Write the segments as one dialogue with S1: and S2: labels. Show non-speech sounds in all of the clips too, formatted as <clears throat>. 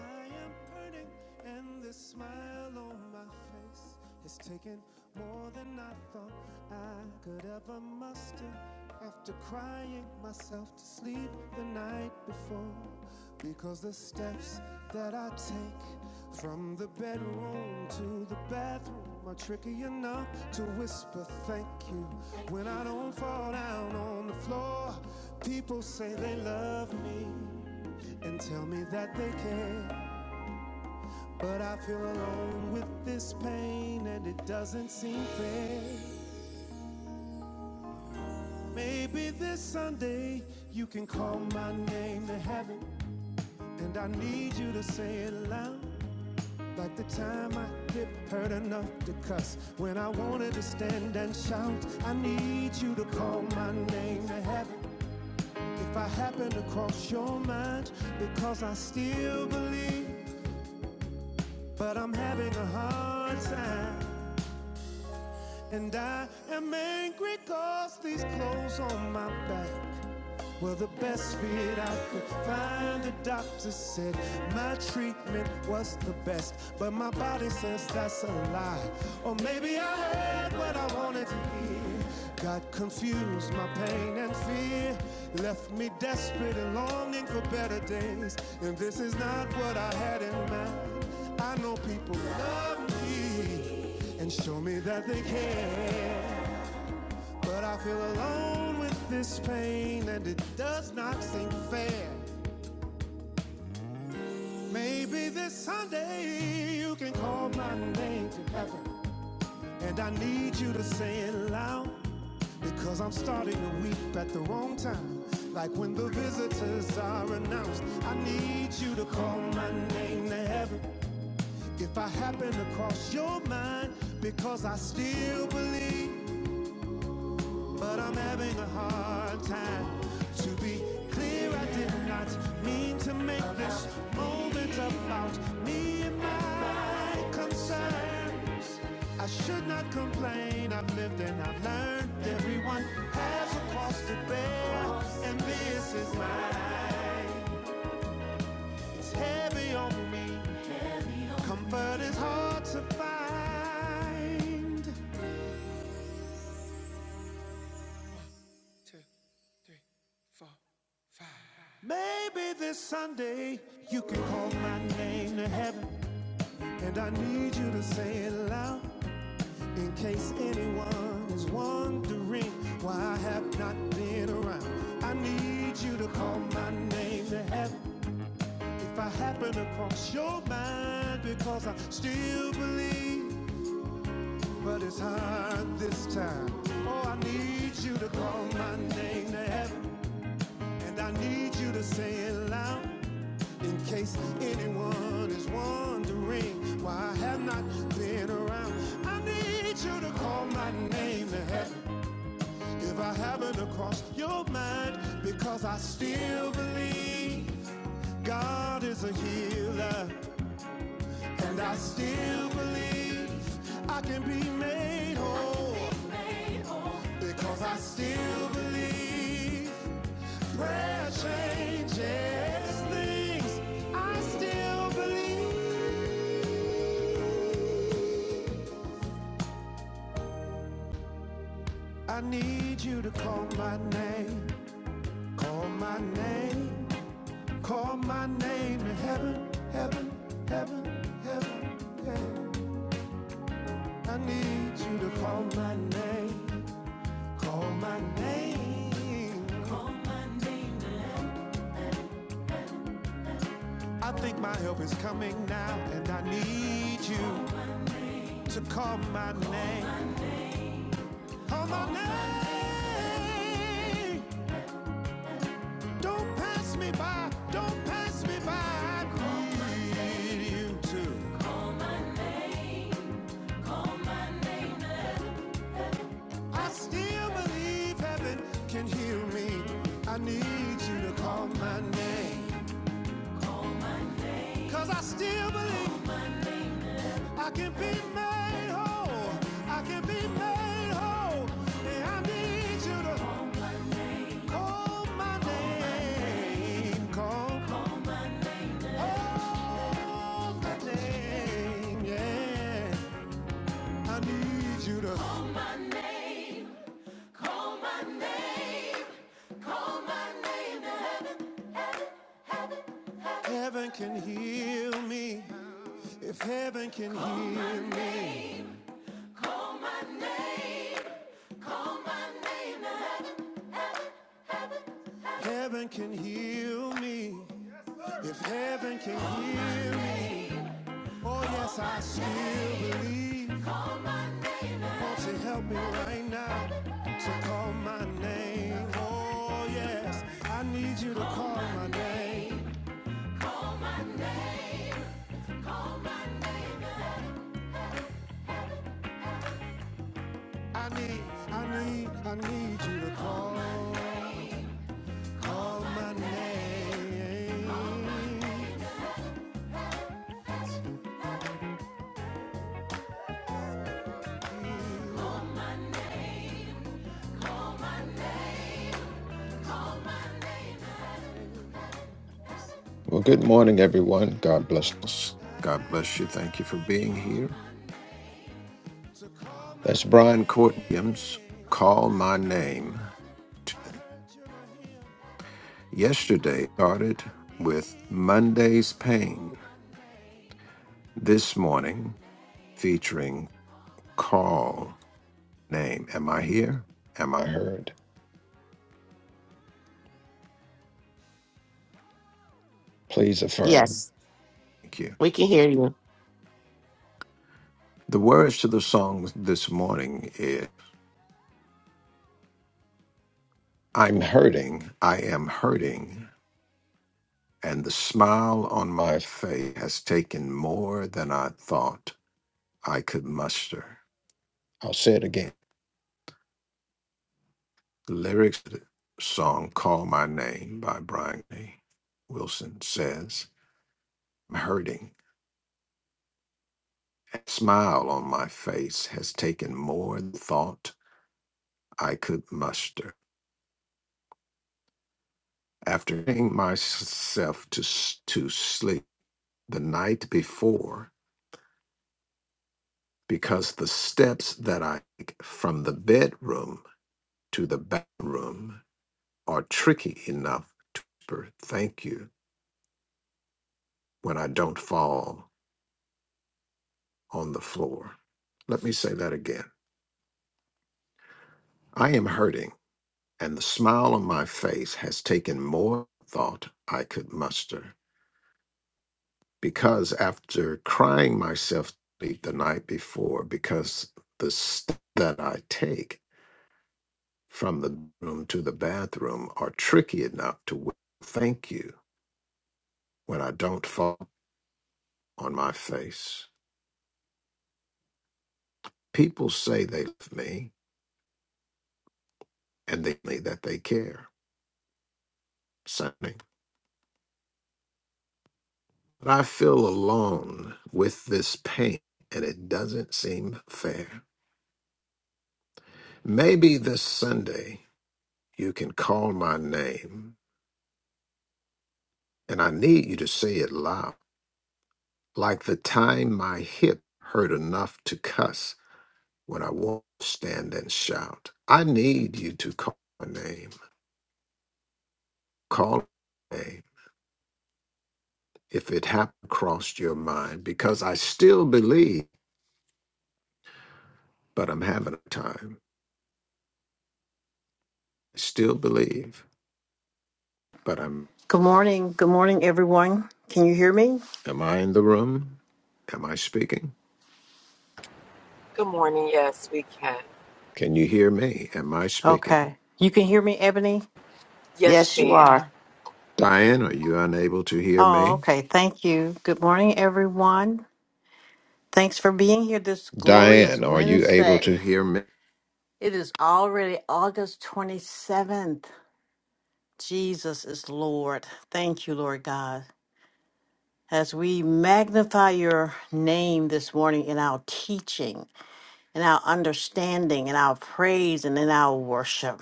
S1: I am hurting, and this smile on my face has taken more than I thought I could ever muster. After crying myself to sleep the night before, because the steps that I take from the bedroom to the bathroom are tricky enough to whisper thank you when I don't fall down on the floor. People say they love me and tell me that they care. But I feel alone with this pain and it doesn't seem fair. Maybe this Sunday you can call my name to heaven. And I need you to say it loud. Like the time I hit hurt enough to cuss. When I wanted to stand and shout, I need you to call my name to heaven. If I happen to cross your mind, because I still believe, but I'm having a hard time. And I am angry 'cause these clothes on my back well, the best fit I could find, the doctor said my treatment was the best. But my body says that's a lie. Or maybe I heard what I wanted to hear. Got confused, my pain and fear left me desperate and longing for better days. And this is not what I had in mind. I know people love me and show me that they care. But I feel alone with this pain, and it does not seem fair. Maybe this Sunday you can call my name to heaven. And I need you to say it loud, because I'm starting to weep at the wrong time. Like when the visitors are announced, I need you to call my name to heaven. If I happen to cross your mind, because I still believe. But I'm having a hard time to be clear. I did not mean to make this moment about me and my concerns. I should not complain. I've lived and I've learned. Everyone has a cost to bear, and this is mine. It's heavy on me. Comfort is hard to find. Maybe this Sunday you can call my name to heaven, and I need you to say it loud in case anyone is wondering why I have not been around. I need you to call my name to heaven if I happen to cross your mind because I still believe, but it's hard this time. Oh, I need you to call my name to heaven, and I need you to say it loud In case anyone is wondering why I have not been around, I need you to call my name in heaven if I haven't crossed your mind, because I still believe God is a healer, and I still believe I can be made whole, because I still believe prayer changes things. I still believe. I need you to call my name, call my name, call my name to heaven, heaven, heaven, heaven, heaven. I need you to call my name, call my name. I think my help is coming now, and I need you to call my name, call my name. Don't pass me by, don't pass me by. I need you to. I still believe heaven can hear me. I need you to call my name, 'cause I still believe I can be made whole. I can be made whole. And I need you to call my name. Call, call my name. Yeah. I need you to call my name. Call my name to heaven. heaven. Heaven can heal me. If heaven can Call my heal me. name. me. Call my name. Call my name. Heaven, heaven. heaven can heal me. If heaven can Call heal me. name. Oh, yes, I still name. believe. Won't you help me right now to call my name? Oh, yes, I need you to call, call my my name. name. I need, I need, I need you to call. Call my name. I need you to
S2: Well, good morning, everyone. God bless us. God bless you. Thank you for being here.
S1: call my
S2: That's Brian Court Williams.
S1: name.
S2: Call my name.
S1: I heard you were here.
S2: Yesterday started
S1: I
S2: with
S1: need you
S2: Monday's
S1: to call
S2: Pain.
S1: my name.
S2: This morning featuring Call Name. Am I here? Am I heard? Please affirm.
S3: Yes,
S2: Thank you.
S3: we can hear you.
S2: The words to the song this morning is I'm hurting. I am hurting. and the smile on my face has taken more than I thought I could muster. I'll say it again. The lyrics to the song Call My Name by Brian A. Wilson says, I'm hurting. A smile on my face has taken more than thought I could muster. After putting myself to, s- to sleep the night before, because the steps that I take from the bedroom to the bathroom are tricky enough to whisper thank you when I don't fall on the floor. Let me say that again. I am hurting, and the smile on my face has taken more thought I could muster because after crying myself to sleep the night before because the steps that I take from the room to the bathroom are tricky enough to whisper thank you when I don't fall on my face. People say they love me, and they say that they care. Something. But I feel alone with this pain, and it doesn't seem fair. Maybe this Sunday you can call my name, and I need you to say it loud, like the time my hip hurt enough to cuss when I won't stand and shout. I need you to call my name. Call my name if it happened crossed your mind, because I still believe, but I'm having a time. I still believe but I'm
S4: Good morning. Good morning, everyone. Can you hear me?
S2: am I in the room? Am I speaking?
S5: Good morning. Yes, we can.
S2: Can you hear me? Am I speaking?
S4: Okay. You can hear me, Ebony?
S5: Yes,
S3: Yes, you
S5: ma'am.
S3: are.
S2: Diane, are you unable to hear
S4: Oh,
S2: me?
S4: okay. Thank you. Good morning, everyone. Thanks for being here this glorious
S2: Diane, are you able to
S4: Wednesday.
S2: hear me?
S4: It is already August 27th. Jesus is Lord. Thank you, Lord God. As we magnify your name this morning in our teaching, in our understanding, in our praise, and in our worship,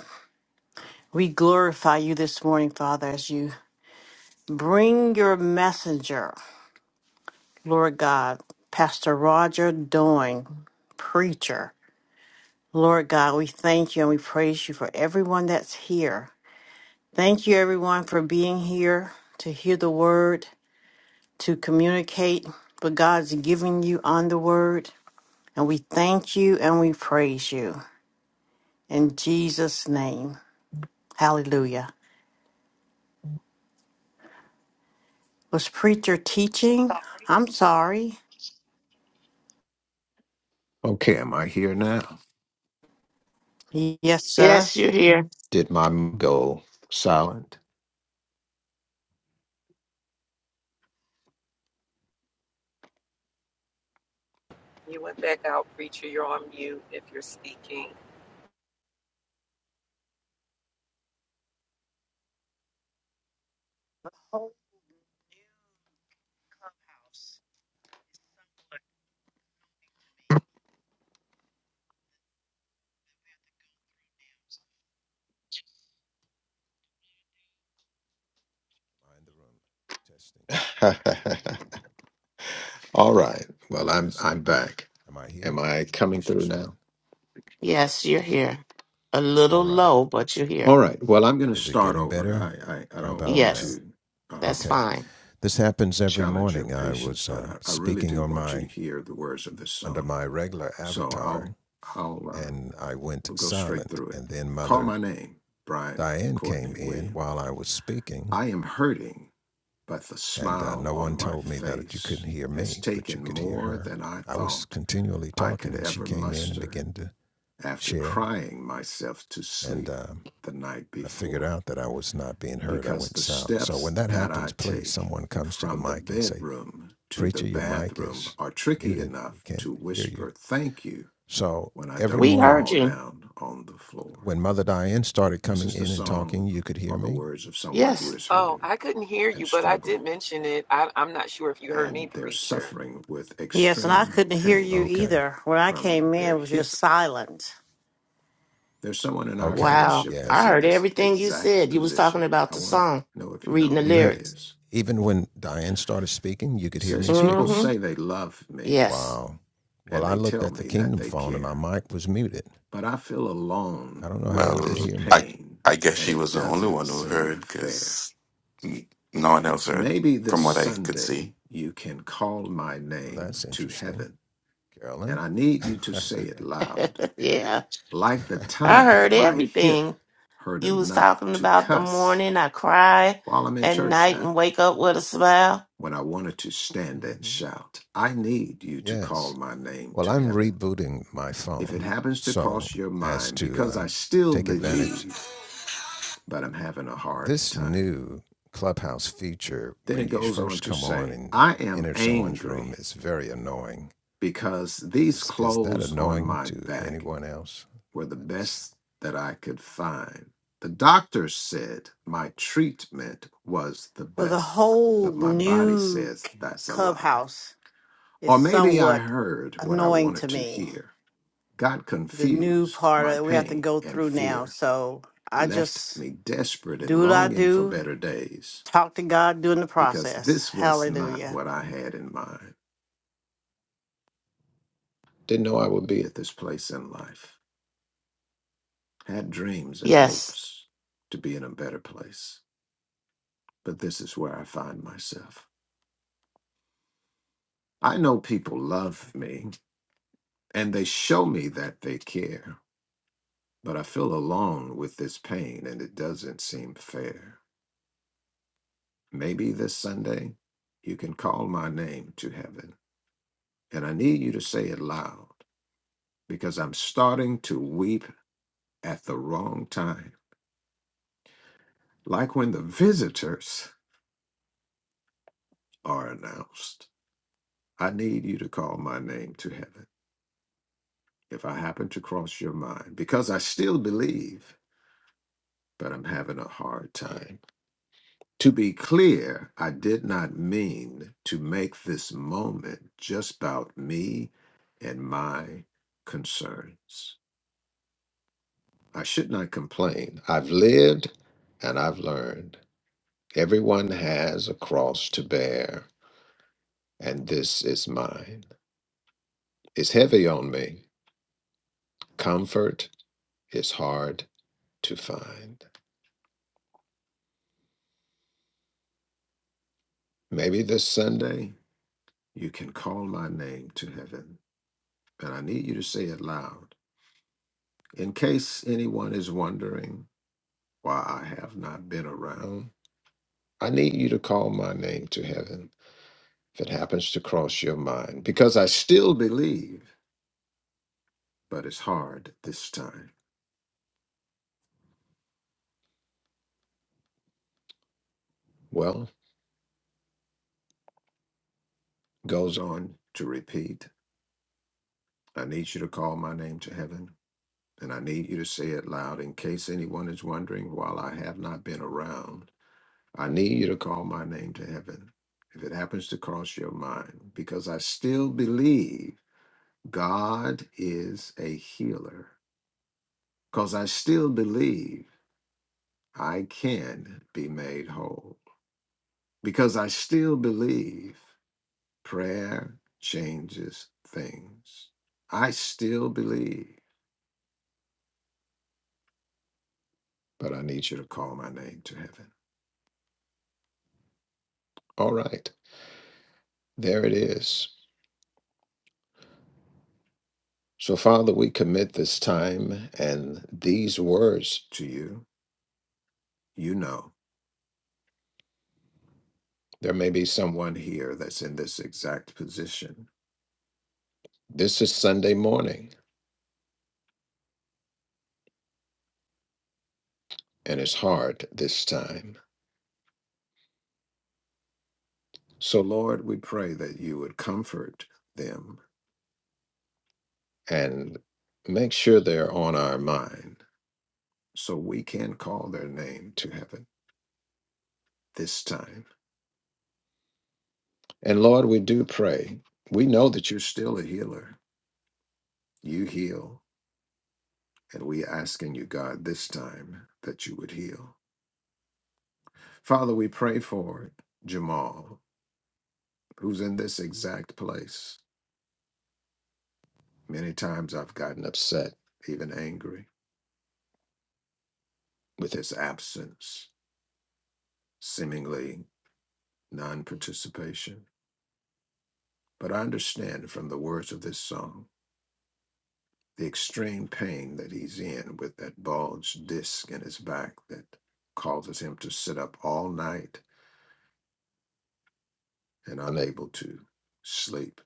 S4: we glorify you this morning, Father, as you Bring your messenger, Lord God, Pastor Roger Doyne, preacher. Lord God, we thank you and we praise you for everyone that's here. Thank you, everyone, for being here to hear the word, to communicate what God's giving you on the word. And we thank you and we praise you in Jesus' name. Hallelujah. Was preacher teaching? I'm sorry.
S2: Okay, am I here now?
S4: Yes, sir.
S3: Yes, you're here.
S2: Did my m- go silent?
S5: You went back out, preacher. You're on mute if you're speaking.
S1: Mind the room. Testing.
S2: <laughs>
S1: One, two.
S2: All right. Well, I'm I'm
S1: Testing.
S2: back.
S1: Am I
S2: Am
S1: here?
S2: I coming
S1: Please
S2: through
S1: respond.
S2: now?
S3: Yes, you're here. A little
S1: All right.
S3: low, but you're
S2: All
S3: here.
S2: right. Well, I'm going to
S1: Is it
S2: start
S1: getting
S2: over.
S1: better?
S2: I I, I
S1: How
S2: don't
S1: about
S2: want
S1: now?
S3: Yes,
S2: to
S3: that's
S2: um,
S1: Okay.
S3: fine.
S1: This happens every
S2: challenge your
S1: morning. I
S2: patience,
S1: was
S2: but
S1: um,
S2: I, I really
S1: speaking
S2: do
S1: on
S2: want you to
S1: my
S2: hear the words of this
S1: under
S2: song.
S1: my regular
S2: So
S1: avatar
S2: I'll I'll uh,
S1: and I went
S2: we'll go straight
S1: silent.
S2: through it.
S1: And then
S2: Call my
S1: Mother
S2: name, Brian
S1: Diane
S2: Courtney
S1: came in
S2: William.
S1: while I was speaking,
S2: I am hurting, but the
S1: and uh,
S2: smile
S1: no
S2: on
S1: one
S2: my
S1: told me that you
S2: face
S1: couldn't hear
S2: has
S1: me, but you
S2: taken
S1: could hear
S2: more
S1: her.
S2: than I
S1: I was
S2: thought
S1: continually
S2: I
S1: talking,
S2: could
S1: and she
S2: ever
S1: came in and
S2: muster
S1: began to
S2: after
S1: share.
S2: crying myself to
S1: And
S2: sleep
S1: um,
S2: the night
S1: I figured
S2: before
S1: out that I was not being heard. I
S2: because
S1: went
S2: the
S1: silent. So
S2: steps
S1: when that
S2: that
S1: happens,
S2: I
S1: please,
S2: take
S1: someone comes to the
S2: from the
S1: mic and say,
S2: bedroom to the
S1: "Preacher, your mic
S2: bathroom
S1: is
S2: are tricky
S1: muted. We
S2: enough
S1: can't
S2: to
S1: hear you."
S2: whisper thank you
S1: So
S2: when I
S1: every
S2: don't
S3: We
S1: morning,
S3: heard
S2: fall
S3: you.
S2: down on the floor.
S1: when Mother Diane started
S2: This
S1: coming
S2: is the
S1: in and
S2: song
S1: talking, you could hear
S2: or the
S1: me.
S2: words of someone who
S3: Yes.
S2: is
S5: Oh,
S2: hurting
S5: I couldn't hear
S2: and
S5: you, but I did
S2: struggling,
S5: mention it. I, I'm not sure if you heard me,
S2: and they're
S5: preacher.
S2: suffering with
S4: Yes, and I
S2: extreme
S4: couldn't hear you
S2: pain
S1: Okay.
S4: either. When I
S2: from
S4: came in,
S2: their
S4: it was
S2: hip.
S4: just silent.
S2: There's someone in our
S1: Okay.
S3: Wow.
S2: fellowship
S1: Yeah.
S2: that's
S3: I
S2: in
S3: heard
S2: this
S3: everything you
S2: exact
S3: said. You was talking
S2: position.
S3: about
S2: I
S3: the
S2: want to
S3: song,
S2: know if you know
S3: reading the
S2: who
S1: You
S2: that
S1: heard,
S3: lyrics.
S2: is.
S1: even when Diane started speaking, you
S2: It
S1: could hear
S2: Says,
S1: me
S2: People
S1: speaking?
S3: Mm-hmm.
S2: say they love me
S3: Yes.
S1: Wow. Well,
S2: and
S1: I
S2: they
S1: looked
S2: tell
S1: at the
S2: me that
S1: Kingdom
S2: they
S1: phone and my
S2: care,
S1: mic was muted.
S2: but I feel
S1: I
S2: alone
S1: don't know how
S6: Well,
S2: with
S1: you could
S2: this
S1: hear me.
S6: I
S2: pain
S6: I guess
S2: and
S6: she
S2: it
S6: was the only
S2: doesn't
S6: one who
S2: seem
S6: heard
S2: fair.
S6: because no one else heard,
S2: Maybe
S6: from
S2: this
S6: what I could
S2: Sunday
S6: see.
S2: you can call my
S1: Well,
S2: name
S1: that's
S2: to
S1: interesting.
S2: heaven, and
S1: Carolyn?
S2: I need you to say it loud,
S3: <laughs> yeah.
S2: like the
S3: I
S2: time
S3: heard
S2: my hip
S3: everything.
S2: hurt
S3: You was
S2: enough
S3: talking
S2: to
S3: about the
S2: cuss
S3: morning I cry
S2: while I'm in
S3: at
S2: church
S3: night
S2: now,
S3: and wake up with a smile.
S2: when I wanted to stand and
S1: Mm-hmm.
S2: shout. I need you to call
S1: Yes.
S2: my name
S1: Well,
S2: to
S1: I'm
S2: heaven.
S1: rebooting my
S2: If it
S1: phone.
S2: happens to
S1: So,
S2: cross your
S1: as
S2: mind,
S1: to
S2: because I
S1: um,
S2: still
S1: take advantage,
S2: believe, but I'm having a hard
S1: this
S2: time.
S1: new Clubhouse feature,
S2: Then
S1: when
S2: it
S1: you
S2: goes on
S1: first
S2: to
S1: come on
S2: say,
S1: and
S2: I
S1: you
S2: am
S1: enter someone's
S2: angry
S1: room, is very annoying
S2: because these
S1: Is is that
S2: clothes on
S1: annoying
S2: my
S1: to
S2: back
S1: anyone else?
S2: were the
S1: That is.
S2: best that I could find. The doctor said my treatment was the
S4: Well, the
S2: best,
S4: whole
S2: but my body
S4: new
S2: says
S4: c-
S2: that's a lie.
S4: clubhouse
S2: Or
S4: is
S2: maybe I
S4: somewhat
S2: heard what I
S4: annoying
S2: wanted
S4: to
S2: to
S4: me.
S2: hear, got
S4: The new
S2: confused,
S4: part
S2: my
S4: of we have to
S2: pain
S4: go
S2: and
S4: through now.
S2: fear
S4: So I
S2: left
S4: just
S2: me desperate and
S4: do what I
S2: longing for
S4: do,
S2: better days
S4: talk to God during the
S2: because
S4: process.
S2: this was not
S4: Hallelujah.
S2: what I had in mind. Didn't know I would be at this place in life. had dreams and
S3: Yes.
S2: hopes to be in a better place, but this is where I find myself. I know people love me and they show me that they care, but I feel alone with this pain and it doesn't seem fair. Maybe this Sunday you can call my name to heaven, and I need you to say it loud because I'm starting to weep at the wrong time, like when the visitors are announced. I need you to call my name to heaven if I happen to cross your mind, because I still believe, but I'm having a hard time. To be clear, I did not mean to make this moment just about me and my concerns. I should not complain. I've lived and I've learned. Everyone has a cross to bear, and this is mine. It's heavy on me. Comfort is hard to find. Maybe this Sunday You can call my name to heaven, but I need you to say it loud. In case anyone is wondering why I have not been around, I need you to call my name to heaven if it happens to cross your mind, because I still believe, but it's hard this time. Well, goes on to repeat, I need you to call my name to heaven, and I need you to say it loud in case anyone is wondering while I have not been around. I need you to call my name to heaven if it happens to cross your mind, because I still believe God is a healer, because I still believe I can be made whole, because I still believe prayer changes things. I still believe, but I need you to call my name to heaven. All right, there it is. So, Father, we commit this time and these words to you. You know, there may be someone here that's in this exact position. This is Sunday morning, and it's hard this time. So, Lord, we pray that you would comfort them and make sure they're on our mind so we can call their name to heaven this time. And, Lord, we do pray. We know that you're still a healer. You heal. And we asking you, God, this time that you would heal. Father, we pray for Jamal. who's in this exact place. Many times I've gotten upset, even angry, with his absence, seemingly non participation. But I understand from the words of this song the extreme pain that he's in with that bulged disc in his back that causes him to sit up all night and unable to sleep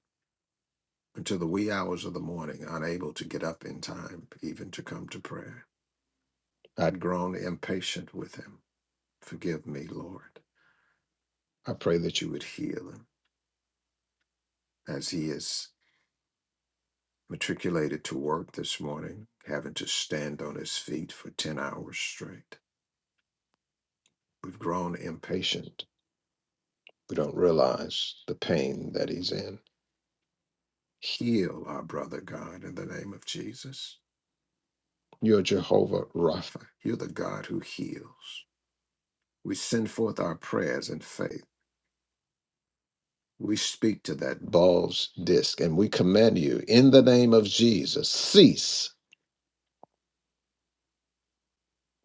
S2: until the wee hours of the morning, unable to get up in time even to come to prayer. I'd grown impatient with him. Forgive me, Lord. I pray that you would heal him as he is matriculated to work this morning, having to stand on his feet for 10 hours straight. We've grown impatient. We don't realize the pain that he's in. Heal our brother God in the name of Jesus. You're Jehovah Rapha. You're the God who heals. We send forth our prayers in faith. We speak to that ball's disc and we command you in the name of Jesus cease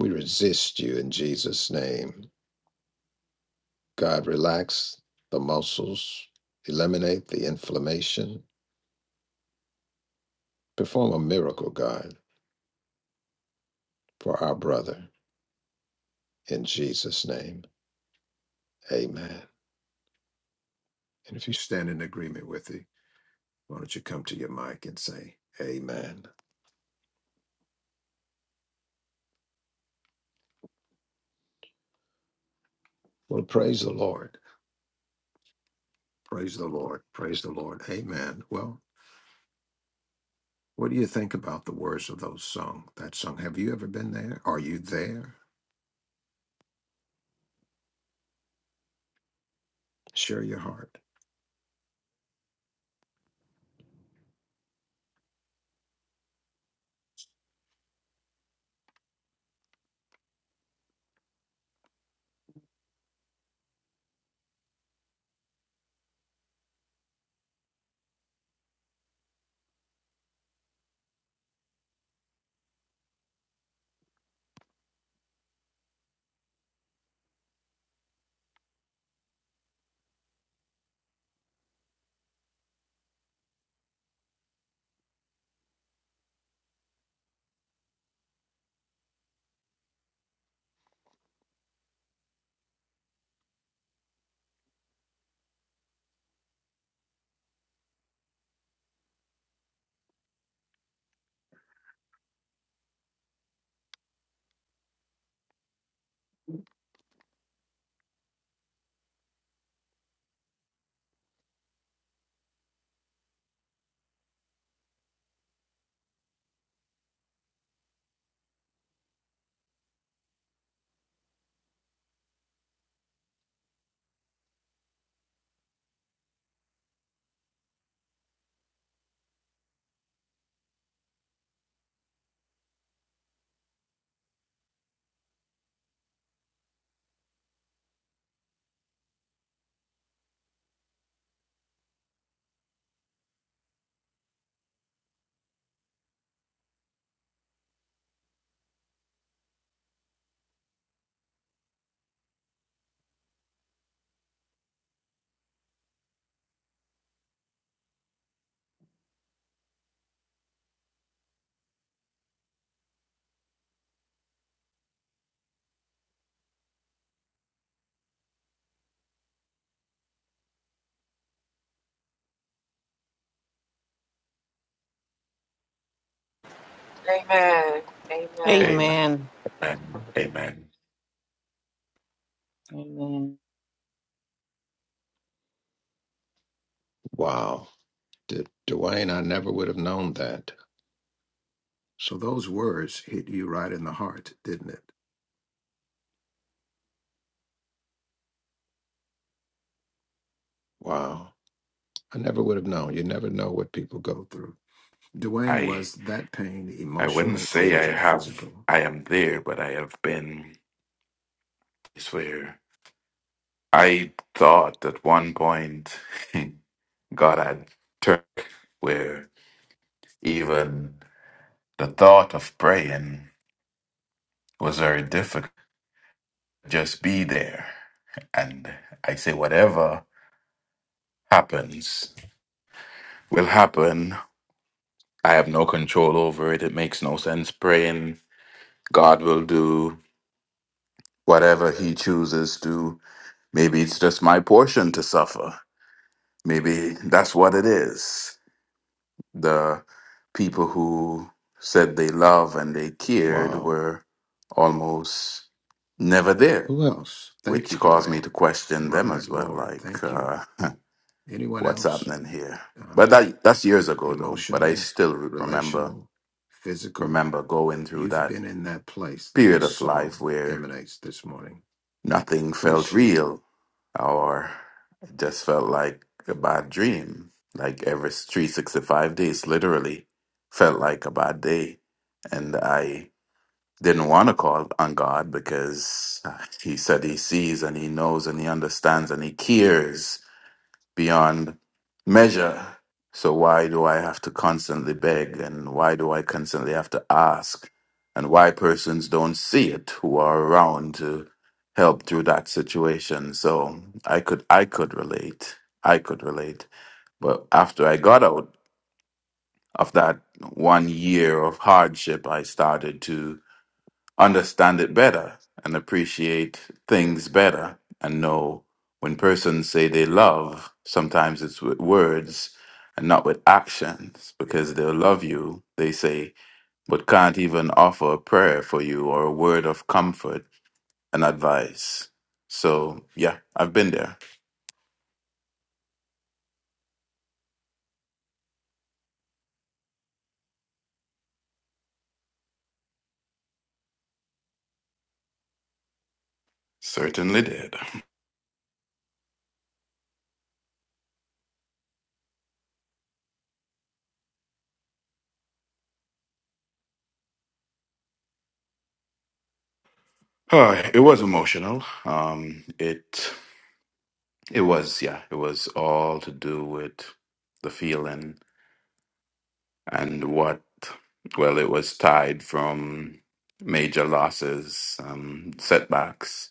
S2: We resist you in Jesus' name. God, relax the muscles, eliminate the inflammation, perform a miracle, God, for our brother in Jesus' name. Amen. And if you stand in agreement with it, why don't you come to your mic and say, Amen? Well, praise the Lord. Praise the Lord. Praise the Lord. Amen. Well, what do you think about the words of those song? That song. Have you ever been there? Are you there? Share your heart.
S5: Amen. Amen.
S6: Amen.
S4: Amen.
S6: Amen. Amen.
S7: Amen.
S2: Wow. D- Dwayne, I never would have known that. So those words hit you right in the heart, didn't it? Wow. I never would have known. You never know what people go through. Dwayne,
S6: I
S2: was that pain
S6: I wouldn't
S2: emotional or
S6: say
S2: was
S6: I
S2: it
S6: have
S2: physical?
S6: I am there, but I have been. I swear. I thought at one point <laughs> God had turned where even the thought of praying was very difficult. Just be there, and I say whatever happens. will happen. I have no control over it. It makes no sense praying. God will do whatever He chooses to. Maybe it's just my portion to suffer. Maybe that's what it is. The people who said they love and they cared
S2: Wow.
S6: were almost never there,
S2: Who else? Thank
S6: which
S2: you,
S6: caused me
S2: Dwayne.
S6: to question them
S2: My
S6: as well.
S2: Lord,
S6: Like,
S2: thank you.
S6: uh,
S2: Anyone
S6: what's
S2: else?
S6: happening here? But
S2: Uh,
S6: that that's years ago though. But I
S2: emotional,
S6: still remember
S2: relational, physical?
S6: remember going through
S2: You've
S6: that
S2: been in that place that
S6: period
S2: this
S6: of life
S2: song
S6: where
S2: emanates this morning.
S6: nothing
S2: Please
S6: felt
S2: share.
S6: real or it just felt like a bad dream. Like every 365 days, literally, felt like a bad day. And I didn't want to call on God because He said He sees and He knows and He understands and He cares beyond measure. So why do I have to constantly beg and why do I constantly have to ask? And why persons don't see it who are around to help through that situation. So I could I could relate. I could relate. But after I got out of that one year of hardship, I started to understand it better and appreciate things better and know when persons say they love, sometimes it's with words and not with actions because they'll love you, they say, but can't even offer a prayer for you or a word of comfort and advice. So, yeah, I've been there. Certainly did. Uh, it was emotional. Um, it it was yeah, it was all to do with the feeling and what well it was tied from major losses um setbacks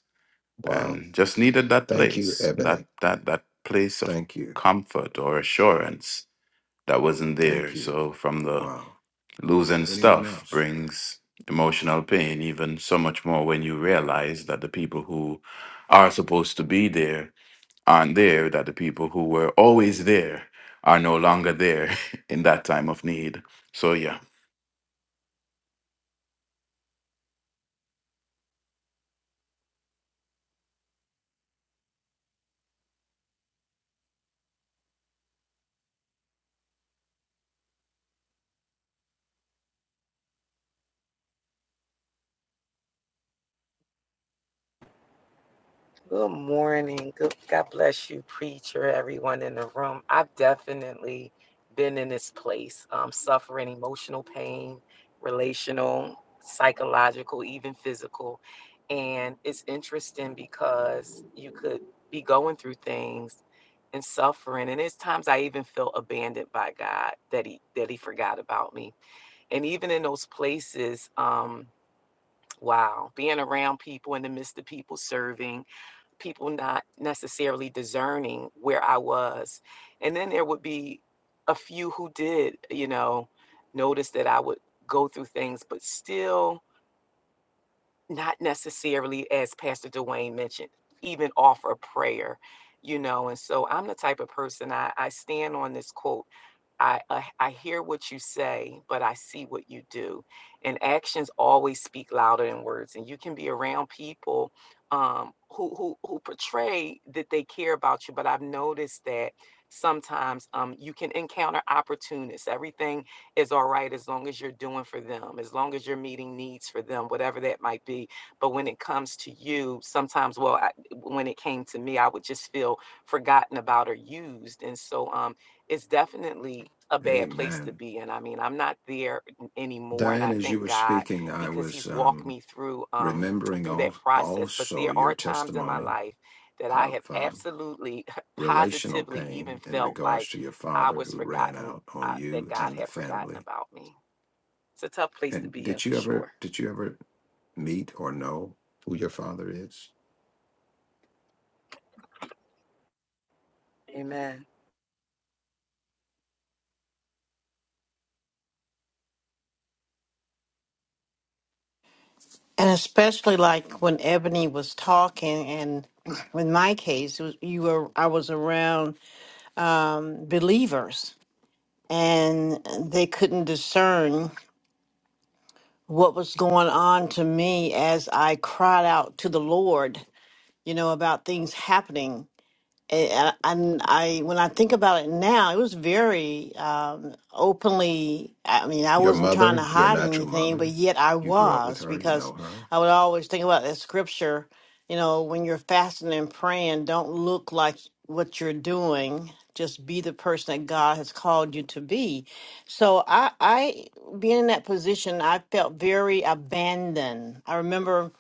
S2: Wow.
S6: and just needed that
S2: Thank you,
S6: place that
S2: Ebony.
S6: that that place of
S2: Thank you.
S6: comfort or assurance that wasn't there
S2: Thank you.
S6: so from the
S2: Wow.
S6: losing
S2: Anyone
S6: stuff
S2: else?
S6: brings emotional pain even so much more when you realize that the people who are supposed to be there aren't there that the people who were always there are no longer there <laughs> in that time of need so yeah
S5: Good morning. Good, God bless you, preacher, everyone in the room. I've definitely been in this place, um, suffering emotional pain, relational, psychological, even physical. And it's interesting because you could be going through things and suffering. And it's times I even feel abandoned by God that He that He forgot about me. And even in those places, um, wow, being around people in the midst of people serving people not necessarily discerning where I was. And then there would be a few who did, you know, notice that I would go through things, but still not necessarily, as Pastor Dwayne mentioned, even offer prayer, you know. And so I'm the type of person I, I stand on this quote. I, I I hear what you say, but I see what you do, and actions always speak louder than words. And you can be around people um, who who who portray that they care about you, but I've noticed that sometimes um, you can encounter opportunists. Everything is all right as long as you're doing for them, as long as you're meeting needs for them, whatever that might be. But when it comes to you, sometimes, well, I, when it came to me, I would just feel forgotten about or used. And so um, it's definitely a bad place to
S2: Amen.
S5: be in. I mean, I'm not there anymore. And
S2: Diane,
S5: I
S2: as you
S5: thank
S2: were
S5: God
S2: speaking, I
S5: because
S2: was
S5: he's walked
S2: um,
S5: me through um,
S2: remembering
S5: through that
S2: al-
S5: process. But
S2: also
S5: there
S2: your
S5: are times in my
S2: testimony
S5: life that I
S2: of
S5: have
S2: um,
S5: absolutely <laughs>
S2: relational
S5: positively even
S2: pain in
S5: felt like
S2: regards to your
S5: I
S2: father
S5: was
S2: who ran
S5: forgotten
S2: out on
S5: I, that
S2: you
S5: God
S2: and the
S5: had forgotten
S2: family.
S5: about me. It's a tough place to
S2: And
S5: be in
S2: did
S5: for
S2: you
S5: sure.
S2: ever did you ever meet or know who your father is?
S5: Amen.
S4: And especially like when Ebony was talking, and <clears throat> in my case, it was, you were I was around um, believers and they couldn't discern what was going on to me as I cried out to the Lord, you know, about things happening and and I when I think about it now, it was very um, openly. I mean, I
S2: Your
S4: wasn't trying
S2: mother,
S4: to
S2: your
S4: hide
S2: natural
S4: anything, but
S2: mother.
S4: yet I
S2: You grew up with
S4: was
S2: her, you know
S4: because
S2: her.
S4: I would always think about that scripture. You know, when you're fasting and praying, don't look like what you're doing. Just be the person that God has called you to be. So I, I being in that position, I felt very abandoned. I remember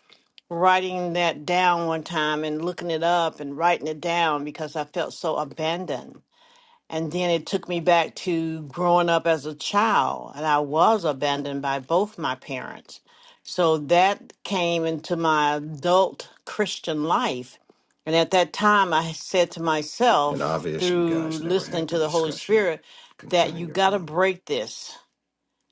S4: writing that down one time and looking it up and writing it down because I felt so abandoned. And then it took me back to growing up as a child, and I was abandoned by both my parents. So that came into my adult Christian life. And at that time, I said to
S2: And
S4: myself,
S2: obvious you
S4: through
S2: guys never
S4: listening
S2: had
S4: to
S2: the
S4: the Holy
S2: discussion
S4: Spirit, that
S2: concerning
S4: you
S2: your
S4: got to
S2: father.
S4: break this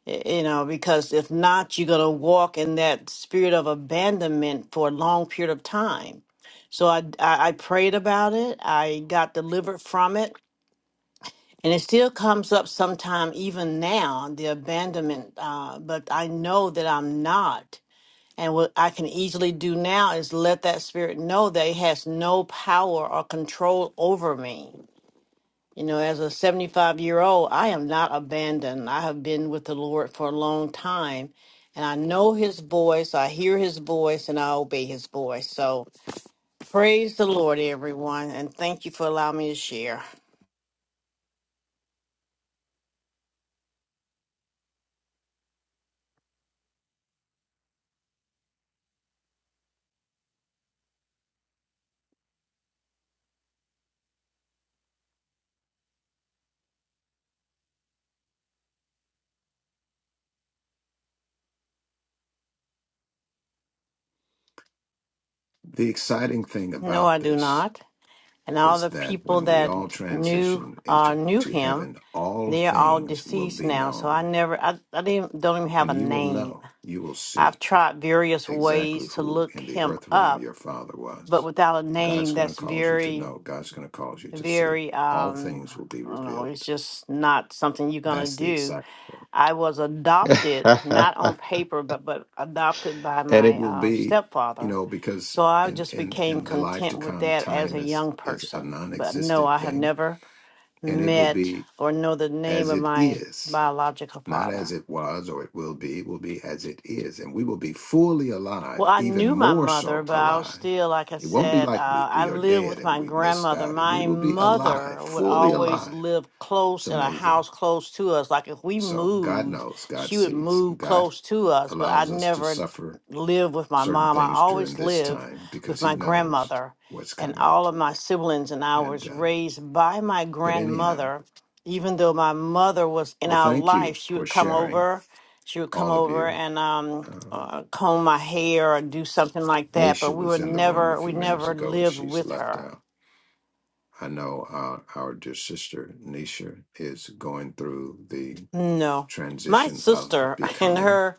S4: Y- you know because if not you're going to walk in that spirit of abandonment for a long period of time so I, I i prayed about it i got delivered from it and it still comes up sometime even now the abandonment uh, but i know that i'm not and what i can easily do now is let that spirit know that it has no power or control over me you know, as a 75 year old, I am not abandoned. I have been with the Lord for a long time and I know his voice. I hear his voice and I obey his voice. So praise the Lord, everyone. And thank you for allowing me to share.
S2: The exciting thing
S4: No, I
S2: about
S4: do
S2: this
S4: not. And all
S2: is
S4: the
S2: that
S4: people
S2: when we
S4: that
S2: all
S4: knew,
S2: transition
S4: uh,
S2: into
S4: knew
S2: to
S4: him,
S2: heaven, all
S4: they're all
S2: things will
S4: deceased
S2: be
S4: now. So I
S2: known,
S4: never, I, I didn't, don't even have
S2: and
S4: a
S2: you will
S4: name.
S2: know, you will
S4: I've
S2: see
S4: tried various
S2: exactly
S4: ways to
S2: who
S4: look
S2: in the
S4: him
S2: earth realm
S4: up,
S2: your father
S4: but
S2: was.
S4: without a
S2: God's
S4: name,
S2: going to
S4: that's
S2: cause you to
S4: very
S2: know. God's going to cause you to see.
S4: very
S2: All
S4: um
S2: things will be
S4: I don't know, it's
S2: revealed.
S4: just not something you're gonna
S2: That's the
S4: do.
S2: excitement,
S4: I was
S2: <laughs>
S4: adopted,
S2: and
S4: not on paper, but but adopted by
S2: it
S4: my
S2: will
S4: uh,
S2: be, you
S4: stepfather.
S2: know, because
S4: So I
S2: in
S4: just
S2: in
S4: became
S2: in the life to
S4: content with
S2: come,
S4: that as
S2: time
S4: a
S2: is
S4: young
S2: is a
S4: person. But no,
S2: non-existent
S4: I have
S2: thing,
S4: never
S2: and it will
S4: met
S2: be.
S4: or know the name
S2: as
S4: of
S2: it
S4: my
S2: is,
S4: biological
S2: not
S4: father.
S2: as it was or it will be, will be as it is. And we will be fully
S4: Well,
S2: alive,
S4: I
S2: even
S4: knew my
S2: more
S4: mother,
S2: so
S4: but I was
S2: alive.
S4: still, like I
S2: It won't be
S4: said,
S2: like we,
S4: uh, I
S2: we are
S4: lived
S2: dead
S4: with
S2: and
S4: my
S2: we missed
S4: grandmother.
S2: out. We
S4: My
S2: will be
S4: mother
S2: alive,
S4: would
S2: fully
S4: always
S2: alive.
S4: live
S2: It's
S4: close in a
S2: amazing.
S4: house close to us. Like if we
S2: So God
S4: moved,
S2: knows, God
S4: she would
S2: sees, and
S4: move
S2: God
S4: close to us, but I
S2: allows us to
S4: never
S2: suffer
S4: lived with my
S2: certain
S4: mom. I
S2: things during
S4: always
S2: this
S4: lived
S2: time
S4: with
S2: because He
S4: my
S2: knows
S4: grandmother,
S2: what's
S4: and
S2: coming.
S4: all of my siblings and I
S2: And
S4: was
S2: um,
S4: raised by my
S2: but anyhow,
S4: grandmother. Even though my mother was in
S2: well,
S4: our
S2: thank
S4: life,
S2: you
S4: she
S2: for
S4: would come
S2: sharing,
S4: over she would come
S2: all of
S4: over
S2: you.
S4: and um,
S2: Um,
S4: uh, comb my hair or do something like that. But
S2: Nisha
S4: we
S2: was
S4: were
S2: in the room a
S4: never, we
S2: few minutes
S4: never
S2: ago and
S4: lived
S2: she's
S4: with
S2: left
S4: her.
S2: out. I know our, our dear sister Nisha is going through the
S4: No, my
S2: transition of
S4: sister <laughs> in
S2: becoming
S4: her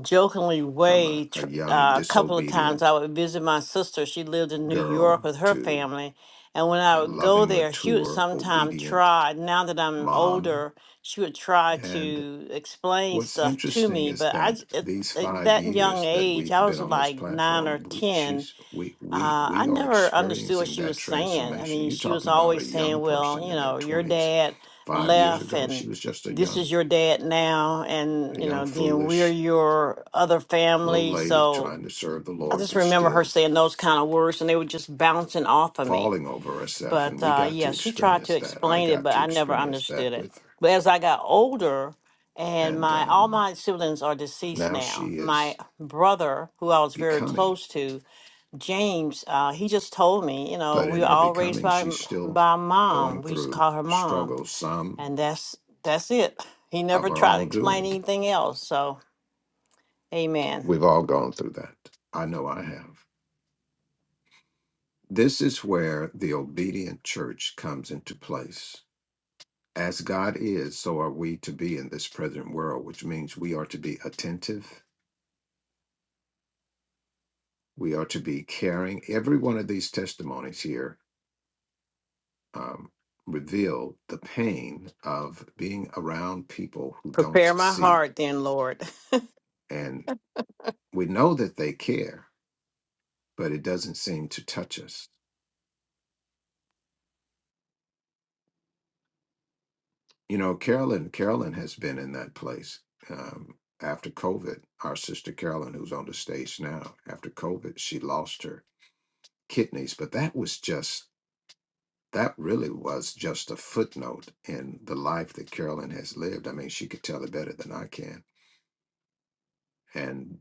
S4: jokingly
S2: from a,
S4: way,
S2: a
S4: tr-
S2: young,
S4: uh, a couple of times
S2: disobedient
S4: I would visit my sister. She lived in New York
S2: girl
S4: with her
S2: to
S4: family, and when
S2: a
S4: I would go
S2: loving,
S4: there, she would
S2: mature,
S4: sometimes
S2: obedient
S4: try. Now that I'm
S2: mom.
S4: older, she would try
S2: And
S4: to explain
S2: what's
S4: stuff to
S2: interesting
S4: me.
S2: is
S4: But I,
S2: that
S4: j- at,
S2: these
S4: at
S2: five
S4: that young
S2: years that
S4: age,
S2: we've
S4: I
S2: been
S4: was
S2: on this
S4: like nine or
S2: platform, we,
S4: ten
S2: she's we we
S4: Uh, I
S2: we are
S4: never understood what
S2: experiencing
S4: she
S2: that
S4: was saying. I
S2: transformation.
S4: mean,
S2: You're
S4: she was
S2: talking about a
S4: always
S2: young
S4: saying, well,
S2: person
S4: you
S2: in their
S4: know, your
S2: 20s
S4: dad
S2: five years
S4: left
S2: ago. She
S4: and
S2: was just a
S4: this
S2: young,
S4: is your dad now.
S2: a
S4: And, you
S2: young,
S4: know, then we're
S2: foolish
S4: your other
S2: little
S4: family.
S2: lady
S4: So
S2: trying to serve the
S4: I
S2: Lord,
S4: just
S2: but
S4: remember her
S2: still
S4: saying those kind of words and they were just bouncing off of me.
S2: falling over herself. And
S4: But
S2: we
S4: uh,
S2: got to
S4: yeah, she tried
S2: experience
S4: to
S2: that. I
S4: explain it,
S2: got
S4: but
S2: to
S4: I never
S2: experience that
S4: understood it.
S2: with her.
S4: But as I got older, and
S2: And
S4: my all
S2: um,
S4: my siblings are deceased
S2: now
S4: now.
S2: she
S4: My
S2: is
S4: brother, who I was very
S2: becoming,
S4: close to, James, uh, he just told me, you know,
S2: but
S4: we
S2: in
S4: were
S2: her
S4: all raised
S2: becoming,
S4: by
S2: she's still
S4: by mom.
S2: going
S4: We used to
S2: through
S4: call her mom,
S2: struggles, some
S4: and that's that's it. He
S2: of
S4: never
S2: her
S4: tried to
S2: own
S4: explain
S2: doing.
S4: anything else. So, Amen.
S2: We've all gone through that. I know I have. This is where the obedient church comes into place As God is, so are we to be in this present world, which means we are to be attentive. We are to be caring. Every one of these testimonies here um, reveal the pain of being around people who don't
S4: Prepare my
S2: see.
S4: heart, then, Lord.
S2: And we know that they care, but it doesn't seem to touch us. You know, Carolyn, Carolyn has been in that place um, after COVID. Our sister Carolyn, who's on the stage now, after COVID, she lost her kidneys, but that was just that really was just a footnote in the life that Carolyn has lived. I mean, she could tell it better than I can. And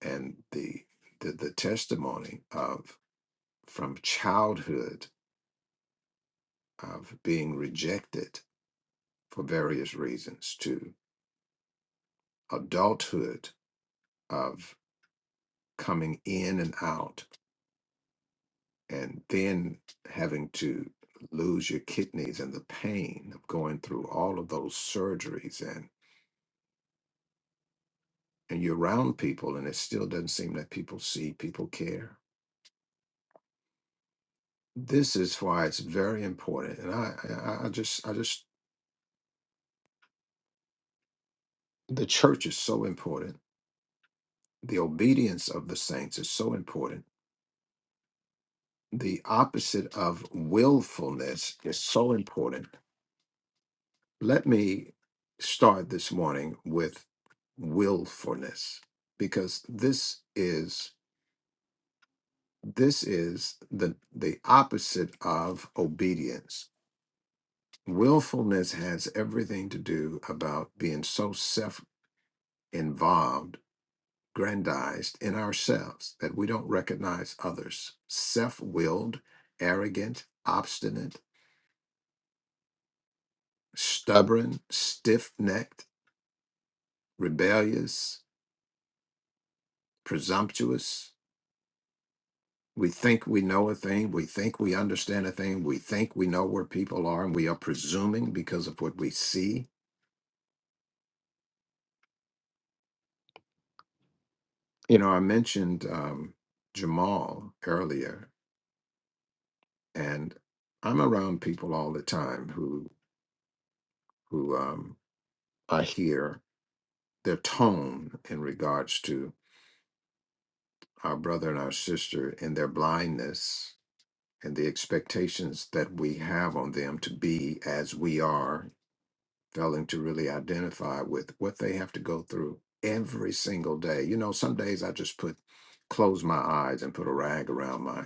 S2: and the the, the testimony of from childhood of being rejected for various reasons to adulthood of coming in and out and then having to lose your kidneys and the pain of going through all of those surgeries and you're around people and it still doesn't seem that people see people care this is why it's very important and i i, I just i just the church is so important the obedience of the saints is so important the opposite of willfulness is so important let me start this morning with willfulness because this is this is the the opposite of obedience willfulness has everything to do about being so self-involved grandized in ourselves that we don't recognize others self-willed arrogant obstinate stubborn stiff-necked rebellious presumptuous we think we know a thing we think we understand a thing we think we know where people are and we are presuming because of what we see you know i mentioned um, jamal earlier and I'm around people all the time who who um, I hear their tone in regards to our brother and our sister in their blindness and the expectations that we have on them to be as we are, failing to really identify with what they have to go through every single day. You know, some days I just put close my eyes and put a rag around my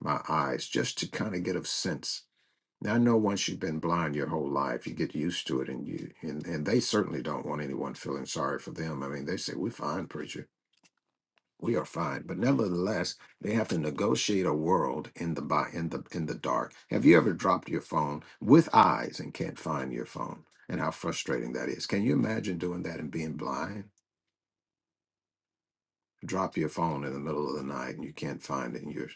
S2: my eyes just to kind of get a sense Now, I know once you've been blind your whole life, you get used to it, and you and, and they certainly don't want anyone feeling sorry for them. I mean, they say we're fine, preacher, we are fine, but nevertheless, they have to negotiate a world in the bi- in the in the dark. Have you ever dropped your phone with eyes and can't find your phone, and how frustrating that is? Can you imagine doing that and being blind? Drop your phone in the middle of the night and you can't find it, and you're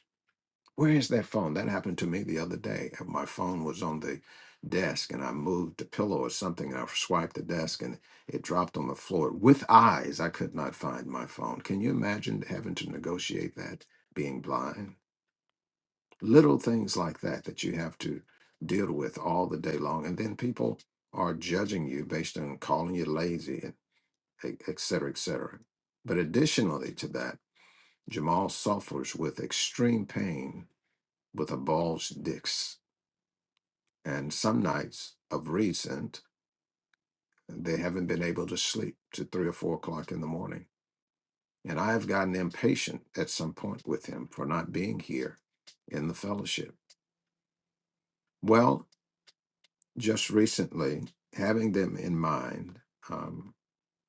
S2: Where is that phone? That happened to me the other day. My phone was on the desk and I moved a pillow or something and I swiped the desk and it dropped on the floor. With eyes, I could not find my phone. Can you imagine having to negotiate that being blind? Little things like that that you have to deal with all the day long. And then people are judging you based on calling you lazy and et et cetera, et cetera. But additionally to that, Jamal suffers with extreme pain with a bulged disc And some nights of recent, they haven't been able to sleep to three or four o'clock in the morning. And I have gotten impatient at some point with him for not being here in the fellowship. Well, just recently, having them in mind, um,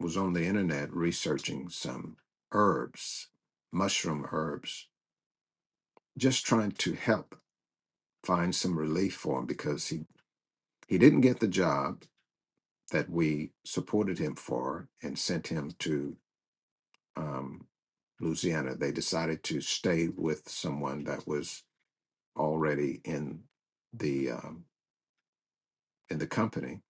S2: was on the internet researching some herbs, mushroom herbs, just trying to help find some relief for him because he, he didn't get the job that we supported him for and sent him to um, Louisiana. They decided to stay with someone that was already in the um, in the company.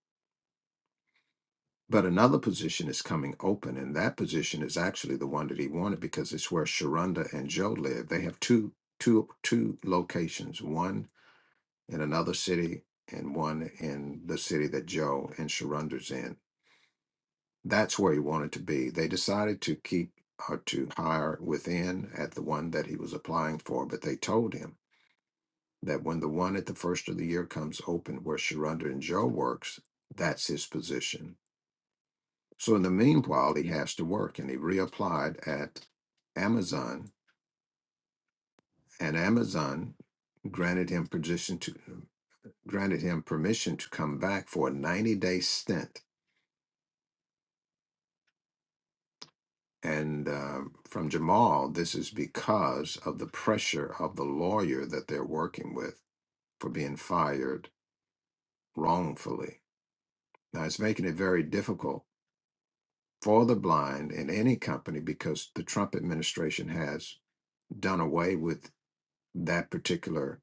S2: But another position is coming open, and that position is actually the one that he wanted because it's where Sharonda and Joe live. They have two two two locations, one in another city and one in the city that Joe and Sharonda's in. That's where he wanted to be. They decided to keep or to hire within at the one that he was applying for, but they told him that when the one at the first of the year comes open where Sharonda and Joe works, that's his position. So in the meanwhile, he has to work and he reapplied at Amazon and Amazon granted him position to granted him permission to come back for a 90 day stint. And um, from Jamal, this is because of the pressure of the lawyer that they're working with for being fired wrongfully. Now it's making it very difficult for the blind in any company because the Trump administration has done away with that particular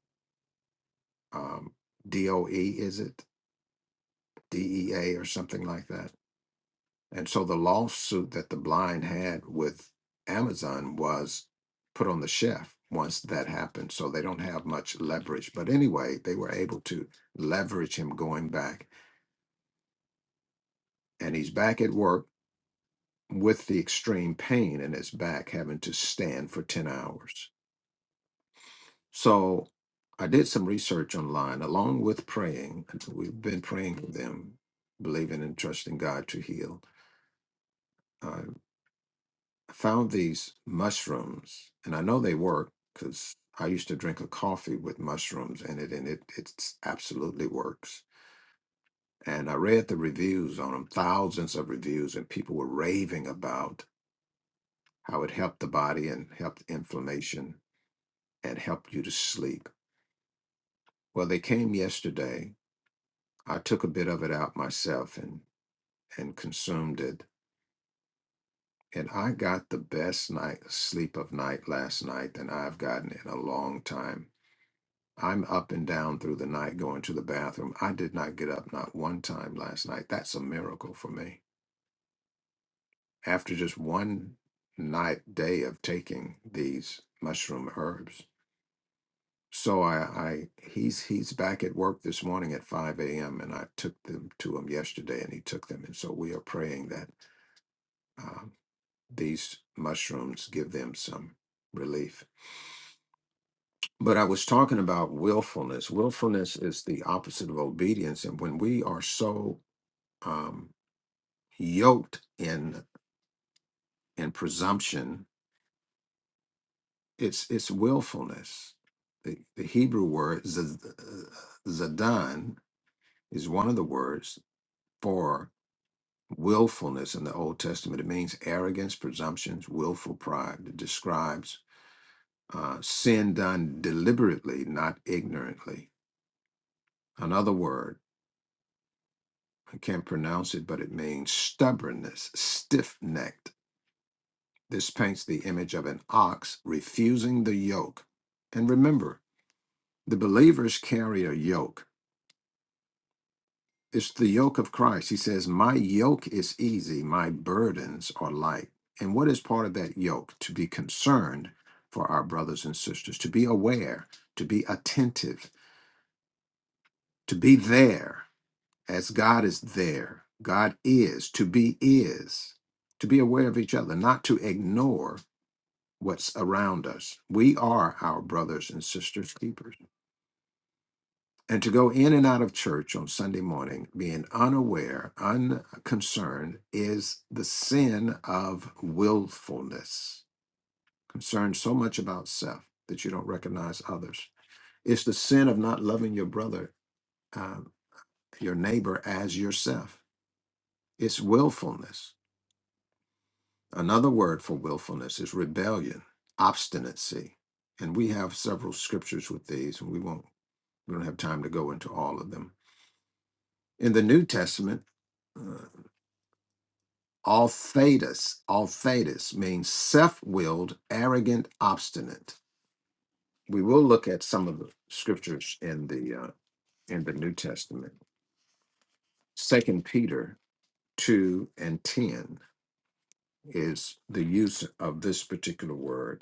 S2: um, DOE, is it DEA or something like that? And so the lawsuit that the blind had with Amazon was put on the shelf once that happened. So they don't have much leverage. But anyway, they were able to leverage him going back. And he's back at work with the extreme pain in his back, having to stand for 10 hours So I did some research online along with praying. and so We've been praying for them, believing and trusting God to heal. I found these mushrooms, and I know they work because I used to drink a coffee with mushrooms in it, and it it's absolutely works. And I read the reviews on them, thousands of reviews, and people were raving about how it helped the body and helped inflammation and helped you to sleep. Well, they came yesterday I took a bit of it out myself and and consumed it. And I got the best night sleep of night last night than I've gotten in a long time. I'm up and down through the night going to the bathroom. I did not get up not one time last night. That's a miracle for me. After just one night day of taking these mushroom herbs. So I, I he's he's back at work this morning at 5 a.m. and I took them to him yesterday and he took them. And so we are praying that uh, these mushrooms give them some relief. But I was talking about willfulness. Willfulness is the opposite of obedience, and when we are so um, yoked in in presumption, it's it's willfulness. The, the Hebrew word z- zadan is one of the words for willfulness in the Old Testament. It means arrogance, presumptions, willful pride. It describes uh, sin done deliberately, not ignorantly. Another word, I can't pronounce it, but it means stubbornness, stiff necked. This paints the image of an ox refusing the yoke. And remember, the believers carry a yoke. It's the yoke of Christ. He says, My yoke is easy, my burdens are light. And what is part of that yoke? To be concerned for our brothers and sisters, to be aware, to be attentive, to be there as God is there. God is, to be is, to be aware of each other, not to ignore what's around us. We are our brothers and sisters keepers. And to go in and out of church on Sunday morning being unaware, unconcerned, is the sin of willfulness, concerned so much about self that you don't recognize others. It's the sin of not loving your brother, um, your neighbor, as yourself. It's willfulness Another word for willfulness is rebellion, obstinacy. And we have several scriptures with these, and we won't we don't have time to go into all of them. In the New Testament, uh, all thetas, means self-willed, arrogant, obstinate. We will look at some of the scriptures in the uh, in the New Testament. Second Peter two and ten is the use of this particular word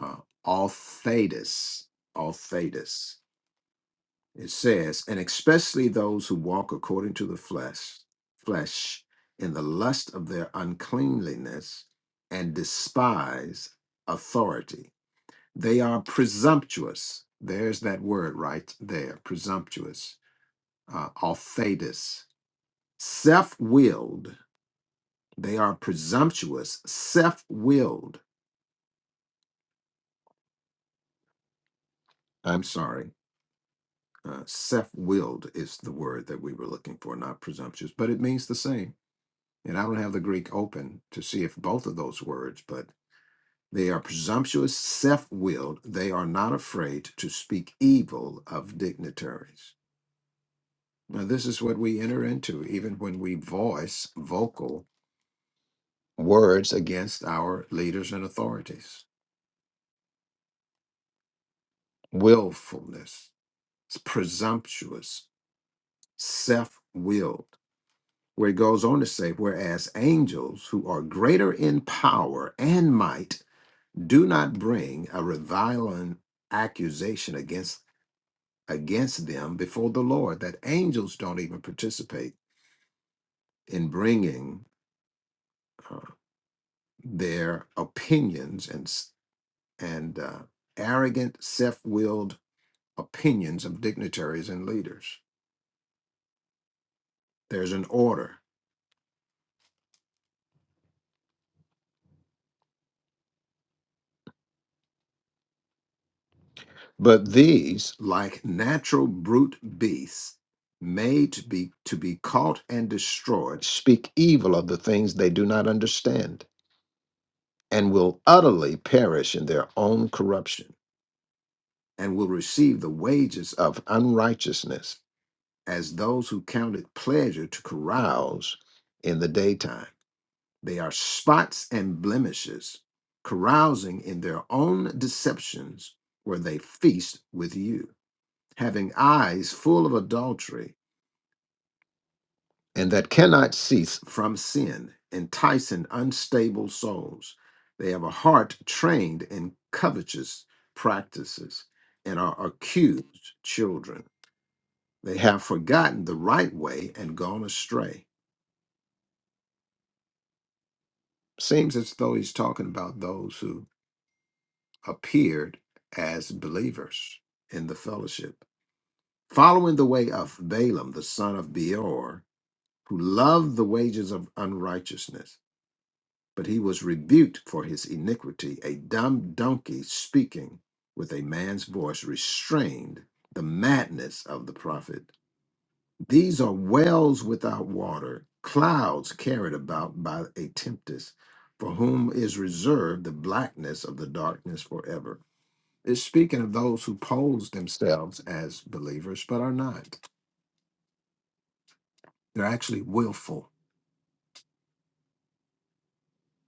S2: uh, Althetis, Althetis. It says, and especially those who walk according to the flesh, flesh, in the lust of their uncleanliness, and despise authority. They are presumptuous. There's that word right there, presumptuous. Uh, Althetis, self-willed. They are presumptuous, self-willed. I'm sorry Uh, self-willed is the word that we were looking for, not presumptuous, but it means the same. And I don't have the Greek open to see if both of those words, but they are presumptuous, self-willed. They are not afraid to speak evil of dignitaries. Now, this is what we enter into, even when we voice vocal words against our leaders and authorities. Willfulness, presumptuous, self-willed. where it goes on to say, whereas angels who are greater in power and might do not bring a reviling accusation against against them before the Lord, that angels don't even participate in bringing uh, their opinions and s- and uh, arrogant, self-willed opinions of dignitaries and leaders. There's an order But these, like natural brute beasts, made to be to be caught and destroyed, speak evil of the things they do not understand, and will utterly perish in their own corruption, and will receive the wages of unrighteousness, as those who count it pleasure to carouse in the daytime. They are spots and blemishes, carousing in their own deceptions, where they feast with you. having eyes full of adultery, and that cannot cease from sin, enticing unstable souls. They have a heart trained in covetous practices and are accused children. They have forgotten the right way and gone astray. Seems as though he's talking about those who appeared as believers in the fellowship, following the way of Balaam, the son of Beor, who loved the wages of unrighteousness But he was rebuked for his iniquity. A dumb donkey speaking with a man's voice restrained the madness of the prophet. These are wells without water, clouds carried about by a tempest, for whom is reserved the blackness of the darkness forever. It's speaking of those who pose themselves as believers but are not. They're actually willful.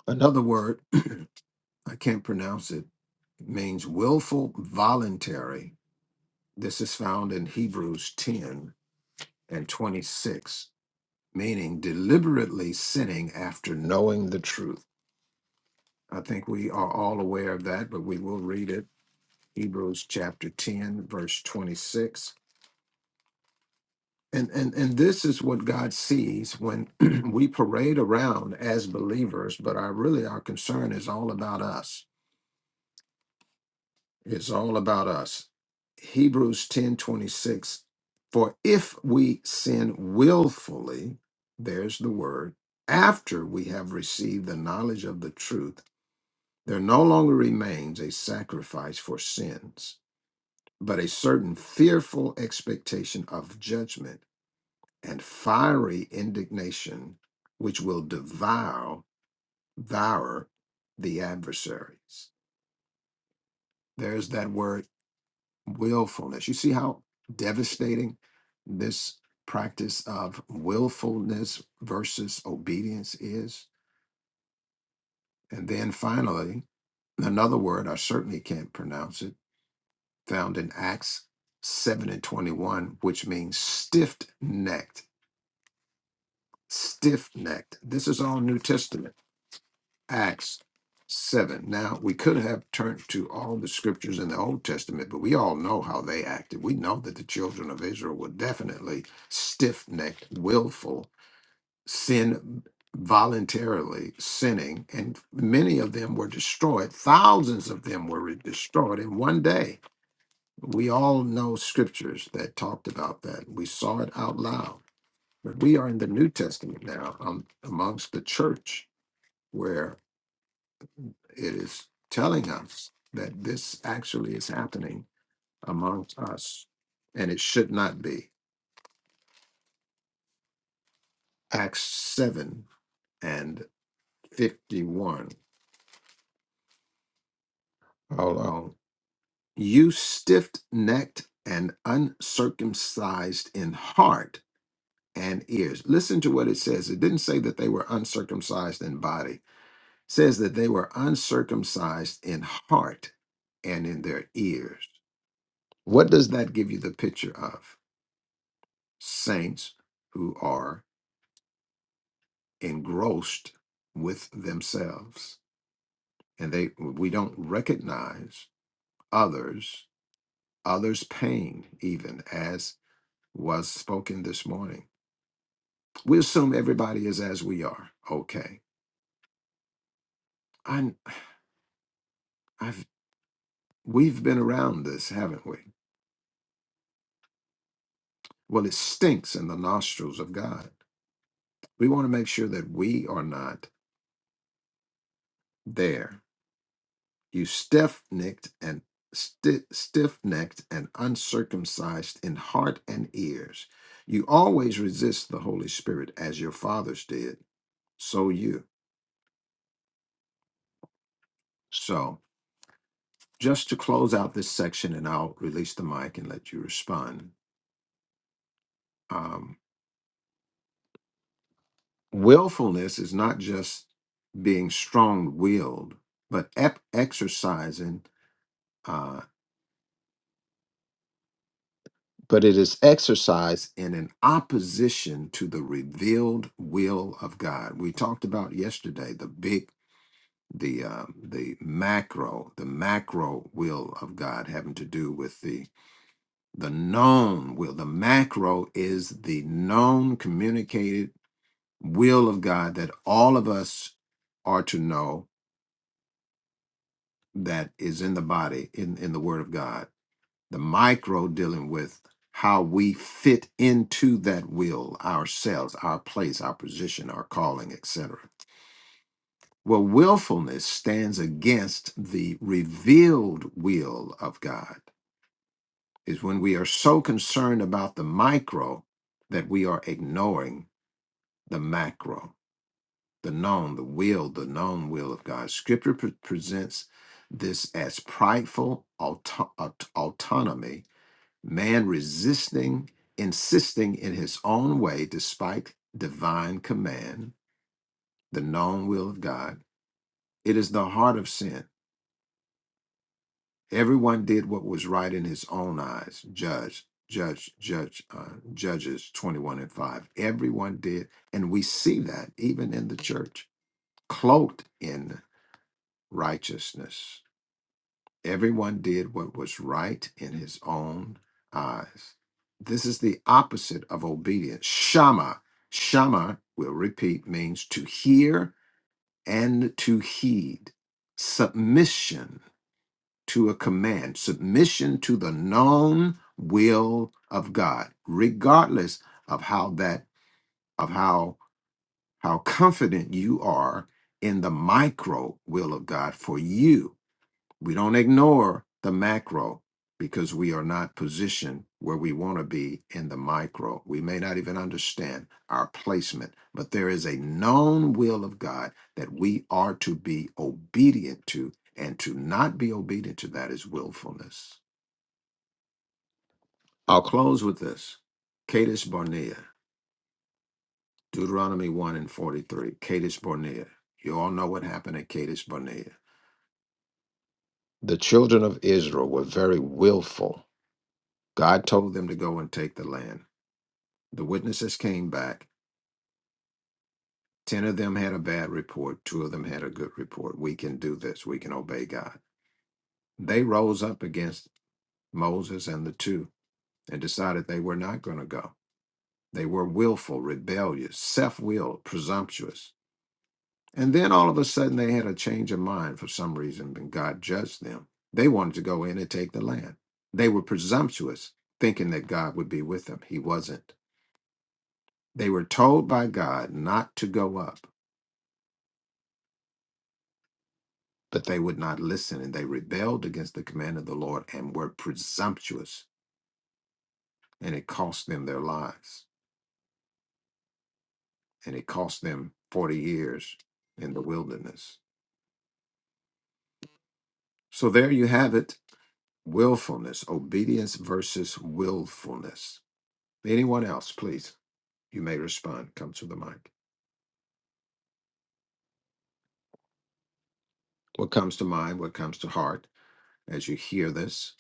S2: Another word, <clears throat> I can't pronounce it, means willful, voluntary, This is found in Hebrews 10 and 26, meaning deliberately sinning after knowing the truth. I think we are all aware of that, but we will read it. Hebrews chapter 10, verse 26. And, and, and this is what God sees when <clears throat> we parade around as believers, but our really our concern is all about us It's all about us. Hebrews 10 26. For if we sin willfully, there's the word, after we have received the knowledge of the truth, there no longer remains a sacrifice for sins, but a certain fearful expectation of judgment and fiery indignation, which will devour, devour the adversaries. There's that word willfulness. You see how devastating this practice of willfulness versus obedience is? And then finally, another word, I certainly can't pronounce it, found in Acts 7 and 21, which means stiff necked. Stiff necked. This is all New Testament Acts 7. Now, we could have turned to all the scriptures in the Old Testament, but we all know how they acted. We know that the children of Israel were definitely stiff necked, willful, sin voluntarily sinning, and many of them were destroyed. Thousands of them were re- destroyed in one day. We all know scriptures that talked about that. We saw it out loud. But we are in the New Testament now um, amongst the church where it is telling us that this actually is happening amongst us and it should not be acts 7 and 51 Hold on. um, you stiff-necked and uncircumcised in heart and ears listen to what it says it didn't say that they were uncircumcised in body It says that they were uncircumcised in heart and in their ears what does that give you the picture of saints who are engrossed with themselves and they we don't recognize others others pain even as was spoken this morning we assume everybody is as we are okay i i've we've been around this haven't we well it stinks in the nostrils of god we want to make sure that we are not there You stiff necked and sti- stiff necked and uncircumcised in heart and ears. You always resist the Holy Spirit as your fathers did. So you. So just to close out this section, and I'll release the mic and let you respond. Um, willfulness is not just being strong willed, but ep- exercising. Uh, but it is exercised in an opposition to the revealed will of God. We talked about yesterday the big, the uh, the macro, the macro will of God having to do with the the known will. The macro is the known, communicated will of God that all of us are to know that is in the body in in the Word of God the micro dealing with how we fit into that will ourselves our place our position our calling etc well willfulness stands against the revealed will of god is when we are so concerned about the micro that we are ignoring the macro the known the will the known will of god scripture pre- presents this as prideful auto- aut- autonomy man resisting, insisting in his own way despite divine command, the known will of God. It is the heart of sin. Everyone did what was right in his own eyes. Judge, judge, judge, uh, judges 21 and 5. Everyone did. And we see that even in the church, cloaked in righteousness. Everyone did what was right in his own eyes. This is the opposite of obedience. Shama, Shama, we'll repeat, means to hear and to heed. Submission to a command, submission to the known will of God, regardless of how that, of how how confident you are in the micro will of God for you we don't ignore the macro because we are not positioned where we want to be in the micro. We may not even understand our placement, but there is a known will of God that we are to be obedient to, and to not be obedient to that is willfulness. I'll close with this Kadesh Barnea, Deuteronomy 1 and 43. Kadesh Barnea. You all know what happened at Kadesh Barnea. The children of Israel were very willful God told them to go and take the land. The witnesses came back. Ten of them had a bad report, two of them had a good report. We can do this, we can obey God. They rose up against Moses and the two and decided they were not going to go. They were willful, rebellious, self willed, presumptuous. And then all of a sudden they had a change of mind for some reason, and God judged them. They wanted to go in and take the land. They were presumptuous, thinking that God would be with them. He wasn't. They were told by God not to go up, but they would not listen, and they rebelled against the command of the Lord and were presumptuous, and it cost them their lives, and it cost them 40 years in the wilderness. So there you have it willfulness, obedience versus willfulness. Anyone else, please? You may respond. Come to the mic. What comes to mind, what comes to heart as you hear this?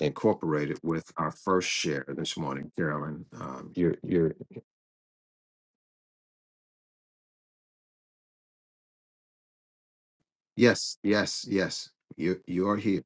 S2: Incorporate it with our first share this morning, Carolyn. Um, you're you're Yes, yes, yes. You you are here.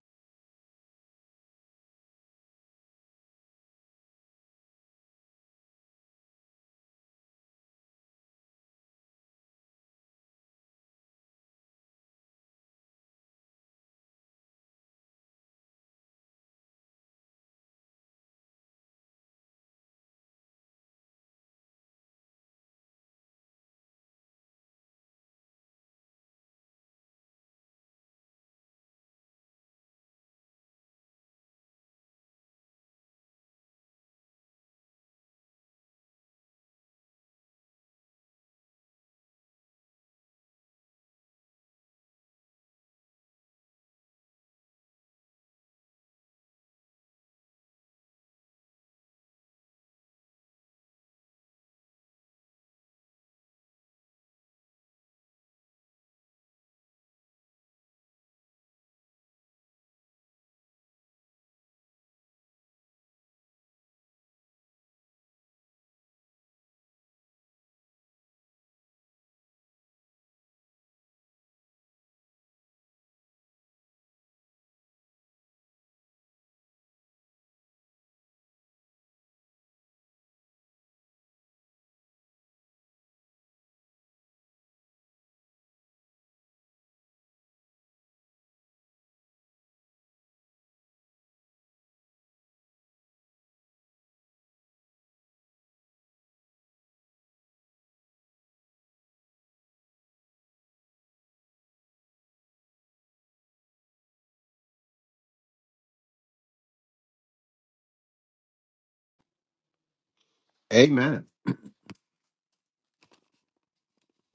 S2: Amen.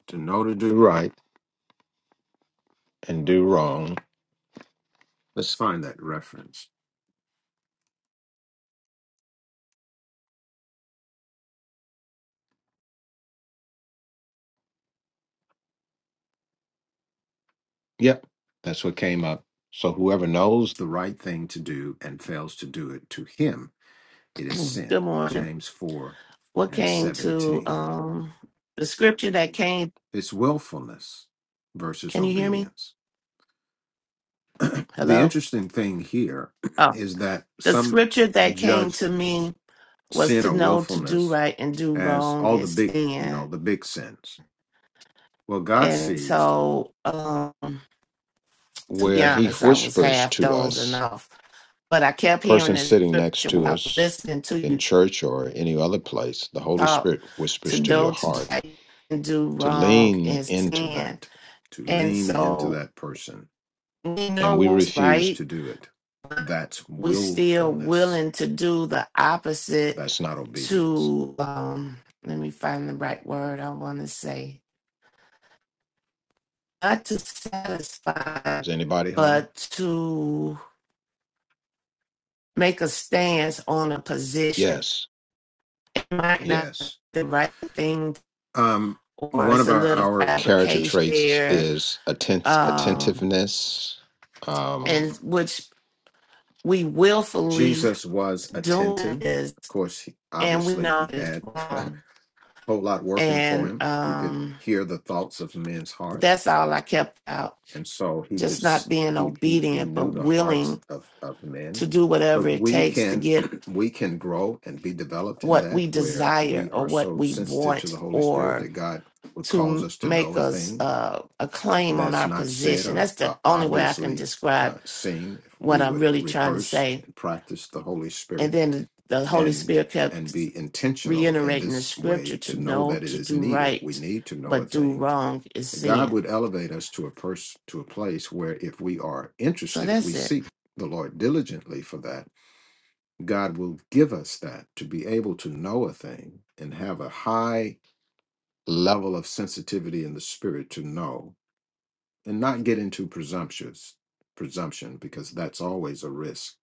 S2: To know to do right and do wrong. Let's find that reference. Yep, that's what came up. So whoever knows the right thing to do and fails to do it, to him it is
S3: Good
S2: sin.
S3: morning.
S2: James four
S3: what
S2: and
S3: came to
S2: seventeen.
S3: um the scripture that came
S2: It's willfulness versus
S3: can you hear me
S2: obedience. The
S3: hello
S2: interesting thing here <clears throat>
S3: oh
S2: is that
S3: the
S2: some
S3: scripture that came
S2: judge
S3: to me was
S2: sin
S3: to
S2: or
S3: know to do
S2: willfulness
S3: right and do
S2: as
S3: wrong
S2: all the
S3: is
S2: big, you know,
S3: sin
S2: the big sins Well, God
S3: and
S2: sees.
S3: so um to be
S2: where he
S3: honest i was
S2: whispers
S3: half
S2: to
S3: dozing
S2: us,
S3: off but i kept hearing
S2: person
S3: this
S2: sitting next
S3: scripture
S2: to
S3: while i was
S2: us
S3: listening to
S2: in
S3: you
S2: church or any other place, the Holy
S3: talk
S2: Spirit
S3: to
S2: whispers to your
S3: know to do
S2: heart
S3: right and do
S2: to
S3: wrong
S2: lean
S3: is
S2: into To
S3: sin
S2: that. to
S3: and
S2: lean into
S3: so
S2: that person
S3: we know
S2: And we
S3: what's
S2: refuse.
S3: right
S2: to do it. That's
S3: we still
S2: willfulness.
S3: willing to do the opposite
S2: That's not obedience.
S3: to um let me find the right word I want to say not to satisfy
S2: Is anybody? home?
S3: but to make a stance on a position
S2: Yes.
S3: It might
S2: Yes.
S3: not be
S2: Yes.
S3: the right thing
S2: Um,
S3: or
S2: one
S3: it's
S2: of
S3: a
S2: our,
S3: little
S2: our character
S3: fabrication
S2: traits
S3: there
S2: is attent-
S3: um
S2: attentiveness. Um,
S3: and which we willfully
S2: Jesus was
S3: doing
S2: attentive.
S3: this
S2: Of course, he,
S3: and we
S2: obviously,
S3: know
S2: he
S3: it's
S2: had <laughs> a
S3: wrong
S2: whole lot working for
S3: and
S2: him. He could
S3: um
S2: hear the thoughts of men's heart,
S3: that's all I kept out
S2: and so he could
S3: just not
S2: s-
S3: being
S2: he he, he
S3: obedient, but
S2: knew the hearts
S3: willing
S2: of, of men.
S3: to do whatever
S2: But
S3: it
S2: we
S3: takes to
S2: can
S3: get
S2: <clears throat> we can grow and be developed in
S3: what
S2: that
S3: we
S2: where
S3: desire
S2: we
S3: or
S2: are
S3: what
S2: so
S3: we
S2: sensitive to
S3: want
S2: the Holy Spirit that
S3: or
S2: God would
S3: to
S2: cause us to know
S3: make
S2: a
S3: us
S2: thing
S3: uh, a claim on
S2: that's
S3: our
S2: not said
S3: position.
S2: or
S3: That's the
S2: uh,
S3: only way I can
S2: obviously uh,
S3: describe
S2: seen if we
S3: what I'm
S2: would
S3: really trying to
S2: rehearse
S3: say.
S2: and practice the holy
S3: And
S2: spirit
S3: then the Holy
S2: and
S3: Spirit
S2: and
S3: kept
S2: be intentional in
S3: reiterating the
S2: this
S3: scripture
S2: way
S3: to
S2: to know
S3: know
S2: that it
S3: to
S2: is
S3: do
S2: needed we
S3: right,
S2: need to know a
S3: but do
S2: thing
S3: wrong is
S2: god
S3: sin.
S2: would elevate us to a person to a place where if we are
S3: So
S2: interested if we
S3: that's it.
S2: seek the lord diligently for that god will give us that to be able to know a thing and have a high level of sensitivity in the spirit to know and not get into presumptuous presumption because that's always a risk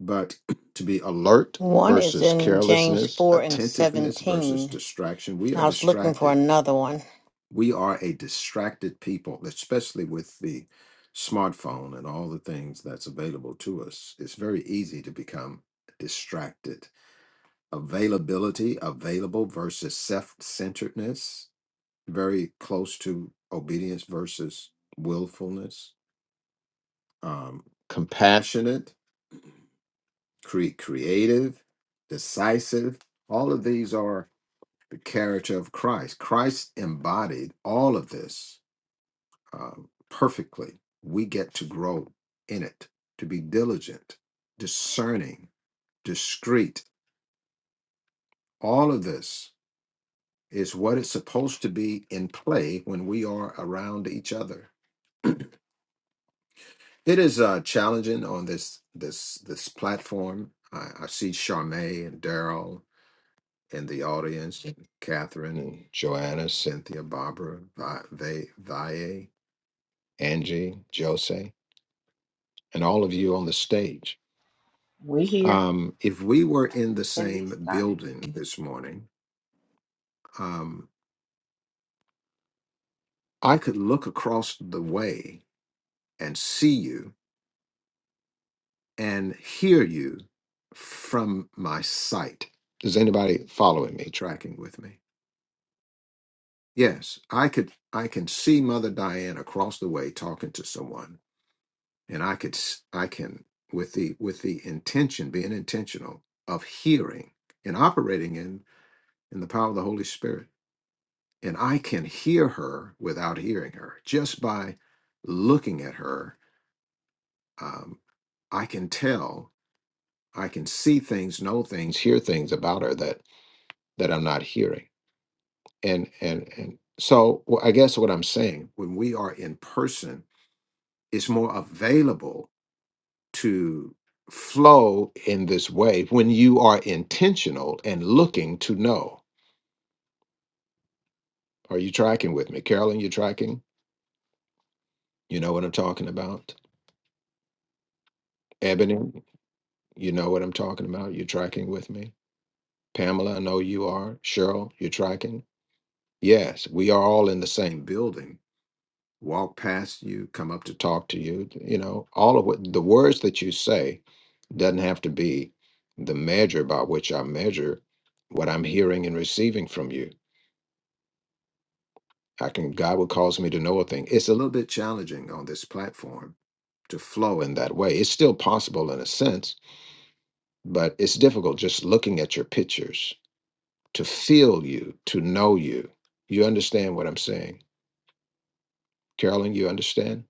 S2: but <clears throat> to be alert
S4: One is
S2: versus
S4: in James
S2: carelessness
S4: four and
S2: attentiveness versus
S4: seventeen.
S2: distraction we are
S4: I was looking for
S2: distracted
S4: another one.
S2: we are a distracted people especially with the smartphone and all the things that's available to us it's very easy to become distracted availability available versus self-centeredness very close to obedience versus willfulness um, compassionate, cre- creative, decisive. All of these are the character of Christ. Christ embodied all of this um, perfectly. We get to grow in it, to be diligent, discerning, discreet. All of this is what it's supposed to be in play when we are around each other. It is uh, challenging on this this this platform. I, I see Charmaine and Daryl in the audience and Catherine and Joanna, Cynthia, Barbara, Vi- Va- Vaye, Angie, Jose, and all of you on the stage.
S7: We hear
S2: Um, if we were in the
S7: at least
S2: same
S7: I am.
S2: building this morning, um, I could look across the way and see you and hear you from my sight. Is anybody following me, tracking with me? Yes, I could. I can see Mother Diane across the way talking to someone and I could s- I can with the with the intention being intentional of hearing and operating in in the power of the Holy Spirit and I can hear her without hearing her just by looking at her um, I can tell I can see things know things hear things about her that that I'm not hearing and and and so wh- I guess what I'm saying when we are in person it's more available to flow in this way when you are intentional and looking to know. Are you tracking with me? Carolyn, you tracking? You know what I'm talking about? Ebony, you know what I'm talking about? You tracking with me? Pamela, I know you are. Cheryl, you tracking? Yes, we are all in the same building. Walk past you, come up to talk to you. You know, all of what the words that you say doesn't have to be the measure by which I measure what I'm hearing and receiving from you I can God will cause me to know a thing. It's a little bit challenging on this platform to flow in that way. It's still possible in a sense, but it's difficult just looking at your pictures to feel you, to know you. You understand what I'm saying? Carolyn, you understand?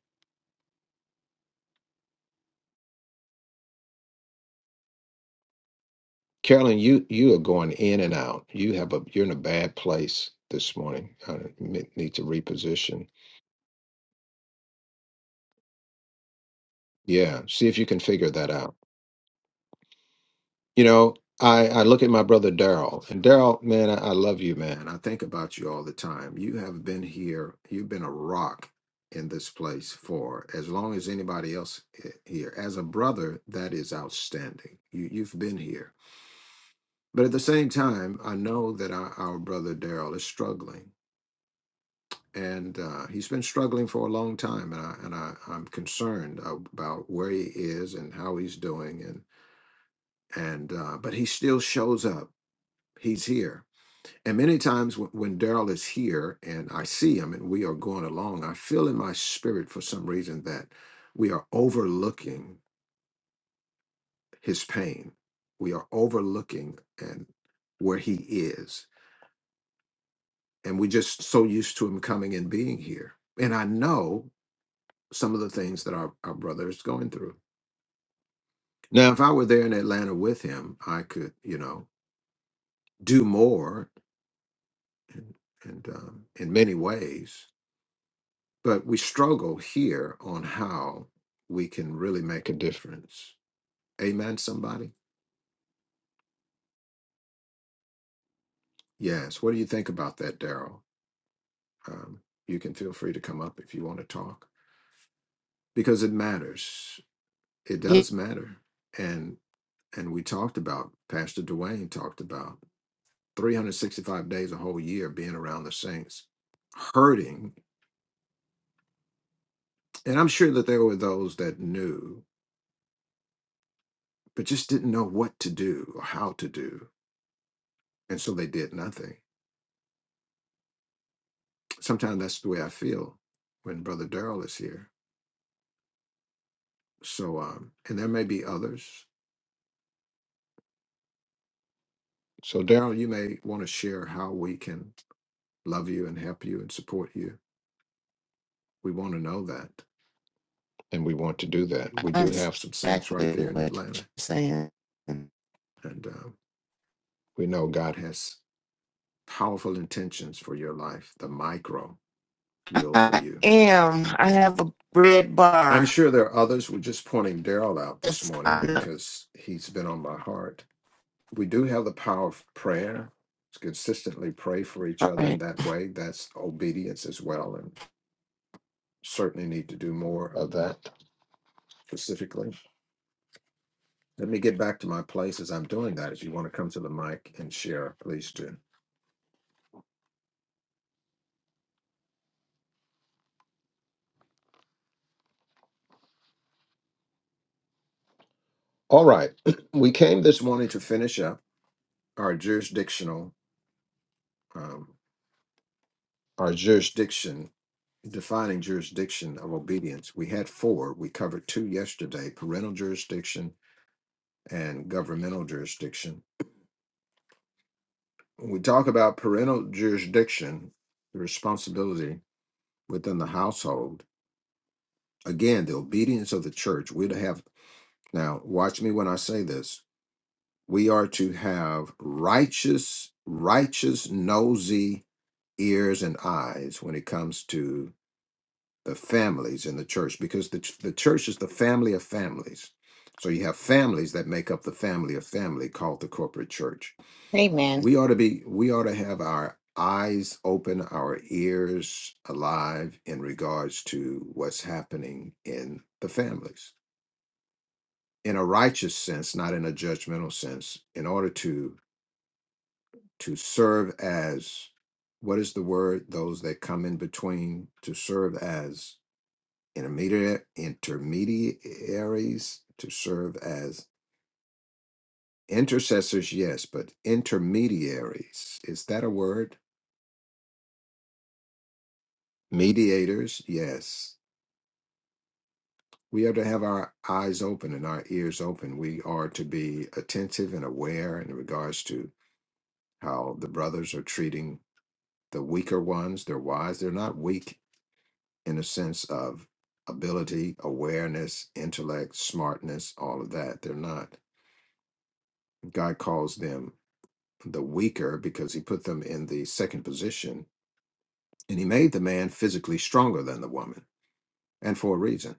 S2: Carolyn, you you are going in and out. You have a you're in a bad place this morning. I need to reposition. Yeah, see if you can figure that out. You know, I, I look at my brother Daryl, and Daryl, man, I, I love you, man. I think about you all the time. You have been here, you've been a rock in this place for as long as anybody else i- here. As a brother, that is outstanding. You, you've been here. But at the same time, I know that our, our brother Daryl is struggling. And uh, he's been struggling for a long time, and I and I, I'm concerned about where he is and how he's doing, and and uh, but he still shows up. He's here And many times when, when Daryl is here and I see him and we are going along, I feel in my spirit for some reason that we are overlooking his pain. We are overlooking and where he is. And we're just so used to him coming and being here. And I know some of the things that our, our brother is going through. Now, if I were there in Atlanta with him, I could, you know, do more and, and um, in many ways But we struggle here on how we can really make a difference. Amen, somebody? Yes. What do you think about that, Daryl? Um, you can feel free to come up if you want to talk because it matters. It
S3: Yeah,
S2: does matter. And and we talked about, Pastor Dwayne talked about 365 days a whole year being around the saints, hurting. And I'm sure that there were those that knew, but just didn't know what to do or how to do. And so they did nothing sometimes that's the way I feel when Brother Daryl is here. So, um, and there may be others. So, Daryl, you may want to share how we can love you and help you and support you. We want to know that, and we want to do that. We
S3: I
S2: do
S3: understand
S2: have some saints right
S3: exactly
S2: there in
S3: what you're
S2: Atlanta,
S3: saying.
S2: and um, we know God has powerful intentions for your life, the micro will for
S3: I
S2: you.
S3: am. I have a red
S2: I'm
S3: bar.
S2: sure there are others. We're just pointing Daryl out this
S3: Yes,
S2: morning
S3: I know.
S2: because he's been on my heart we do have the power of prayer. To consistently pray for each
S3: All
S2: other in
S3: right.
S2: that way. That's obedience as well, and certainly need to do more of that specifically. Let me get back to my place as I'm doing that. If you want to come to the mic and share, please do. All right, <clears throat> we came this morning to finish up our jurisdictional, um, our jurisdiction, defining jurisdiction of obedience. We had four. We covered two yesterday: parental jurisdiction and governmental jurisdiction when we talk about parental jurisdiction, the responsibility within the household, again, the obedience of the church, we'd have, now watch me when I say this, we are to have righteous, righteous, nosy ears and eyes when it comes to the families in the church, because the, ch- the church is the family of families. So you have families that make up the family of family called the corporate church
S4: Amen.
S2: we ought to be we ought to have our eyes open our ears alive in regards to what's happening in the families in a righteous sense not in a judgmental sense in order to to serve as what is the word those that come in between to serve as intermediate intermediaries to serve as intercessors yes but intermediaries is that a word mediators yes we are to have our eyes open and our ears open. We are to be attentive and aware in regards to how the brothers are treating the weaker ones, their wives. They're not weak in a sense of ability, awareness, intellect, smartness, all of that. They're not. God calls them the weaker because he put them in the second position and he made the man physically stronger than the woman and for a reason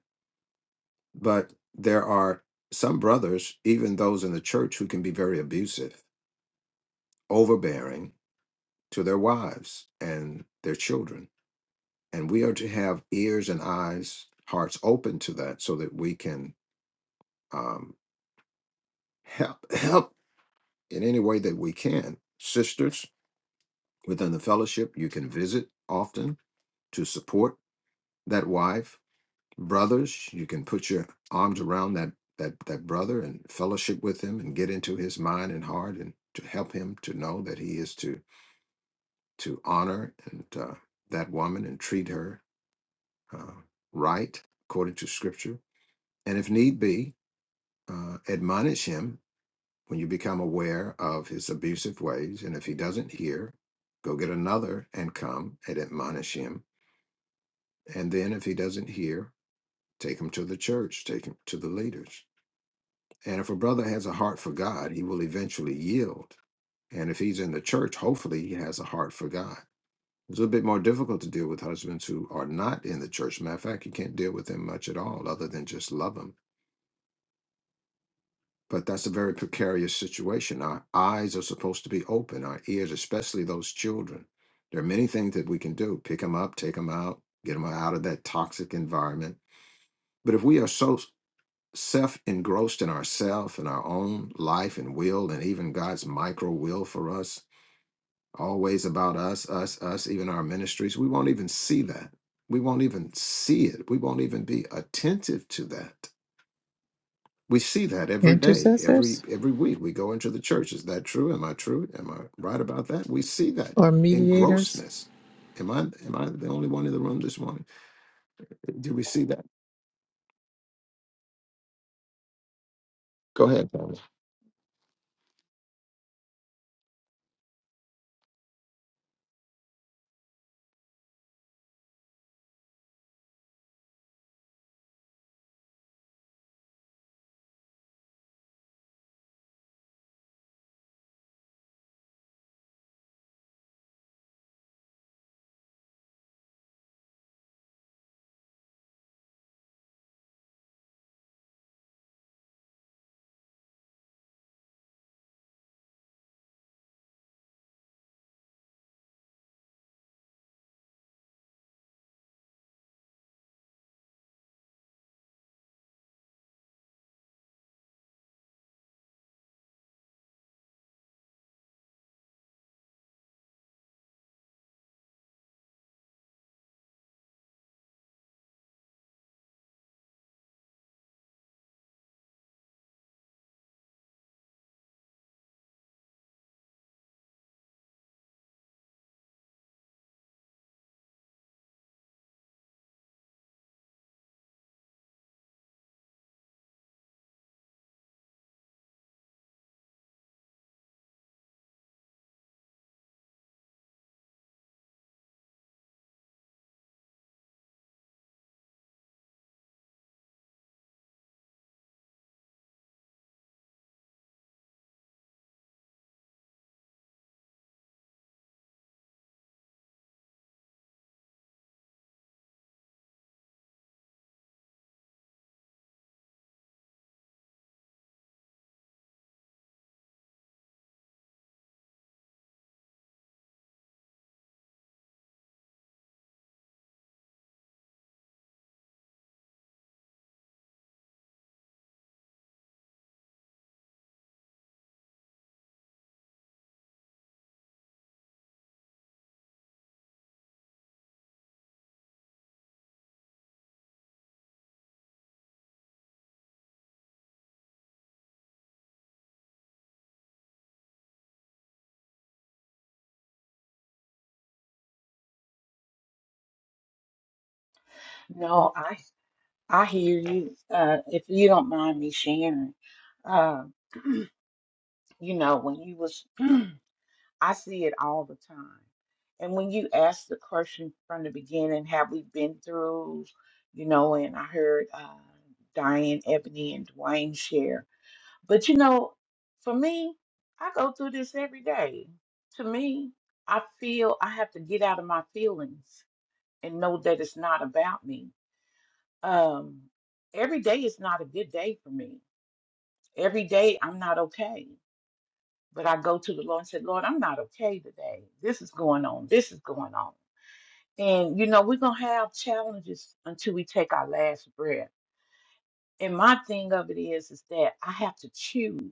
S2: But there are some brothers, even those in the church, who can be very abusive, overbearing to their wives and their children. And we are to have ears and eyes, hearts open to that so that we can um, help, <laughs> <clears throat> help in any way that we can. Sisters within the fellowship, you can visit often to support that wife brothers you can put your arms around that that that brother and fellowship with him and get into his mind and heart and to help him to know that he is to to honor and uh, that woman and treat her uh, right according to scripture and if need be uh, admonish him when you become aware of his abusive ways and if he doesn't hear go get another and come and admonish him and then if he doesn't hear take him to the church take him to the leaders And if a brother has a heart for God, he will eventually yield. And if he's in the church, hopefully he has a heart for God. It's a bit more difficult to deal with husbands who are not in the church. Matter of fact, you can't deal with them much at all other than just love them. But that's a very precarious situation. Our eyes are supposed to be open, our ears, especially those children. There are many things that we can do pick them up, take them out, get them out of that toxic environment. But if we are so self engrossed in ourself and our own life and will and even God's micro will for us, always about us, us, us, even our ministries, we won't even see that. We won't even see it. We won't even be attentive to that. We see that every day, every
S8: Intercessors
S2: every week. We go into the church. Is that true? Am I true? Am I right about that? We see that
S8: or mediators?
S2: engrossness. Am I am I the only one in the room this morning? Do we see that? Go ahead, Thomas.
S7: No, I I hear you. Uh, if you don't mind me sharing, uh, you know when you was, <clears throat> I see it all the time. And when you ask the question from the beginning, have we been through, you know? And I heard uh, Diane, Ebony, and Dwayne share. But you know, for me, I go through this every day. To me, I feel I have to get out of my feelings and know that it's not about me. Um, every day is not a good day for me. Every day I'm not okay. But I go to the Lord and say, Lord, I'm not okay today. This is going on. This is going on. And, you know, we're going to have challenges until we take our last breath. And my thing of it is, is that I have to choose.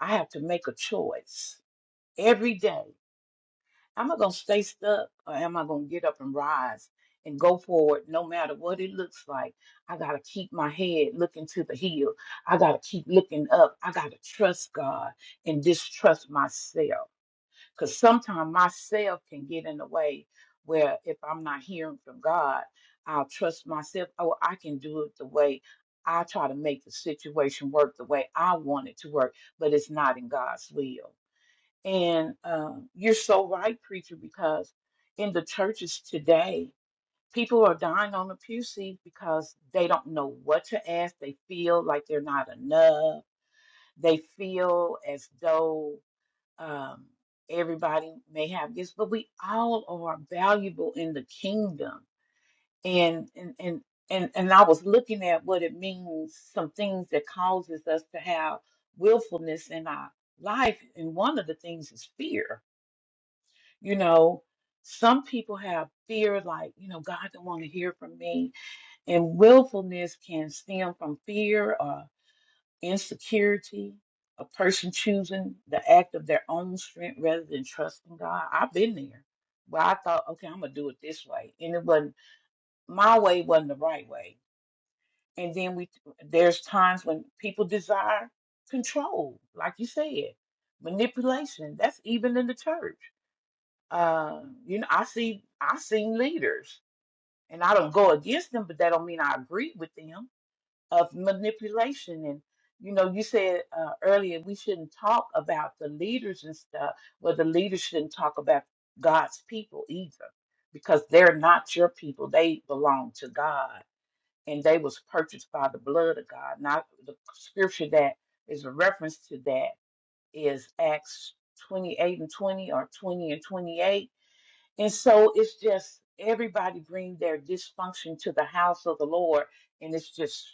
S7: I have to make a choice every day. Am I going to stay stuck or am I going to get up and rise and go forward no matter what it looks like? I got to keep my head looking to the hill. I got to keep looking up. I got to trust God and distrust myself because sometimes myself can get in the way where if I'm not hearing from God, I'll trust myself. Oh, I can do it the way I try to make the situation work the way I want it to work, but it's not in God's will. And um, you're so right, preacher, because in the churches today, people are dying on the pew seat because they don't know what to ask. They feel like they're not enough. They feel as though um, everybody may have this, but we all are valuable in the kingdom. And and and and, and I was looking at what it means, some things that causes us to have willfulness in our life, and one of the things is fear you know, some people have fear, like, you know, God don't want to hear from me. And willfulness can stem from fear or insecurity, a person choosing the act of their own strength rather than trusting God. I've been there where I thought, okay, I'm going to do it this way. And it wasn't, my way wasn't the right way. And then we, there's times when people desire control, like you said, manipulation. That's even in the church uh, you know, I see I seen leaders, and I don't go against them, but that don't mean I agree with them of manipulation. And you know, you said uh, earlier we shouldn't talk about the leaders and stuff. Well, the leaders shouldn't talk about God's people either, because they're not your people. They belong to God, and they was purchased by the blood of God. Not the scripture that is a reference to that is Acts 28 and 20 or 20 and 28 and so it's just everybody bring their dysfunction to the house of the Lord, and it's just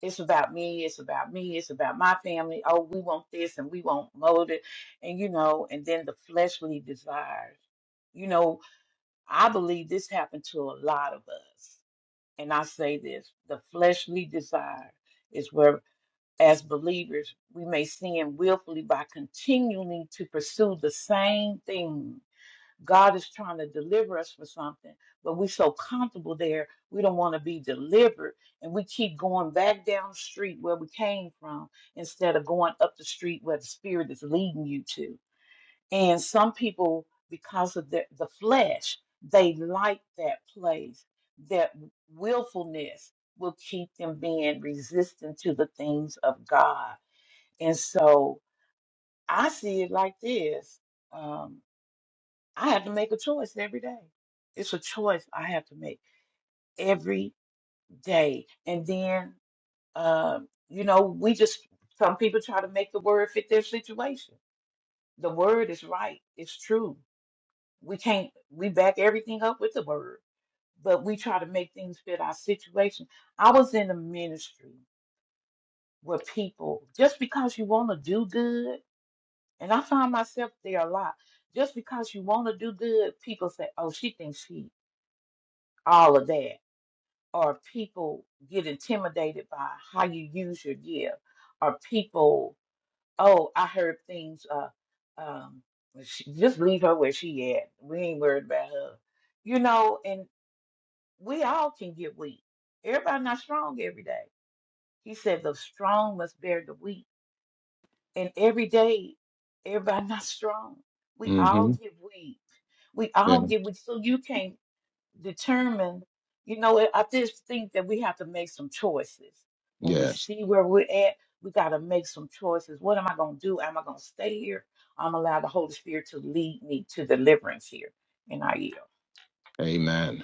S7: it's about me, it's about me, it's about my family. Oh, we want this and we want mold it, and you know, and then the fleshly desires. You know, I believe this happened to a lot of us. And I say this the fleshly desire is where, as believers, we may sin willfully by continuing to pursue the same things God is trying to deliver us from something, but we're so comfortable there, we don't want to be delivered. And we keep going back down the street where we came from instead of going up the street where the Spirit is leading you to. And some people, because of the, the flesh, they like that place. That willfulness will keep them being resistant to the things of God. And so I see it like this. Um, I have to make a choice every day. It's a choice I have to make every day. And then, um, you know, we just, some people try to make the word fit their situation. The word is right, it's true. We can't, we back everything up with the word, but we try to make things fit our situation. I was in a ministry where people, just because you want to do good, and I find myself there a lot, just because you want to do good, people say, oh, she thinks she all of that or people get intimidated by how you use your gift, or people, oh, I heard things, uh, um, she, just leave her where she at. We ain't worried about her, you know. And we all can get weak. Everybody not strong every day. He said the strong must bear the weak, and every day, everybody <laughs> not strong. We all
S2: Mm-hmm.
S7: get weak. We all
S2: Yeah.
S7: get weak. So you can't determine, you know, I just think that we have to make some choices. When we
S2: Yes.
S7: see where we're at, we got to make some choices. What am I going to do? Am I going to stay here? I'm allowed the Holy Spirit to lead me to deliverance here in our yield.
S2: Amen.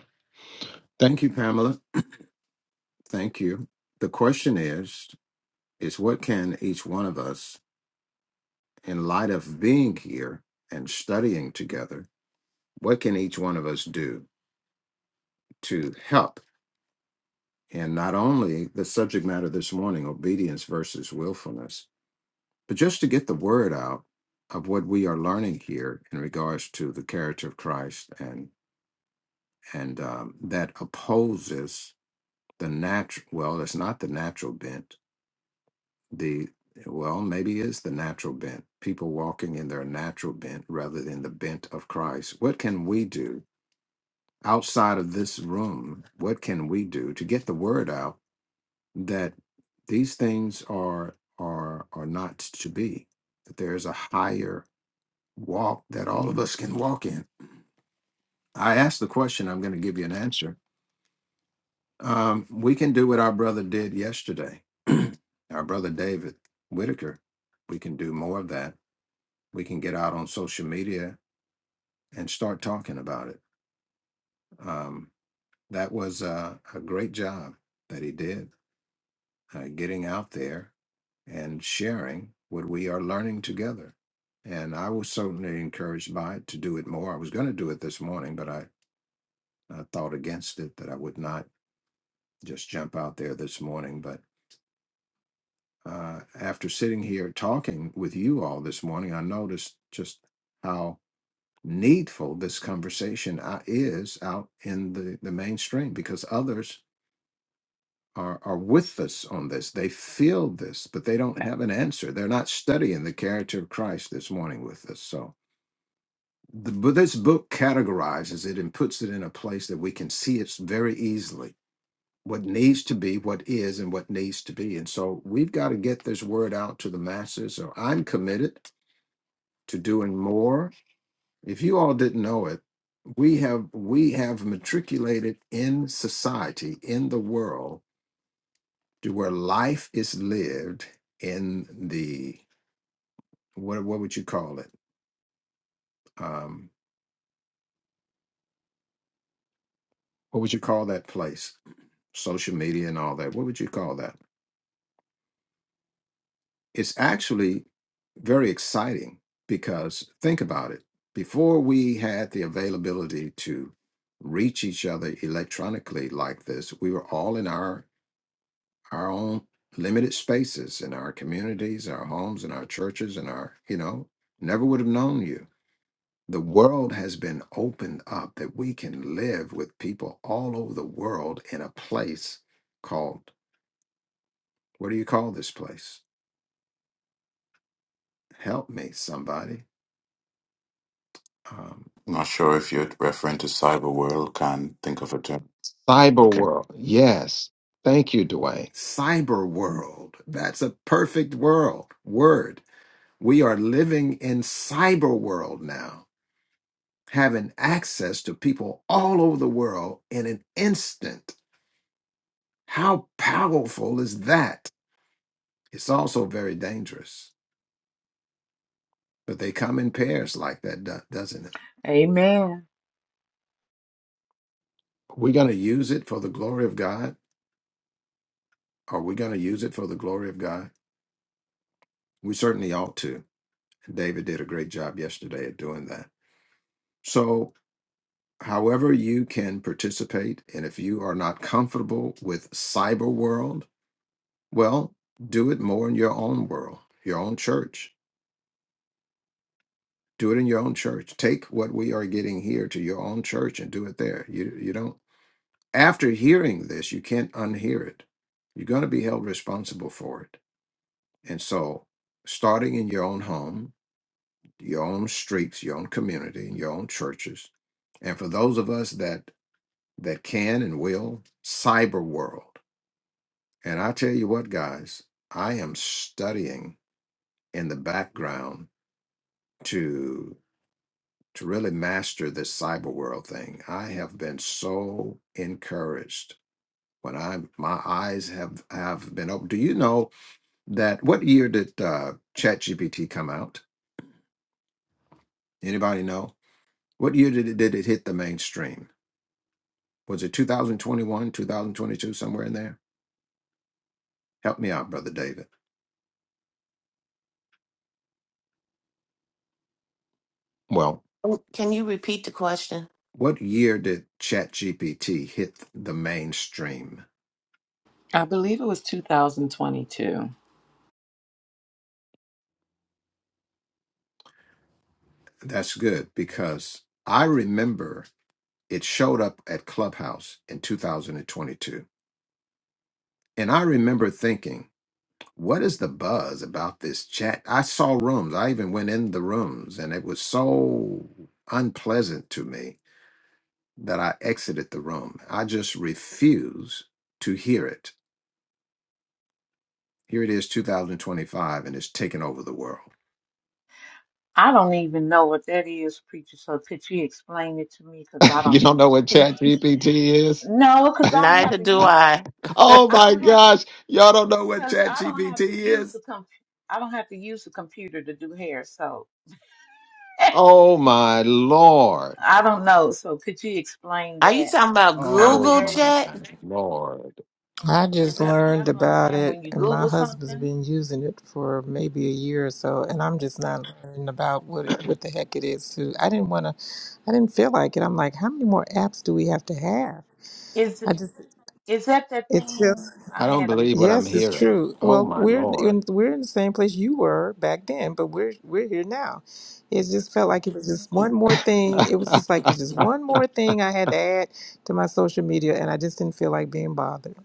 S2: Thank you, Pamela. Thank you. The question is is what can each one of us in light of being here and studying together, what can each one of us do to help in not only the subject matter this morning, obedience versus willfulness, but just to get the word out of what we are learning here in regards to the character of Christ and and um, that opposes the natural well, it's not the natural bent the well maybe is the natural bent people walking in their natural bent rather than the bent of christ what can we do outside of this room what can we do to get the word out that these things are are are not to be that there is a higher walk that all of us can walk in i asked the question i'm going to give you an answer um, we can do what our brother did yesterday <clears throat> our brother david whitaker we can do more of that we can get out on social media and start talking about it. Um, that was a, a great job that he did uh, getting out there and sharing what we are learning together. And I was certainly encouraged by it to do it more. I was going to do it this morning, but I, I thought against it that I would not just jump out there this morning. But uh, after sitting here talking with you all this morning, I noticed just how needful this conversation uh, is out in the, the mainstream because others are, are with us on this. They feel this, but they don't have an answer. They're not studying the character of Christ this morning with us. So the, but this book categorizes it and puts it in a place that we can see it very easily what needs to be, what is, and what needs to be. And so we've got to get this word out to the masses. So I'm committed to doing more If you all didn't know it, we have we have matriculated in society, in the world, to where life is lived in the what what would you call it? Um, what would you call that place? Social media and all that. What would you call that? It's actually very exciting because think about it. Before we had the availability to reach each other electronically like this, we were all in our our own limited spaces in our communities, our homes, and our churches, and our, you know, never would have known you. The world has been opened up that we can live with people all over the world in a place called, what do you call this place? Help me, somebody. Um,
S6: Not sure if you're referring to cyber world. Can't think of a term.
S2: Cyber
S6: Okay.
S2: world. Yes. Thank you, Dwayne. cyber world. That's a perfect world word. We are living in cyber world now having access to people all over the world in an instant. How powerful is that? It's also very dangerous, but they come in pairs like that, do- doesn't it?
S7: Amen.
S2: We're going to use it for the glory of God. Are we going to use it for the glory of God? We certainly ought to. David did a great job yesterday at doing that. So, however, you can participate, and if you are not comfortable with cyber world, well, do it more in your own world, your own church do it in your own church take what we are getting here to your own church and do it there you you don't after hearing this you can't unhear it you're going to be held responsible for it and so starting in your own home your own streets your own community and your own churches and for those of us that that can and will cyber world and i tell you what guys i am studying in the background to. to really master this cyber world thing. I have been so encouraged when I my eyes have have been open. Do you know that what year did uh, ChatGPT come out? Anybody know what year did it did it hit the mainstream? Was it 2021, 2022, somewhere in there? Help me out, brother David. Well,
S3: Oh, Can you repeat the question?
S2: what year did ChatGPT hit the mainstream?
S5: I believe it was 2022.
S2: That's good because I remember It showed up at Clubhouse in 2022. And I remember thinking, what is the buzz about this chat? I saw rooms. I even went in the rooms, and it was so unpleasant to me that I exited the room. I just refuse to hear it. Here it is, 2025, and it's taken over the world.
S7: I don't even know what that is, preacher. So could you explain it to me? Because I
S2: <laughs> You
S7: don't.
S2: don't know what
S7: <laughs>
S2: Chat GPT is?
S7: No, because I don't have
S3: Neither
S7: to
S3: do
S7: use.
S3: I.
S2: Oh
S7: I
S2: my
S7: don't have to
S2: gosh. Y'all don't know what
S7: because
S2: Chat
S7: I don't
S2: GPT
S7: have to use the
S2: is?
S7: com. I don't have to use the computer to do hair. So. <laughs>
S2: Oh my lord.
S7: I don't know. So could you explain
S3: Are you
S7: that?
S3: talking about
S7: I'm
S2: Oh
S3: Google
S2: my
S7: barely.
S3: Chat?
S2: Lord.
S8: I
S7: Is
S8: just
S7: that
S8: learned
S7: that's what I'm
S8: about
S7: saying?
S8: it,
S7: When you
S8: and my
S7: Google
S8: husband's
S7: something,
S8: been using it for maybe a year or so, and I'm just not learning about what what
S2: <clears throat>
S8: the heck it is. Too, I didn't want to, I didn't feel like it. I'm like, how many more apps do we have to have?
S7: is
S8: I just,
S7: is that that
S8: it's just
S7: thing
S2: I
S7: I
S2: don't
S7: had a
S2: believe what
S7: meet?
S2: I'm
S8: Yes, it's
S2: hearing.
S8: true.
S2: Oh
S8: Well,
S2: my
S8: we're
S2: Lord.
S8: in we're in the same place you were back then, but we're we're here now. It just felt like it was
S7: Mhm.
S8: just one more thing. It was just
S2: <laughs>
S8: like it was just one more thing I had to add to my social media, and I just didn't feel like being bothered.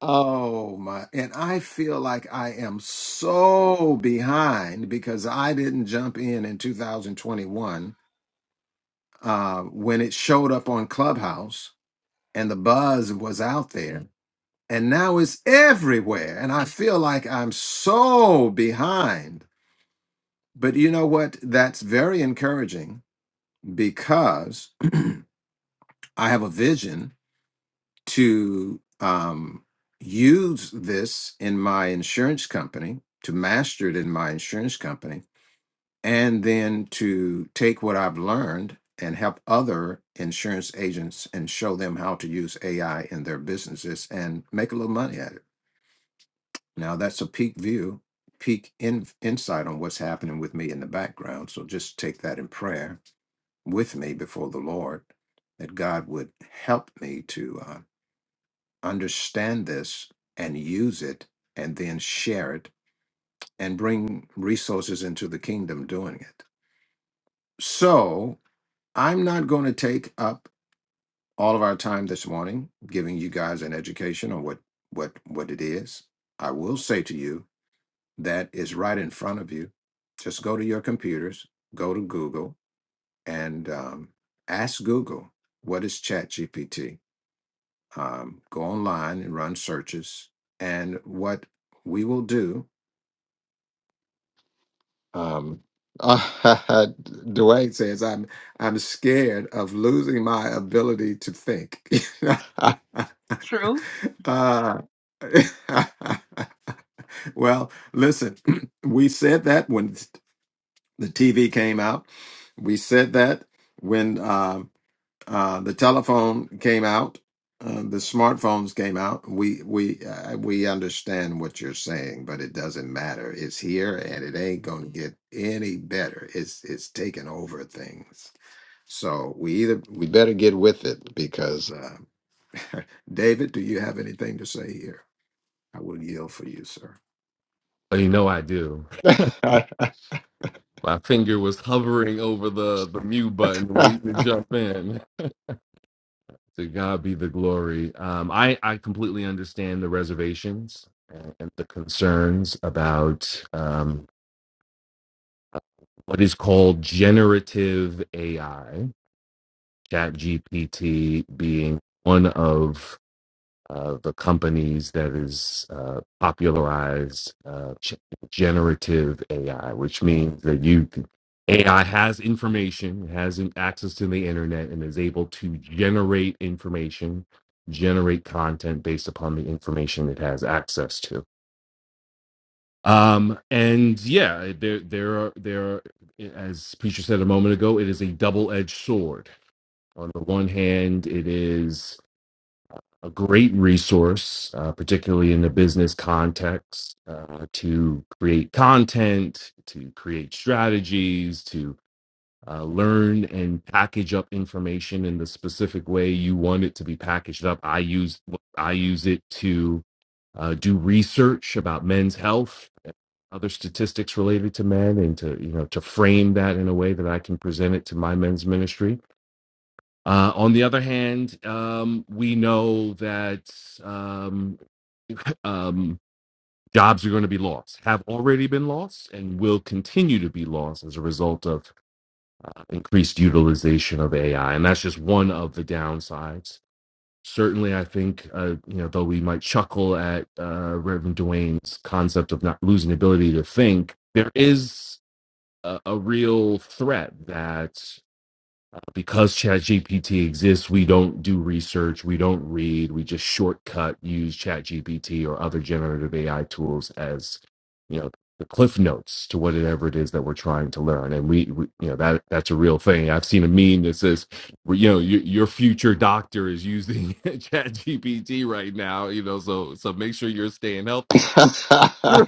S2: oh my. And I feel like I am so behind because I didn't jump in in 2021 uh, when it showed up on Clubhouse and the buzz was out there. And now it's everywhere. And I feel like I'm so behind. But you know what? That's very encouraging because. I have a vision to um, use this in my insurance company, to master it in my insurance company, and then to take what I've learned and help other insurance agents and show them how to use AI in their businesses and make a little money at it. Now, that's a peak view, peak in, insight on what's happening with me in the background. So just take that in prayer with me before the Lord that God would help me to. uh, understand this and use it and then share it and bring resources into the kingdom doing it. So I'm not going to take up all of our time this morning giving you guys an education on what what what it is. I will say to you that is right in front of you. Just go to your computers, go to Google, and um, ask Google what is ChatGPT um, go online and run searches. And what we will do, um, <laughs> Dwayne says, I'm I'm scared of losing my ability to think. <laughs>
S7: True.
S2: uh, <laughs> well, listen, <clears throat> we said that when the TV came out. We said that when. um, Uh, the telephone came out. Uh, the smartphones came out. We we uh, we understand what you're saying, but it doesn't matter. It's here, and it ain't gonna get any better. It's it's taking over things. So we either we better get with it because uh, <laughs> David, do you have anything to say here? I will yield for you, sir. <laughs>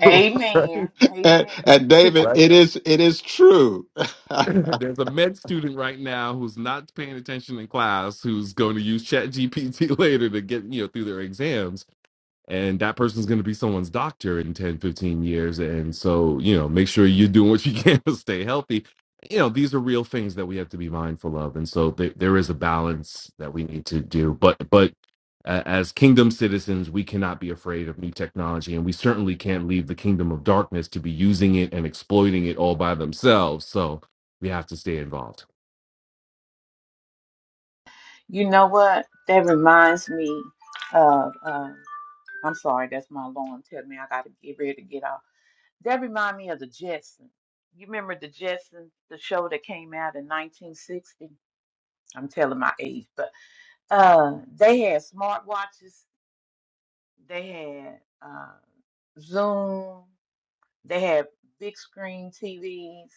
S7: Amen.
S2: and,
S7: Amen.
S2: and David, it is it is true. <laughs>
S7: You know what? That reminds me of. Uh, I'm sorry. That's my alarm telling me I got to get ready to get off. That reminds me of the Jetsons. You remember the Jetsons, the show that came out in 1960? I'm telling my age, but uh, they had smartwatches They had uh, Zoom. They had big screen TVs.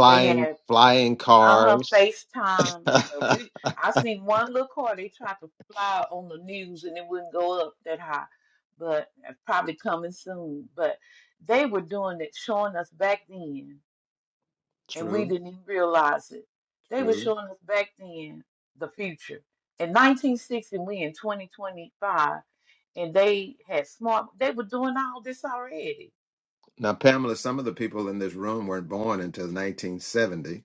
S7: They had
S2: flying
S7: uh-huh
S2: cars.
S7: FaceTime. But
S2: <laughs>
S7: We I seen one little car they tried to fly on the news and it wouldn't go up that high, but it's probably coming soon. But they were doing it, showing us back then and we
S2: True,
S7: didn't even realize it. They were
S2: true.
S7: showing us back then the future. In 1960, we in 2025, and they had smart, they were doing all this already.
S2: Now, Pamela, some of the people in this room weren't born until 1970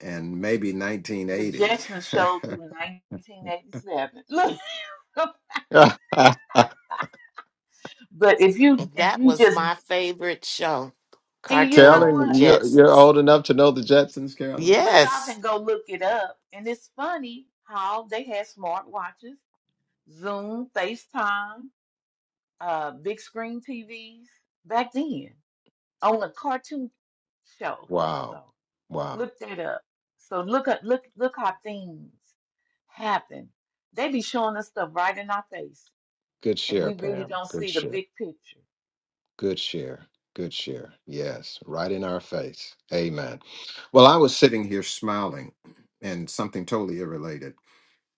S2: and maybe
S7: The
S2: 1980.
S7: Jetsons showed through 1987. Look, <laughs>
S2: <laughs>
S7: but if you if
S3: That
S7: you
S3: was
S7: just
S3: my favorite show,
S7: and you know
S3: cartoon, The
S2: Carolyn,
S7: what,
S2: you're, you're
S3: Jetsons.
S2: old enough to know the Jetsons, Carolyn?
S7: but y'all
S3: Yes.
S7: can go look it up, and it's funny how they had smartwatches, Zoom, FaceTime, uh, big screen TVs back then on a cartoon show. So
S2: Wow. Wow.
S7: look that up. So look up, look look how things happen. They be showing us stuff right in our face,
S2: Good
S7: and we
S2: share,
S7: really
S2: Pam.
S7: don't
S2: Good
S7: see the
S2: share.
S7: big picture.
S2: Good share. Good share. Yes, right in our face. Amen. Well, I was sitting here smiling and something totally irrelated.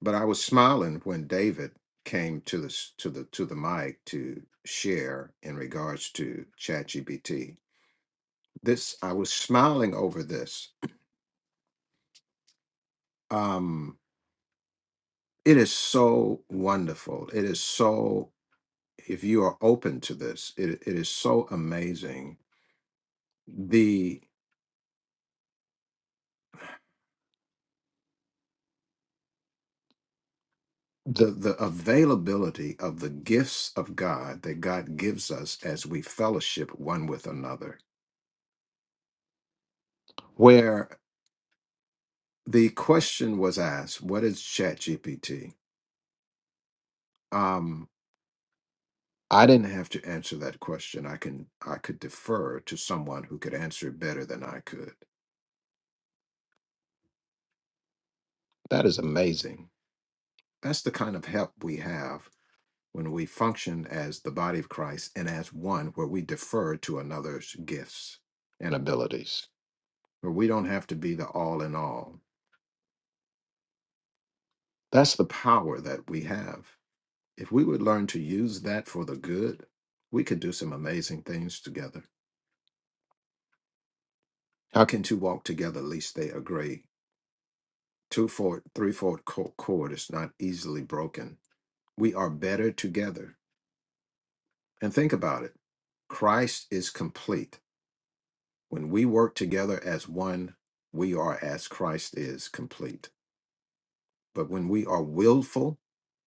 S2: but I was smiling when David came to the s- to the to the mic to share in regards to ChatGPT. This I was smiling over this. Um, it is so wonderful. It is so if you are open to this, it, it is so amazing the the the availability of the gifts of God that God gives us as we fellowship one with another. Where. the question was asked, what is ChatGPT? Um, I didn't have to answer that question. I can I could defer to someone who could answer it better than I could. That is amazing. That's the kind of help we have when we function as the body of Christ and as one where we defer to another's gifts and abilities, where we don't have to be the all in all. That's the power that we have. If we would learn to use that for the good, we could do some amazing things together. How can two walk together lest they agree? Two fold, threefold co- cord is not easily broken. We are better together. And think about it. Christ is complete. When we work together as one, we are as Christ is complete. But when we are willful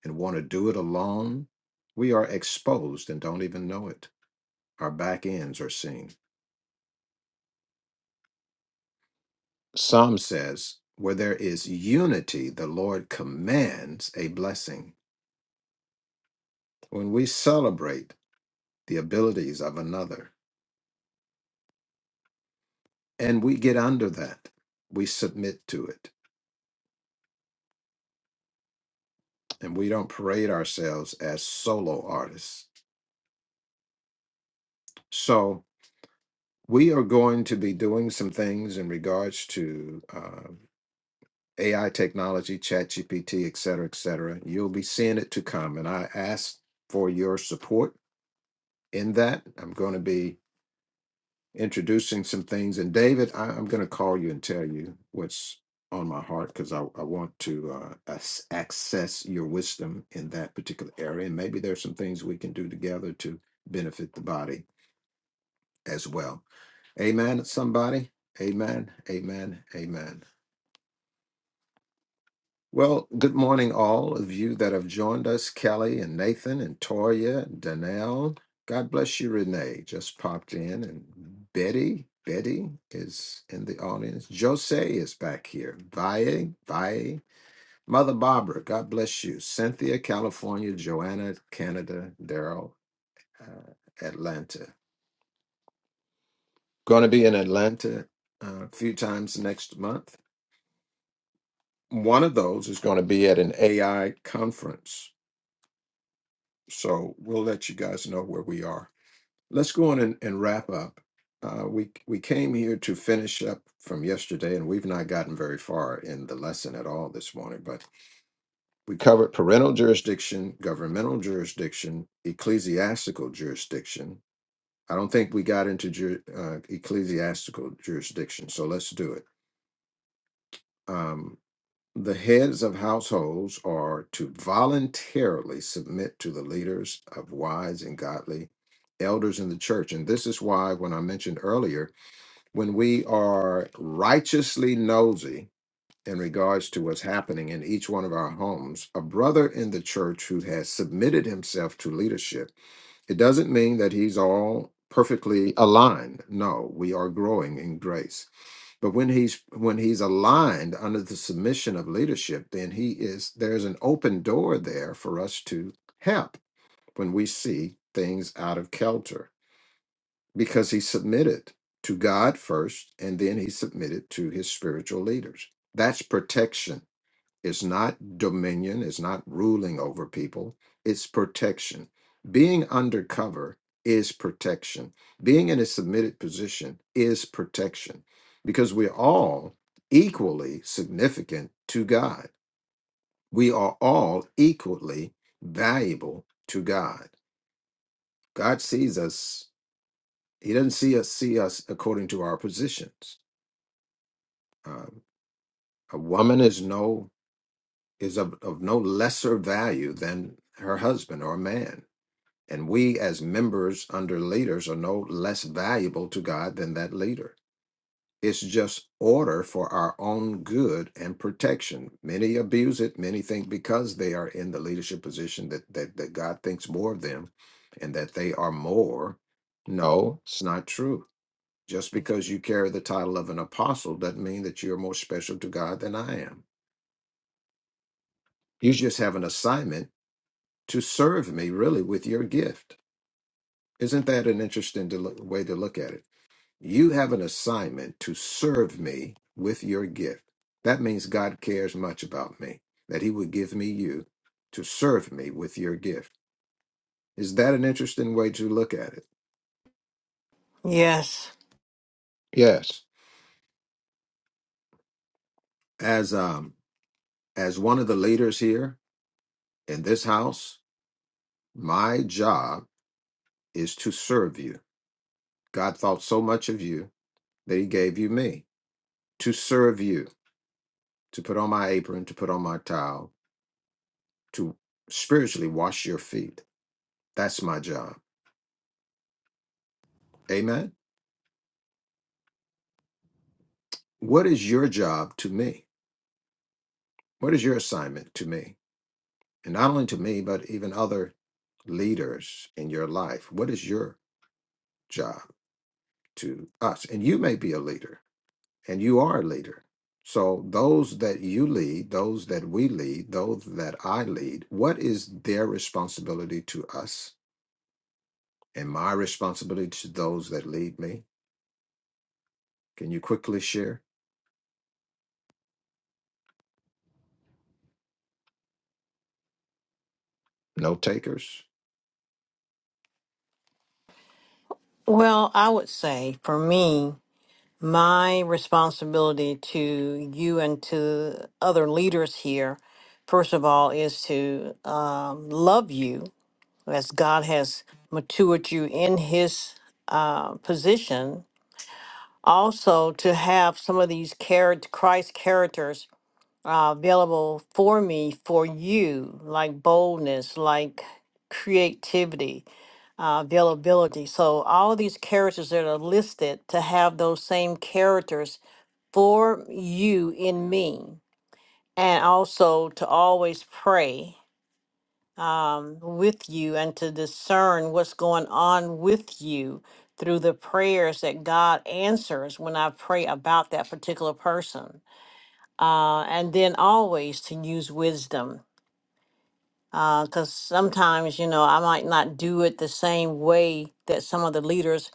S2: and want to do it alone, we are exposed and don't even know it. Our back ends are seen. Psalm says, Where there is unity, the Lord commands a blessing. When we celebrate the abilities of another and we get under that, we submit to it and we don't parade ourselves as solo artists. So, we are going to be doing some things in regards to uh, AI technology, ChatGPT, et cetera, et cetera. You'll be seeing it to come. And I ask for your support in that. I'm going to be introducing some things. And David, I, I'm going to call you and tell you what's on my heart because I, I want to uh, ac- access your wisdom in that particular area. And maybe there's some things we can do together to benefit the body as well. Amen, somebody. Amen. Amen. Amen. Well, good morning, all of you that have joined us, Kelly and Nathan and Toya and Danelle. God bless you, Renee. Just popped in. And Betty, Betty is in the audience. Jose is back here. Vaye, Vaye. Mother Barbara, God bless you. Cynthia, California. Joanna, Canada. Daryl, uh, Atlanta. Going to be in Atlanta uh, a few times next month. One of those is going to be at an AI conference So we'll let you guys know where we are. Let's go on and, and wrap up. Uh, we we came here to finish up from yesterday, and we've not gotten very far in the lesson at all this morning. But we covered parental jurisdiction, governmental jurisdiction, ecclesiastical jurisdiction. I don't think we got into ju- uh, ecclesiastical jurisdiction, so let's do it. Um, The heads of households are to voluntarily submit to the leaders of wise and godly elders in the church. And this is why, when I mentioned earlier, when we are righteously nosy in regards to what's happening in each one of our homes, a brother in the church who has submitted himself to leadership, it doesn't mean that he's all perfectly aligned. No, we are growing in grace. But when he's when he's aligned under the submission of leadership, then he is there's an open door there for us to help when we see things out of kilter because he submitted to God first and then he submitted to his spiritual leaders. That's protection it's not dominion, it's not ruling over people, it's protection. Being undercover is protection. Being in a submitted position is protection because we're all equally significant to God. We are all equally valuable to God. God sees us, He doesn't see us see us according to our positions. Um, a woman is no is of, of no lesser value than her husband or a man And we, as members under leaders, are no less valuable to God than that leader. It's just order for our own good and protection. Many abuse it. Many think because they are in the leadership position that, that, that God thinks more of them and that they are more. No, it's not true. Just because you carry the title of an apostle doesn't mean that you're more special to God than I am. You just have an assignment to serve me, really, with your gift. Isn't that an interesting to look, way to look at it? You have an assignment to serve me with your gift. That means God cares much about me, that He would give me you to serve me with your gift. Is that an interesting way to look at it?
S4: Yes.
S2: Yes. As um as one of the leaders here in this house, my job is to serve you. God thought so much of you that he gave you me to serve you, to put on my apron, to put on my towel, to spiritually wash your feet. That's my job. Amen. what is your job to me? What is your assignment to me? And not only to me, but even other leaders in your life. What is your job to us? And you may be a leader, and you are a leader. So, those that you lead, those that we lead, those that I lead, what is their responsibility to us and my responsibility to those that lead me? Can you quickly share? No takers?
S4: Well, I would say for me. my responsibility to you and to other leaders here, first of all, is to um, love you as God has matured you in His uh, position. Also, to have some of these character, Christ characters uh, available for me, for you, like boldness, like creativity, uh, availability. So all these characters that are listed to have those same characters for you in me, and also to always pray um, with you and to discern what's going on with you through the prayers that God answers when I pray about that particular person. Uh, and then always to use wisdom. Because sometimes, you know, I might not do it the same way that some of the leaders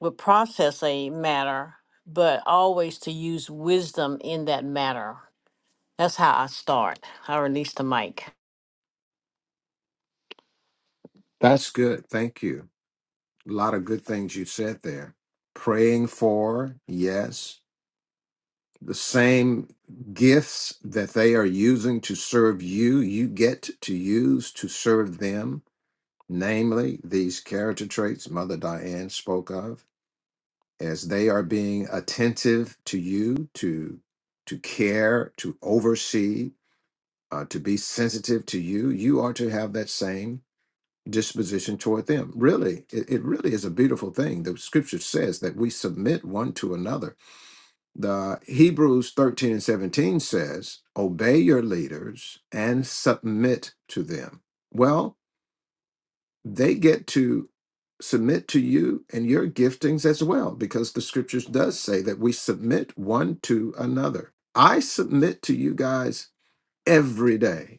S4: would process a matter, but always to use wisdom in that matter That's how I start. I release the mic.
S2: That's good. Thank you. A lot of good things you said there. Praying for, yes. The same gifts that they are using to serve you, you get to use to serve them, namely these character traits Mother Diane spoke of, as they are being attentive to you, to to care, to oversee, uh, to be sensitive to you. You are to have that same disposition toward them. Really, it, it really is a beautiful thing. The scripture says that we submit one to another. The Hebrews 13 and 17 says, Obey your leaders and submit to them. Well, they get to submit to you and your giftings as well, because the scriptures does say that we submit one to another. I submit to you guys every day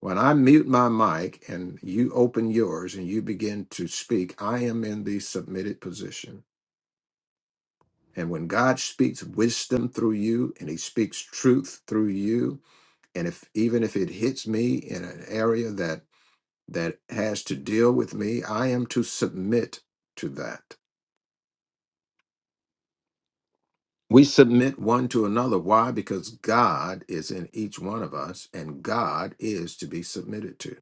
S2: when I mute my mic and you open yours and you begin to speak, I am in the submitted position. And when God speaks wisdom through you and he speaks truth through you, and if even if it hits me in an area that that has to deal with me, I am to submit to that. We submit one to another. Why? Because God is in each one of us and God is to be submitted to.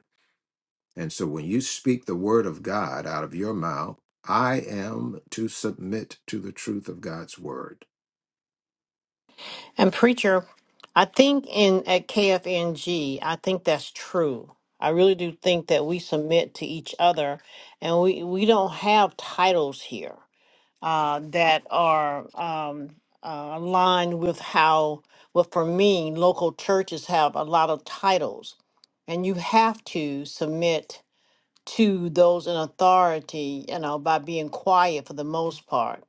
S2: And so when you speak the word of God out of your mouth, I am to submit to the truth of God's word.
S4: And preacher, I think in at KFNG, I think that's true. I really do think that we submit to each other, and we we don't have titles here uh, that are um, uh, aligned with how. Well, for me, local churches have a lot of titles, and you have to submit to those in authority. You know, by being quiet for the most part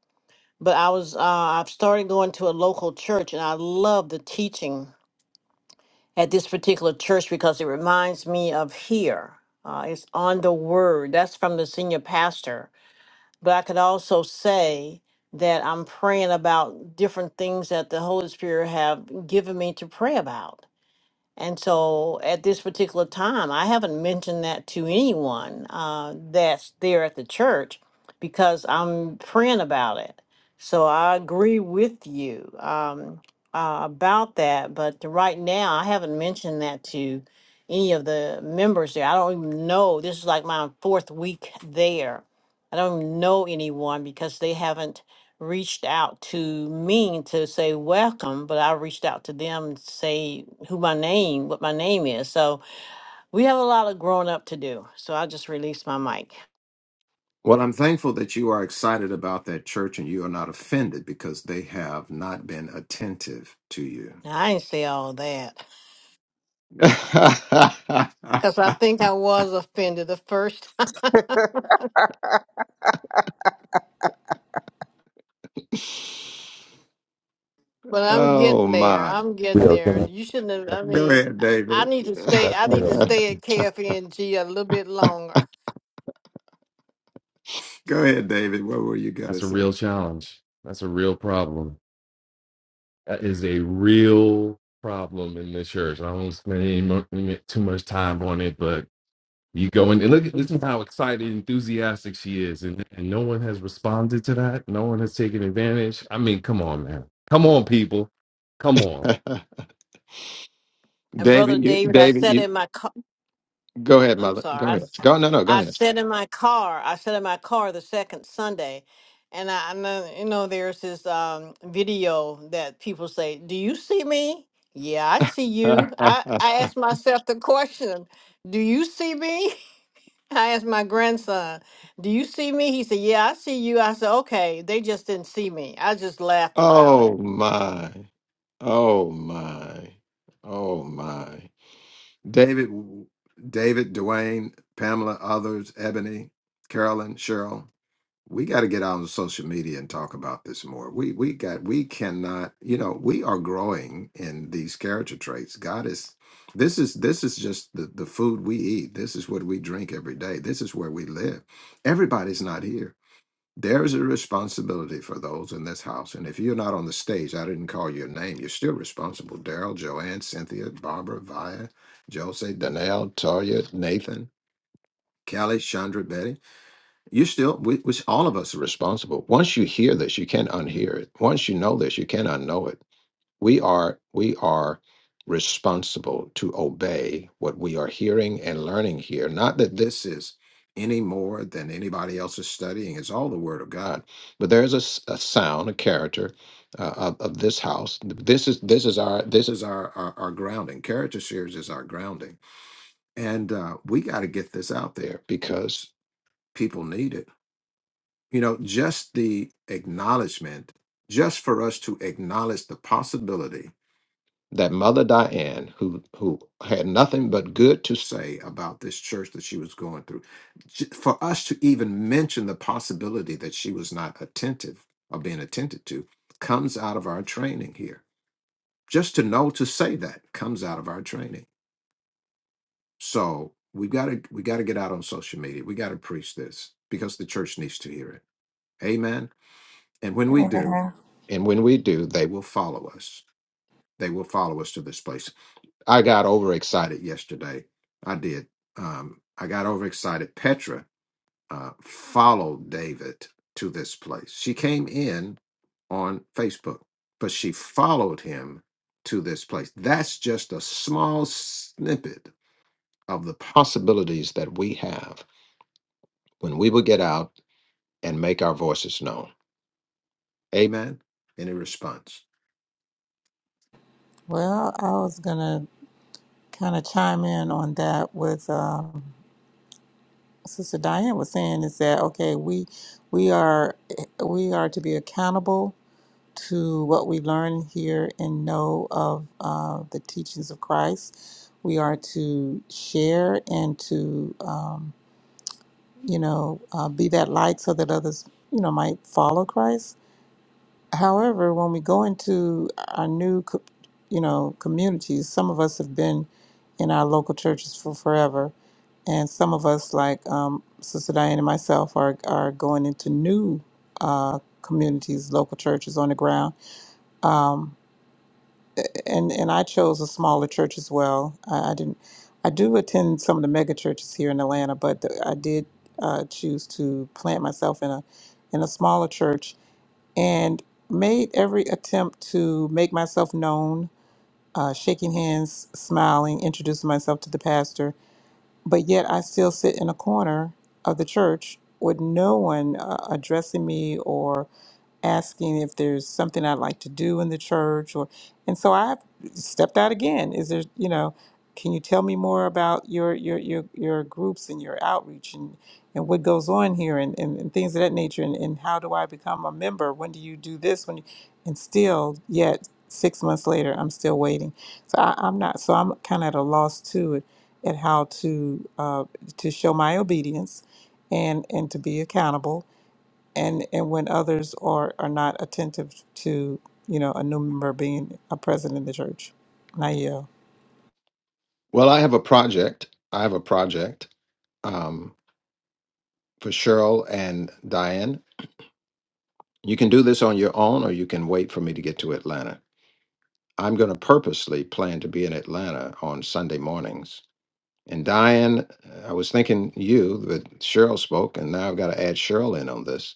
S4: but I was uh, I've started going to a local church, and I love the teaching at this particular church because it reminds me of here. Uh, it's on the word. That's from the senior pastor. But I could also say that I'm praying about different things that the Holy Spirit have given me to pray about. And so at this particular time, I haven't mentioned that to anyone uh, that's there at the church because I'm praying about it. So I agree with you um, uh, about that. But right now, I haven't mentioned that to any of the members there. I don't even know. This is like my fourth week there. I don't even know anyone because they haven't reached out to me to say welcome, but I reached out to them to say who my name, what my name is. So we have a lot of growing up to do. So I just released my mic.
S2: Well, I'm thankful that you are excited about that church and you are not offended because they have not been attentive to you.
S4: Now I didn't say all that
S2: <laughs>
S4: because I think I was offended the first <laughs> time, but I'm
S2: oh
S4: getting there.
S2: my.
S4: I'm getting there. You shouldn't have. I
S2: Go
S4: mean,
S2: ahead,
S4: I I
S2: David.
S4: need to stay. I need to stay at KFNG a little bit longer.
S2: Go ahead, David. What were you going to say? <laughs>
S4: And brother
S2: David, you
S4: David, I
S2: David,
S4: sat
S2: you
S4: in my
S2: go
S4: I'm
S2: ahead,
S4: I'm
S2: mother.
S4: sorry.
S2: Go
S4: I,
S2: ahead.
S4: s-
S2: Go no no, go
S4: I sat in my car. I sat in my car the second Sunday, and I, I know you know there's this um, video that people say, "Do you see me?" Yeah, I see you.
S2: ahead.
S4: I
S2: <laughs>
S4: I asked myself the question, "Do you see me?" <laughs> I asked my grandson, "Do you see me?" He said, "Yeah, I see you." I said, "Okay, they just didn't see me." I just laughed about
S2: Oh
S4: it.
S2: my. Oh my. Oh my. David, David, Dwayne, Pamela, others, Ebony, Carolyn, Cheryl. We got to get out on social media and talk about this more. We we got we cannot, you know, we are growing in these character traits. God is this is this is just the, the food we eat. This is what we drink every day. This is where we live. Everybody's not here there is a responsibility for those in this house. And if you're not on the stage, I didn't call your name. You're still responsible. Daryl, Joanne, Cynthia, Barbara, Via, Jose, Danelle, Taria, Nathan, Kelly, Chandra, Betty. you still, we, we, all of us are responsible. Once you hear this, you can't unhear it. Once you know this, you can't unknow it we are we are responsible to obey what we are hearing and learning here not that this is any more than anybody else is studying it's all the word of god but there's a, s- a sound a character uh, of, of this house this is this is our this is our our, our grounding character series is our grounding and uh, we got to get this out there because people need it you know just the acknowledgement just for us to acknowledge the possibility that Mother Diane, who who had nothing but good to say about this church that she was going through, j- for us to even mention the possibility that she was not attentive or being attended to, comes out of our training here. Just to know to say that comes out of our training. So we got to we got to get out on social media. We got to preach this because the church needs to hear it. Amen. And when we do,
S8: Yeah.
S2: and when we do, they will follow us. They will follow us to this place. I got overexcited yesterday. I did. Um, I got overexcited. Petra uh, followed David to this place. She came in on Facebook, but she followed him to this place. That's just a small snippet of the possibilities that we have when we will get out and make our voices known. Amen. Any response?
S8: Well, I was gonna kind of chime in on that with um, Sister Diane was saying is that okay? We we are we are to be accountable to what we learn here and know of uh, the teachings of Christ. We are to share and to, um, you know, uh, be that light so that others, you know, might follow Christ. However, when we go into our new, co- you know, communities, some of us have been in our local churches for forever, and some of us, like um, Sister Diane and myself, are are going into new uh, communities, local churches on the ground. Um, and and I chose a smaller church as well. I, I didn't. I do attend some of the mega churches here in Atlanta, but the, I did uh, choose to plant myself in a in a smaller church and made every attempt to make myself known, uh, shaking hands, smiling, introducing myself to the pastor. But yet, I still sit in a corner of the church with no one uh, addressing me or asking if there's something I'd like to do in the church or and so I stepped out again. Is there, you know, can you tell me more about your your your, your groups and your outreach and, and what goes on here and, and, and things of that nature and, and how do I become a member? When do you do this? When you, and still yet six months later I'm still waiting. So I, I'm not so I'm kinda at a loss too at, at how to uh, to show my obedience and and to be accountable and and when others are are not attentive to you know a new member being a president of the church. Now, yeah,
S2: Well, I have a project. I have a project um, for Cheryl and Diane You can do this on your own, or you can wait for me to get to Atlanta. I'm going to purposely plan to be in Atlanta on Sunday mornings. And Diane, I was thinking you, but Cheryl spoke, and now I've got to add Cheryl in on this.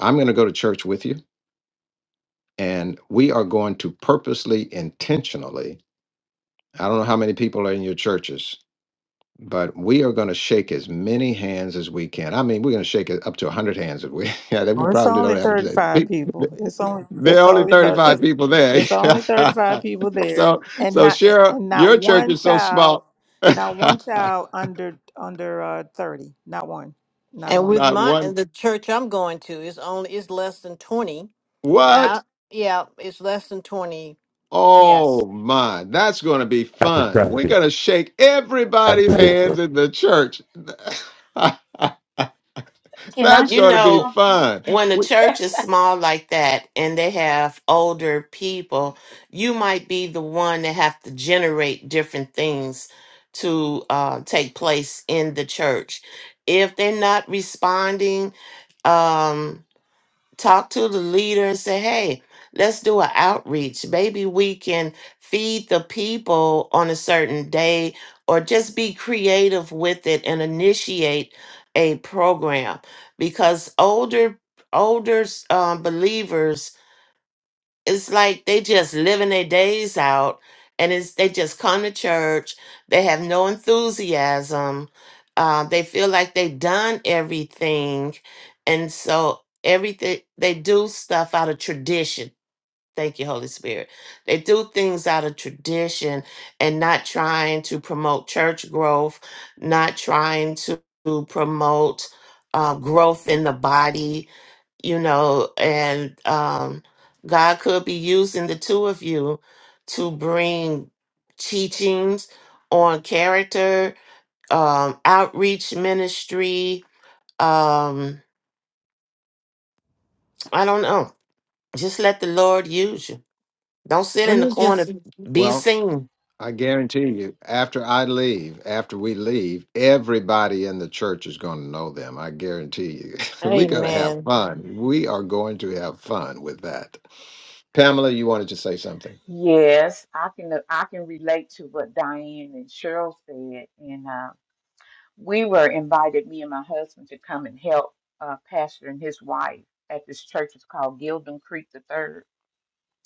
S2: I'm going to go to church with you, and we are going to purposely, intentionally, I don't know how many people are in your churches, but we are going to shake as many hands as we can. I mean, we're going to shake it up to 100 hands if we, <laughs> yeah, that we
S8: well, it's
S2: probably
S8: only
S2: don't have it
S8: thirty five
S2: today. <laughs>
S8: people. It's only
S2: There
S8: it's
S2: are only
S8: only thir-
S2: 35
S8: it's,
S2: people there. <laughs>
S8: it's
S2: so,
S8: only thirty five people there, and
S2: so
S8: not
S2: Cheryl,
S8: and not
S2: your church
S8: one
S2: is so
S8: child,
S2: small. <laughs>
S8: not one child under under uh, thirty. Not one, not
S4: And
S8: one.
S4: with
S2: Not
S4: my and
S2: one.
S4: the church I'm going to is only is less than twenty.
S2: What?
S4: Yeah, yeah, it's less than twenty
S2: Oh
S4: Yes.
S2: my, that's going to be fun. We're going to shake everybody's hands in the church. <laughs>
S7: Can I
S2: that's
S3: You
S2: going to
S7: share
S2: be
S3: know,
S7: something?
S2: fun.
S3: when a
S2: We-
S3: church
S7: <laughs>
S3: is small like that and they have older people, you might be the one that have to generate different things to uh, take place in the church. If they're not responding, um, talk to the leader and say, hey, let's do an outreach. Maybe we can feed the people on a certain day or just be creative with it and initiate a program because older older um, believers it's like they just living their days out and it's they just come to church they have no enthusiasm uh, they feel like they've done everything and so everything they do stuff out of tradition thank you holy spirit they do things out of tradition and not trying to promote church growth not trying to promote uh, growth in the body you know, and um, God could be using the two of you to bring teachings on character, um, outreach ministry. Um, I don't know. Just let the Lord use you. Don't sit
S4: Let
S3: in the
S4: me
S3: corner.
S4: just,
S3: Be
S2: well,
S3: seen.
S2: I guarantee you, after I leave, after we leave, everybody in the church is going to know them. I guarantee you. <laughs> We're going to have
S4: amen.
S2: fun. We are going to have fun with that. Pamela, you wanted to say something?
S7: Yes, I can I can relate to what Diane and Cheryl said. And uh, we were invited, me and my husband, to come and help uh, pastor and his wife at this church. It's called Gildon Creek the Third,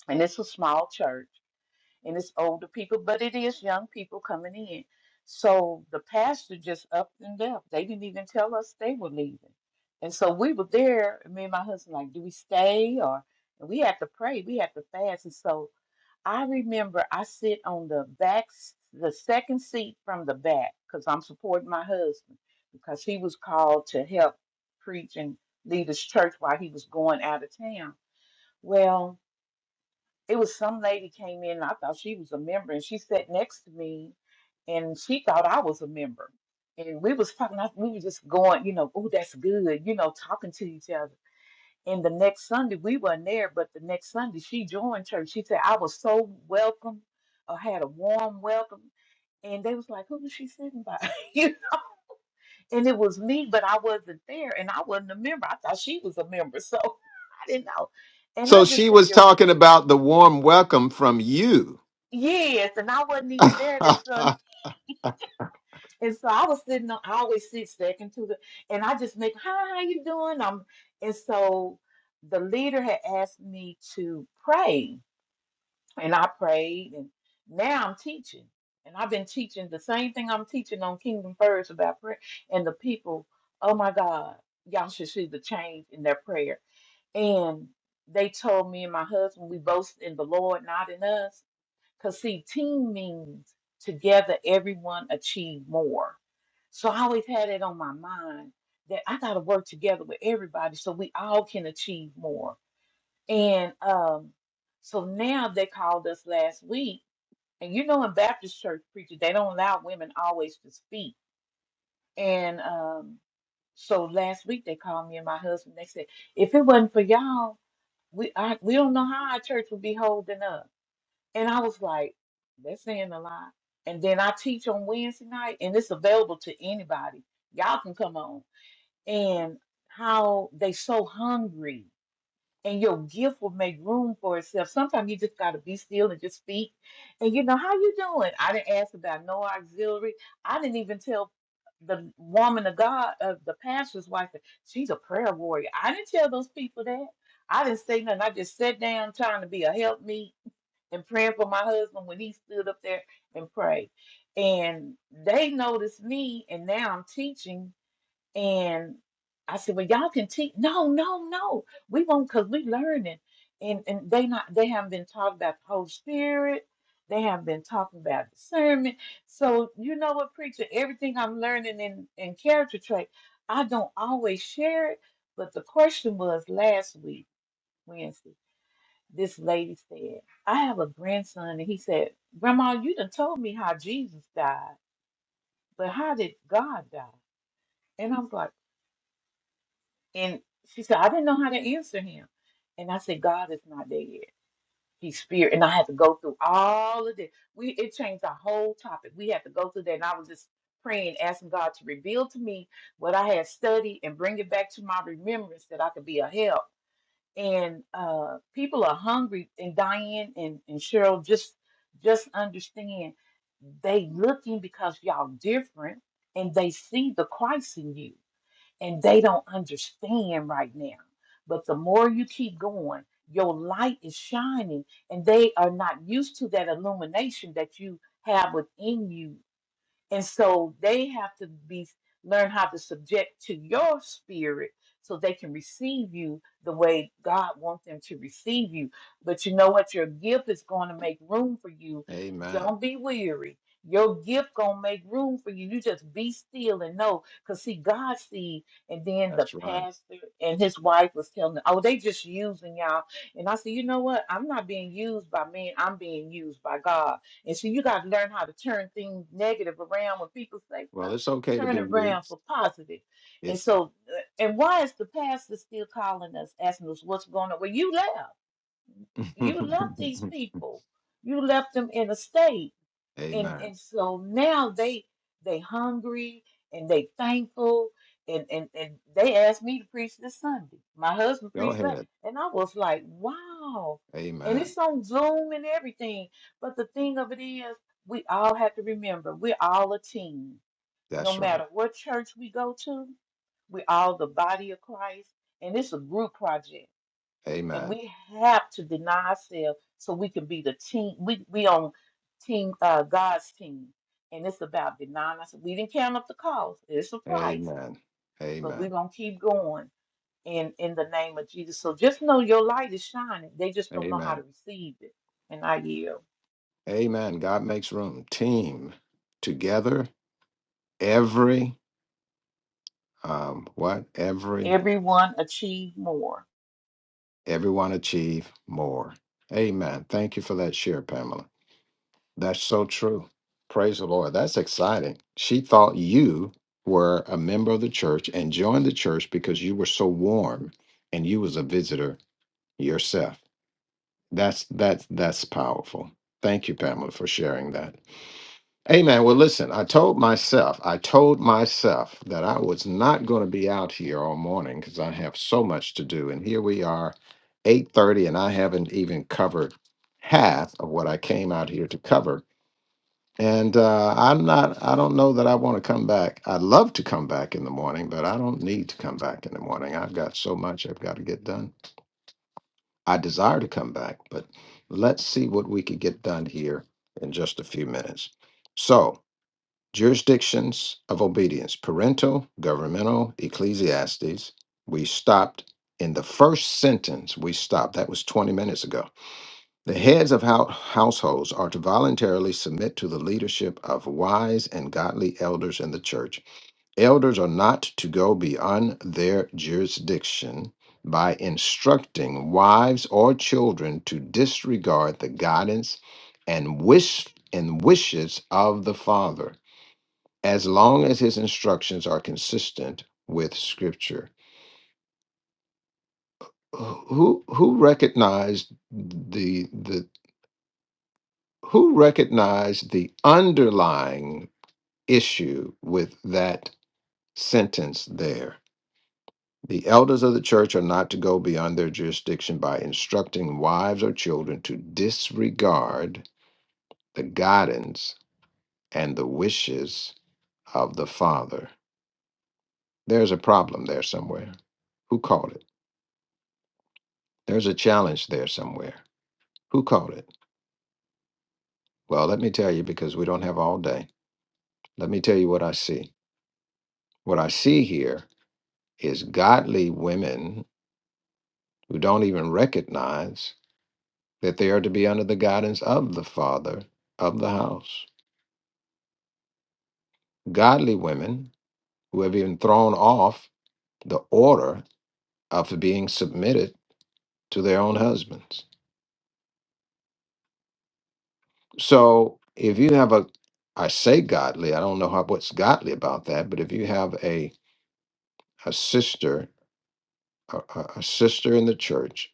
S7: and it's a small church. and it's older people, but it is young people coming in. So the pastor just upped and left. They didn't even tell us they were leaving. And so we were there, me and my husband, like, do we stay or and we have to pray, we have to fast. And so I remember I sit on the back, s- the second seat from the back, because I'm supporting my husband, because he was called to help preach and lead his church while he was going out of town. Well, it was some lady came in, and I thought she was a member, and she sat next to me, and she thought I was a member. And we was talking, I- we were just going, you know, oh, that's good, you know, talking to each other. And the next Sunday, we weren't there, but the next Sunday, she joined church. She said, I was so welcome, or had a warm welcome and they was like, "Who was she sitting by?" <laughs> you know, and it was me, but I wasn't there, and I wasn't a member. I thought she was a member, so <laughs> I didn't know. And I
S2: So
S7: just
S2: she
S7: said,
S2: was talking about the warm welcome from you.
S7: Yes, and I wasn't
S2: <laughs>
S7: even there that Sunday, <laughs> and so I was sitting on. I always sit second to the, and I just make, "Hi, how you doing?" Um, and so the leader had asked me to pray, and I prayed, and now I'm teaching, and I've been teaching the same thing I'm teaching on Kingdom First about prayer, and the people, oh my God, y'all should see the change in their prayer, and they told me and my husband we boast in the Lord, not in us because, see, team means together everyone achieve more. So I always had it on my mind that I got to work together with everybody so we all can achieve more. And um, so now they called us last week. And you know, in Baptist church preachers, they don't allow women always to speak. And um, so last week they called me and my husband. They said, if it wasn't for y'all, we I, we don't know how our church would be holding up. And I was like, that's saying a lot. And then I teach on Wednesday night, and it's available to anybody. Y'all can come on. And how they so hungry, and your gift will make room for itself. Sometimes you just gotta be still and just speak. And you know how you doing? I didn't ask about no auxiliary. I didn't even tell the woman of God, uh, the pastor's wife, that she's a prayer warrior. I didn't tell those people that. I didn't say nothing. I just sat down trying to be a help me and praying for my husband when he stood up there and prayed. And they noticed me, and now I'm teaching. And I said, "Well, y'all can teach." No, no, no. We won't, cause we learning, and and they not they haven't been talking about the Holy Spirit. They haven't been talking about discernment. So you know what, preacher? Everything I'm learning in in character trait, I don't always share it. But the question was last week, Wednesday this lady said, I have a grandson, and he said, Grandma, you done told me how Jesus died, but how did God die? And I was like, and she said, I didn't know how to answer him. And I said, God is not there yet. He's spirit. And I had to go through all of this. We it changed our whole topic. We had to go through that. And I was just praying, asking God to reveal to me what I had studied and bring it back to my remembrance that I could be a help. and uh, people are hungry. And Diane and, and Cheryl just just understand they looking because y'all different, and they see the Christ in you, and they don't understand right now. But the more you keep going, your light is shining, and they are not used to that illumination that you have within you and so they have to be learn how to subject to your spirit so they can receive you the way God wants them to receive you. But you know what? Your gift is going to make room for you.
S2: Amen.
S7: Don't be weary. Your gift gonna make room for you. You just be still and know. Cause see, God sees. And then the
S2: That's right.
S7: pastor and his wife was telling, them, "Oh, they just using y'all." And I said, "You know what? I'm not being used by men. I'm being used by God." And so you got to learn how to turn things negative around when people say
S2: Well,
S7: stuff,
S2: it's okay to
S7: turn
S2: be
S7: it
S2: you.
S7: around for positive. And
S2: It's
S7: so, uh, and why is the pastor still calling us, asking us what's going on? Well, you left. You
S2: <laughs>
S7: left these people. You left them in a state and
S2: Amen.
S7: and so now they they hungry and they thankful and and and they asked me to preach this Sunday. My husband
S2: Go
S7: preached that,
S2: ahead.
S7: and I was like, wow. And
S2: Amen.
S7: it's on Zoom and everything. But the thing of it is, we all have to remember we're all a team. No
S2: That's right.
S7: matter what church we go to, we're all the body of Christ, and it's a group project and
S2: Amen.
S7: we have to deny ourselves so we can be the team. We we on team uh, God's team, and it's about denying us. We didn't count up the cost; it's a price,
S2: Amen.
S7: but we're
S2: Amen.
S7: gonna keep going in in the name of Jesus. So just know your light is shining. They just don't know how
S2: Amen.
S7: to receive it. And I yield.
S2: Amen. God makes room. Team together, every um, what? Every
S7: Everyone achieve more.
S2: everyone achieve more. Amen. Thank you for that share, Pamela. That's so true. Praise the Lord. That's exciting. She thought you were a member of the church and joined the church because you were so warm and you was a visitor yourself. That's that's that's powerful. Thank you, Pamela, for sharing that. Amen. Well, listen, I told myself, I told myself that I was not going to be out here all morning because I have so much to do. And here we are, 8:30, and I haven't even covered half of what I came out here to cover. And uh, I'm not, I don't know that I want to come back. I'd love to come back in the morning, but I don't need to come back in the morning. I've got so much I've got to get done. I desire to come back, but let's see what we could get done here in just a few minutes. So, jurisdictions of obedience parental, governmental, ecclesiastes. We stopped in the first sentence. We stopped. That was 20 minutes ago. The heads of hou- households are to voluntarily submit to the leadership of wise and godly elders in the church. Elders are not to go beyond their jurisdiction by instructing wives or children to disregard the guidance and wish and wishes of the father as long as his instructions are consistent with scripture who who recognized the the who recognized the underlying issue with that sentence there the elders of the church are not to go beyond their jurisdiction by instructing wives or children to disregard the guidance and the wishes of the father there's a problem there somewhere who called it There's a challenge there somewhere. Who caught it? Well, let me tell you because we don't have all day. Let me tell you what I see. What I see here is godly women who don't even recognize that they are to be under the guidance of the father of the house. Godly women who have even thrown off the order of being submitted to their own husbands. So if you have a, I say godly, I don't know how, what's godly about that, but if you have a, a sister a, a a sister in the church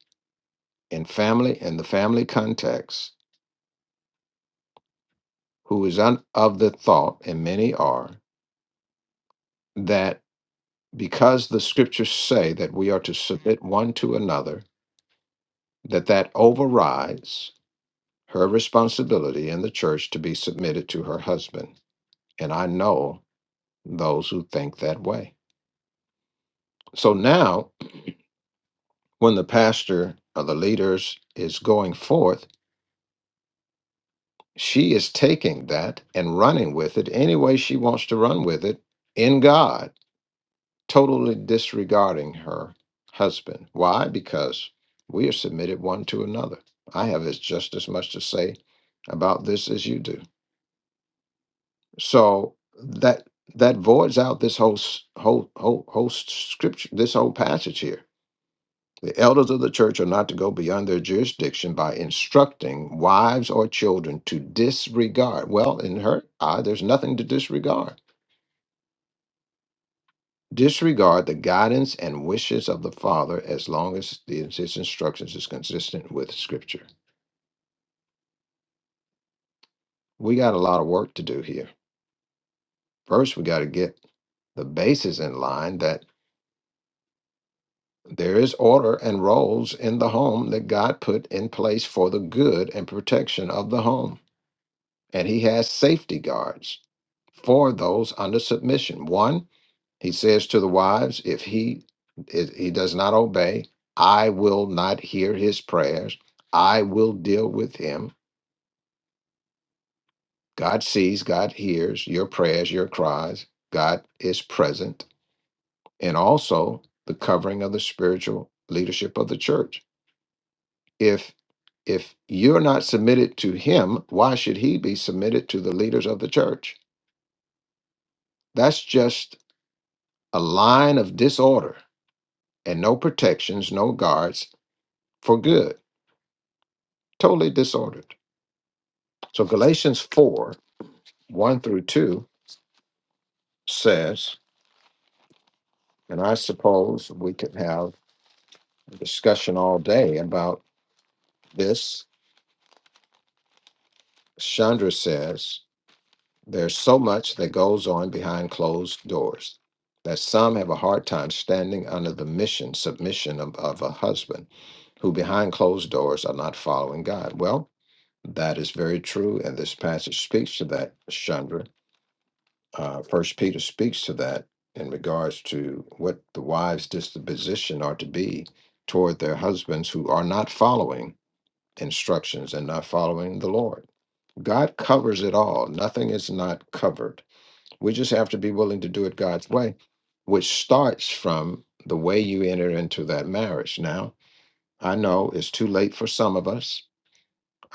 S2: in family in the family context who is un, of the thought and many are that because the scriptures say that we are to submit one to another that that overrides her responsibility in the church to be submitted to her husband and i know those who think that way so now when the pastor or the leaders is going forth She is taking that and running with it any way she wants to run with it in God, totally disregarding her husband. Why? Because we are submitted one to another. I have as just as much to say about this as you do. So that that voids out this whole s- whole whole whole scripture, this whole passage here The elders of the church are not to go beyond their jurisdiction by instructing wives or children to disregard. Well, in her eye, there's nothing to disregard. Disregard the guidance and wishes of the father as long as the, his instructions is consistent with scripture. We got a lot of work to do here. First, we got to get the basis in line that there is order and roles in the home that God put in place for the good and protection of the home. And he has safety guards for those under submission. One, he says to the wives, if he if he does not obey, I will not hear his prayers. I will deal with him. God sees, God hears your prayers, your cries. God is present, and also the covering of the spiritual leadership of the church. If if you're not submitted to him, why should he be submitted to the leaders of the church? That's just a line of disorder and no protections, no guards for good, totally disordered. So Galatians 4 1 through 2 says, and I suppose we could have a discussion all day about this. Chandra says, there's so much that goes on behind closed doors that some have a hard time standing under the mission, submission of, of a husband who behind closed doors are not following God. Well, that is very true, and this passage speaks to that, Chandra uh, First Peter speaks to that in regards to what the wives' disposition are to be toward their husbands who are not following instructions and not following the Lord. God covers it all. Nothing is not covered. We just have to be willing to do it God's way, which starts from the way you enter into that marriage. Now, I know it's too late for some of us,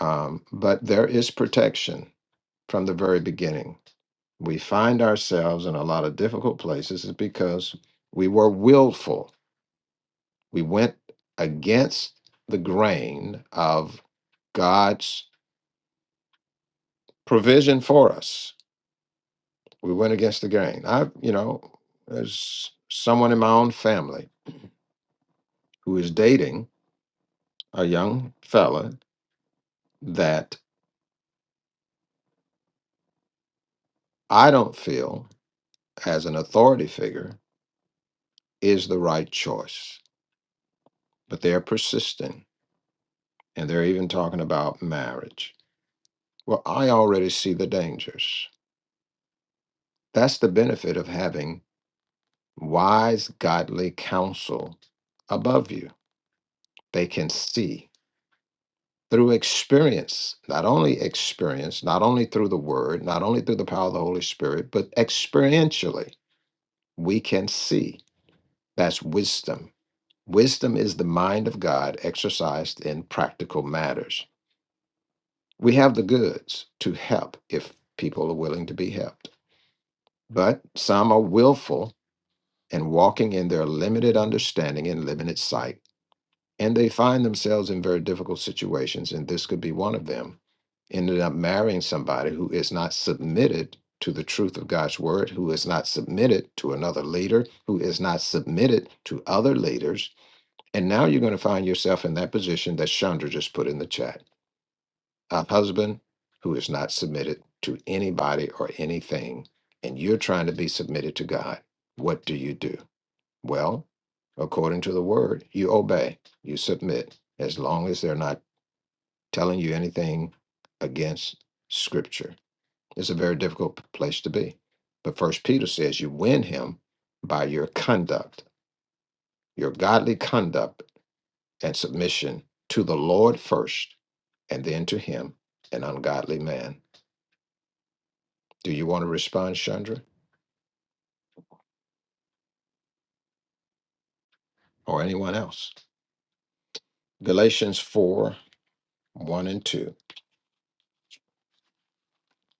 S2: um, but there is protection from the very beginning we find ourselves in a lot of difficult places is because we were willful. We went against the grain of God's provision for us. We went against the grain. I, you know, there's someone in my own family who is dating a young fella that I don't feel as an authority figure is the right choice, but they're persisting and they're even talking about marriage Well, I already see the dangers. That's the benefit of having wise, godly counsel above you. They can see through experience, not only experience, not only through the word, not only through the power of the Holy Spirit, but experientially, we can see. That's wisdom. Wisdom is the mind of God exercised in practical matters. We have the goods to help if people are willing to be helped. But some are willful and walking in their limited understanding and limited sight. And they find themselves in very difficult situations, and this could be one of them. Ended up marrying somebody who is not submitted to the truth of God's word, who is not submitted to another leader, who is not submitted to other leaders. And now you're going to find yourself in that position that Chandra just put in the chat a husband who is not submitted to anybody or anything, and you're trying to be submitted to God. What do you do? Well, according to the word, you obey, you submit, as long as they're not telling you anything against scripture. It's a very difficult place to be. But first Peter says you win him by your conduct, your godly conduct and submission to the Lord first, and then to him, an ungodly man. Do you want to respond, Chandra, or anyone else? Galatians 4 1 and 2.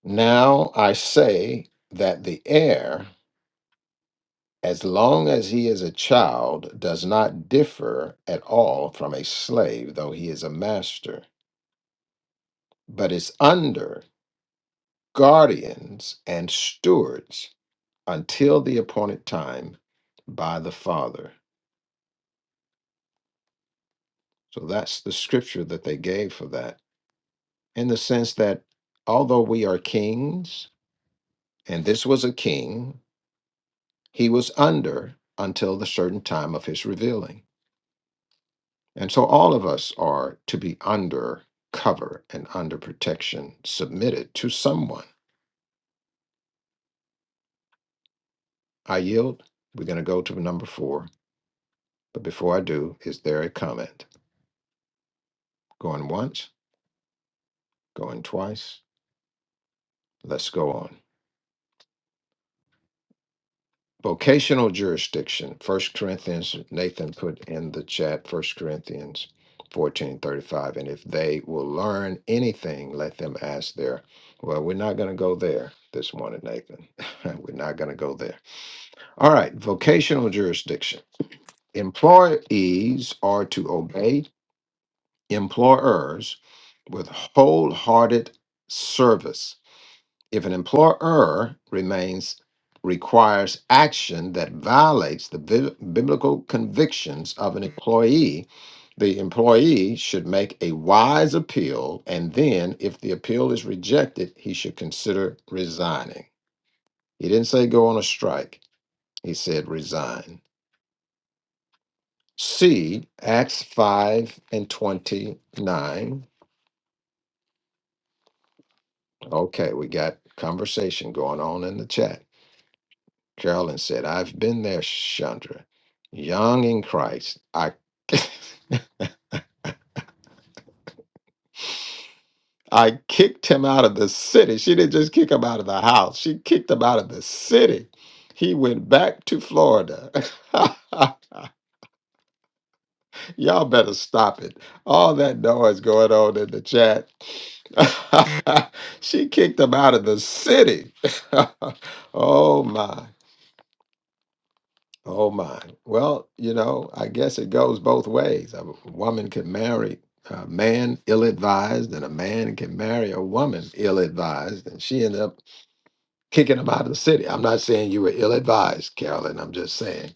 S2: Now I say that the heir as long as he is a child, does not differ at all from a slave, though he is a master, but is under guardians and stewards until the appointed time by the Father. So that's the scripture that they gave for that, in the sense that although we are kings, and this was a king, he was under until the certain time of his revealing. And so all of us are to be under cover and under protection, submitted to someone. I yield. We're going to go to number four. But before I do, is there a comment? Going once, going twice. Let's go on. Vocational jurisdiction. First Corinthians, Nathan put in the chat, First Corinthians 14 35. And if they will learn anything, let them ask their. Well, we're not going to go there this morning, Nathan. <laughs> we're not going to go there. All right, vocational jurisdiction. Employees are to obey employers with wholehearted service. If an employer remains requires action that violates the bi- biblical convictions of an employee, the employee should make a wise appeal and then if the appeal is rejected, he should consider resigning. He didn't say go on a strike. He said resign. C, Acts 5 and 29. Okay, we got conversation going on in the chat. Carolyn said, I've been there, Chandra, young in Christ. I <laughs> I kicked him out of the city. She didn't just kick him out of the house. She kicked him out of the city. He went back to Florida. <laughs> Y'all better stop it. All that noise going on in the chat. <laughs> she kicked him out of the city. <laughs> oh my. Oh my. Well, you know, I guess it goes both ways. A woman can marry a man ill advised, and a man can marry a woman ill advised. And she ended up kicking him out of the city. I'm not saying you were ill advised, Carolyn. I'm just saying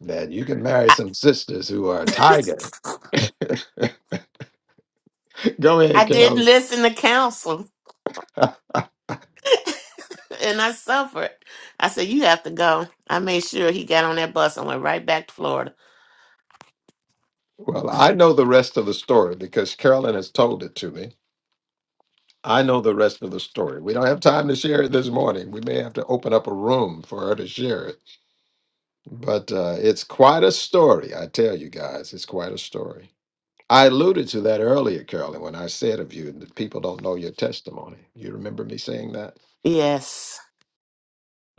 S2: that you can marry
S3: I,
S2: some sisters who are a
S3: <laughs>
S2: tiger. <laughs> Go ahead,
S3: I did
S2: Carolyn.
S3: listen to counsel
S2: <laughs>
S3: <laughs> and I suffered. I said, You have to go. I made sure he got on that bus and went right back to Florida.
S2: Well, I know the rest of the story because Carolyn has told it to me. I know the rest of the story. We don't have time to share it this morning. We may have to open up a room for her to share it. But uh, it's quite a story, I tell you guys. It's quite a story. I alluded to that earlier, Carolyn, when I said of you that people don't know your testimony. You remember me saying that?
S3: Yes,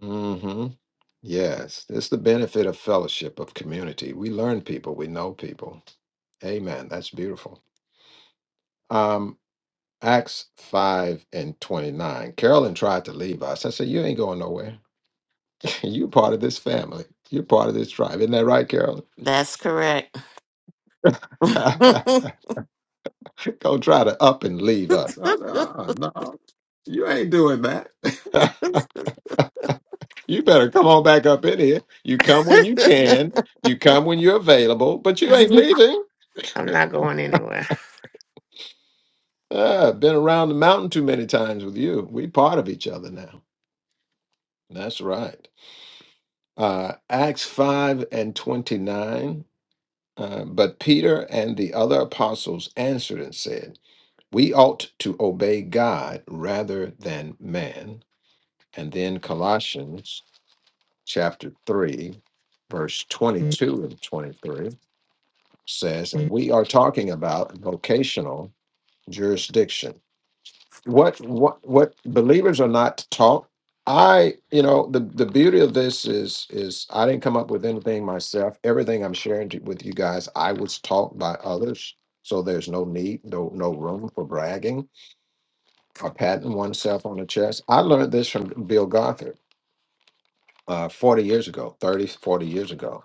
S2: Mm-hmm. Yes. It's the benefit of fellowship, of community. We learn people, we know people. Amen. That's beautiful. Um. Acts 5 and 29. Carolyn tried to leave us. I said, You ain't going nowhere. <laughs> you part of this family. You're part of this tribe. Isn't that right, Carolyn?
S3: that's correct. <laughs>
S2: <laughs>
S3: I'm
S2: Go try to up and leave us. I said, uh No, you ain't doing that. <laughs> you better come on back up in here. You come when you can, you come when you're available, but you ain't leaving.
S3: not going anywhere.
S2: Uh, been around the mountain too many times with you. We part of each other now. That's right. Uh, Acts 5 and 29. Uh, but Peter and the other apostles answered and said, We ought to obey God rather than man. And then Colossians chapter 3, verse 22 and 23 says, and we are talking about vocational jurisdiction what what what believers are not taught i you know the the beauty of this is is i didn't come up with anything myself everything i'm sharing to, with you guys i was taught by others so there's no need no no room for bragging or patting oneself on the chest i learned this from bill gothard uh 40 years ago 30 40 years ago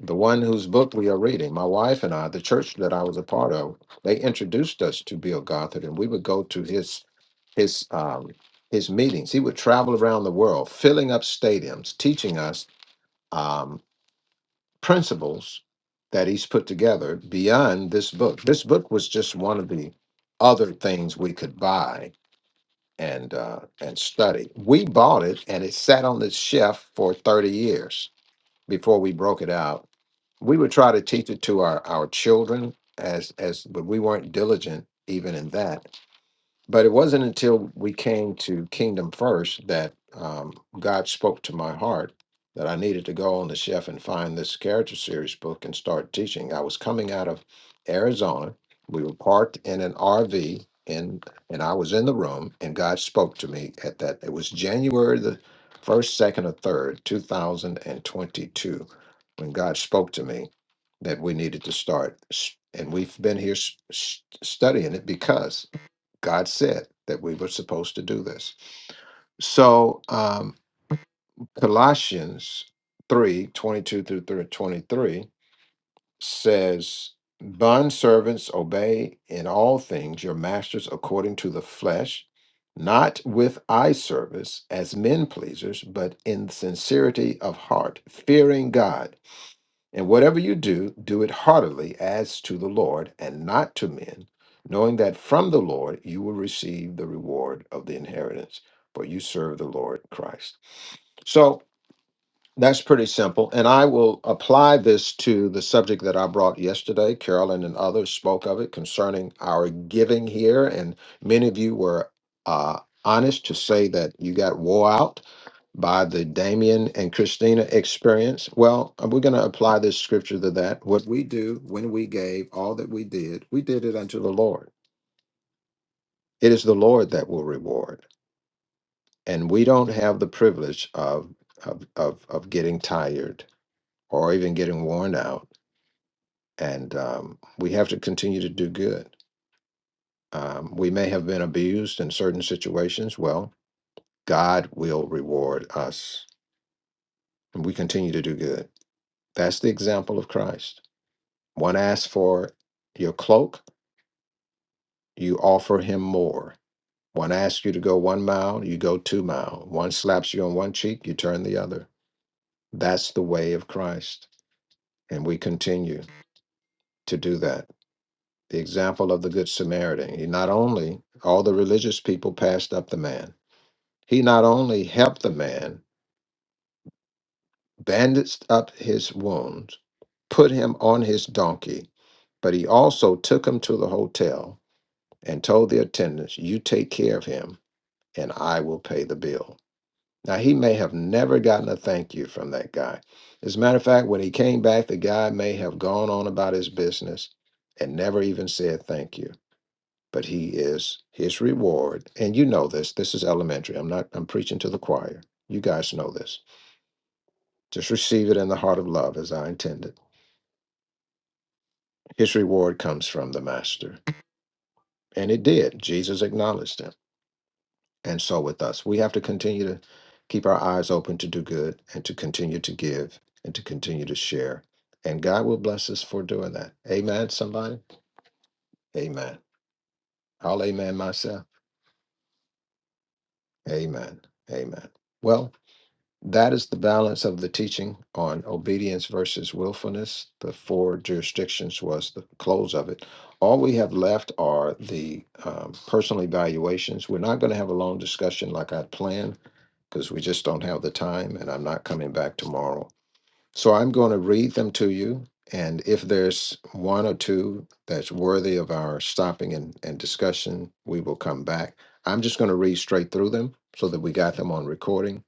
S2: the one whose book we are reading, my wife and I, the church that I was a part of, they introduced us to Bill Gothard, and we would go to his his um, his meetings. He would travel around the world, filling up stadiums, teaching us um, principles that he's put together beyond this book. This book was just one of the other things we could buy and uh, and study. We bought it, and it sat on the shelf for thirty years before we broke it out. We would try to teach it to our our children as as, but we weren't diligent even in that but it wasn't until we came to Kingdom First that um, God spoke to my heart that I needed to go on the chef and find this character series book and start teaching. I was coming out of Arizona. We were parked in an RV and and I was in the room and God spoke to me at that it was January the first, second, or third, 2022, when God spoke to me that we needed to start. s- And we've been here s- s- studying it because God said that we were supposed to do this. So, um, Colossians 3 22 through thir- 23 says, Bond servants, obey in all things your masters according to the flesh, not with eye service as men pleasers, but in sincerity of heart, fearing God. And whatever you do, do it heartily as to the Lord and not to men, knowing that from the Lord you will receive the reward of the inheritance, for you serve the Lord Christ. So, that's pretty simple. And I will apply this to the subject that I brought yesterday. Carolyn and others spoke of it concerning our giving here. And many of you were uh, honest to say that you got wore out by the Damien and Christina experience. Well, uh, we're going to apply this scripture to that. What we do when we gave all that we did, we did it unto the Lord. It is the Lord that will reward. And we don't have the privilege of, of, of, of getting tired or even getting worn out. And um, we have to continue to do good. Um, we may have been abused in certain situations. Well, God will reward us. And we continue to do good. That's the example of Christ. One asks for your cloak, you offer him more. One asks you to go one mile, you go two mile. One slaps you on one cheek, you turn the other. That's the way of Christ. And we continue to do that. the example of the Good Samaritan. He not only, all the religious people passed up the man, he not only helped the man, bandaged up his wounds, put him on his donkey, but he also took him to the hotel and told the attendants, You take care of him, and I will pay the bill. Now, he may have never gotten a thank you from that guy. As a matter of fact, when he came back, the guy may have gone on about his business and never even said thank you. but he is his reward. And you know this. This is elementary. I'm not I'm preaching to the choir. You guys know this. Just receive it in the heart of love as I intended. His reward comes from the master. And it did. Jesus acknowledged him. And so with us, we have to continue to keep our eyes open to do good and to continue to give and to continue to share. And God will bless us for doing that. Amen, somebody? Amen. I'll amen myself. Amen. Amen. Well, That is the balance of the teaching on obedience versus willfulness. The four jurisdictions was the close of it. All we have left are the um, personal evaluations. We're not going to have a long discussion like I planned because we just don't have the time and I'm not coming back tomorrow. So I'm going to read them to you. And if there's one or two that's worthy of our stopping and, and discussion, we will come back. I'm just going to read straight through them so that we got them on recording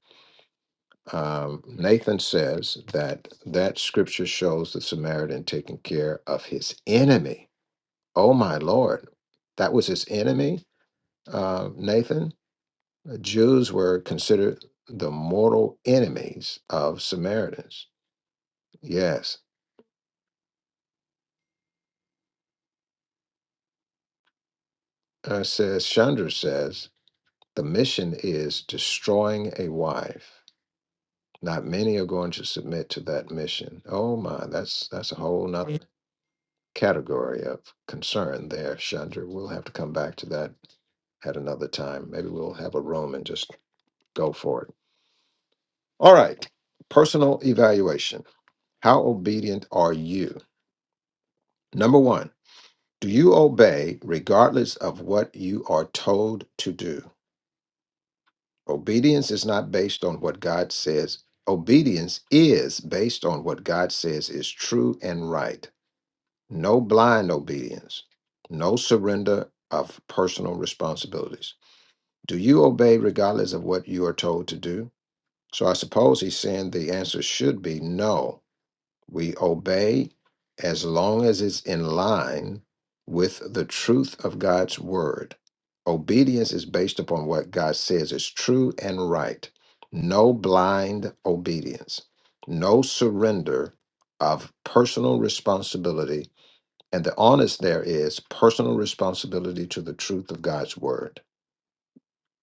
S2: um, Nathan says that that scripture shows the Samaritan taking care of his enemy. Oh my Lord, that was his enemy, uh, Nathan. Jews were considered the mortal enemies of Samaritans. Yes, uh, says Chandra says the mission is destroying a wife. Not many are going to submit to that mission. Oh my, that's that's a whole nother. category of concern there, Chandra. We'll have to come back to that at another time. Maybe we'll have a room and just go for it. All right. Personal evaluation. How obedient are you? Number one, do you obey regardless of what you are told to do? Obedience is not based on what God says. Obedience is based on what God says is true and right. No blind obedience, no surrender of personal responsibilities. Do you obey regardless of what you are told to do? So I suppose he's saying the answer should be no. We obey as long as it's in line with the truth of God's word. Obedience is based upon what God says is true and right. No blind obedience, no surrender of personal responsibility. And the honest there is personal responsibility to the truth of God's word.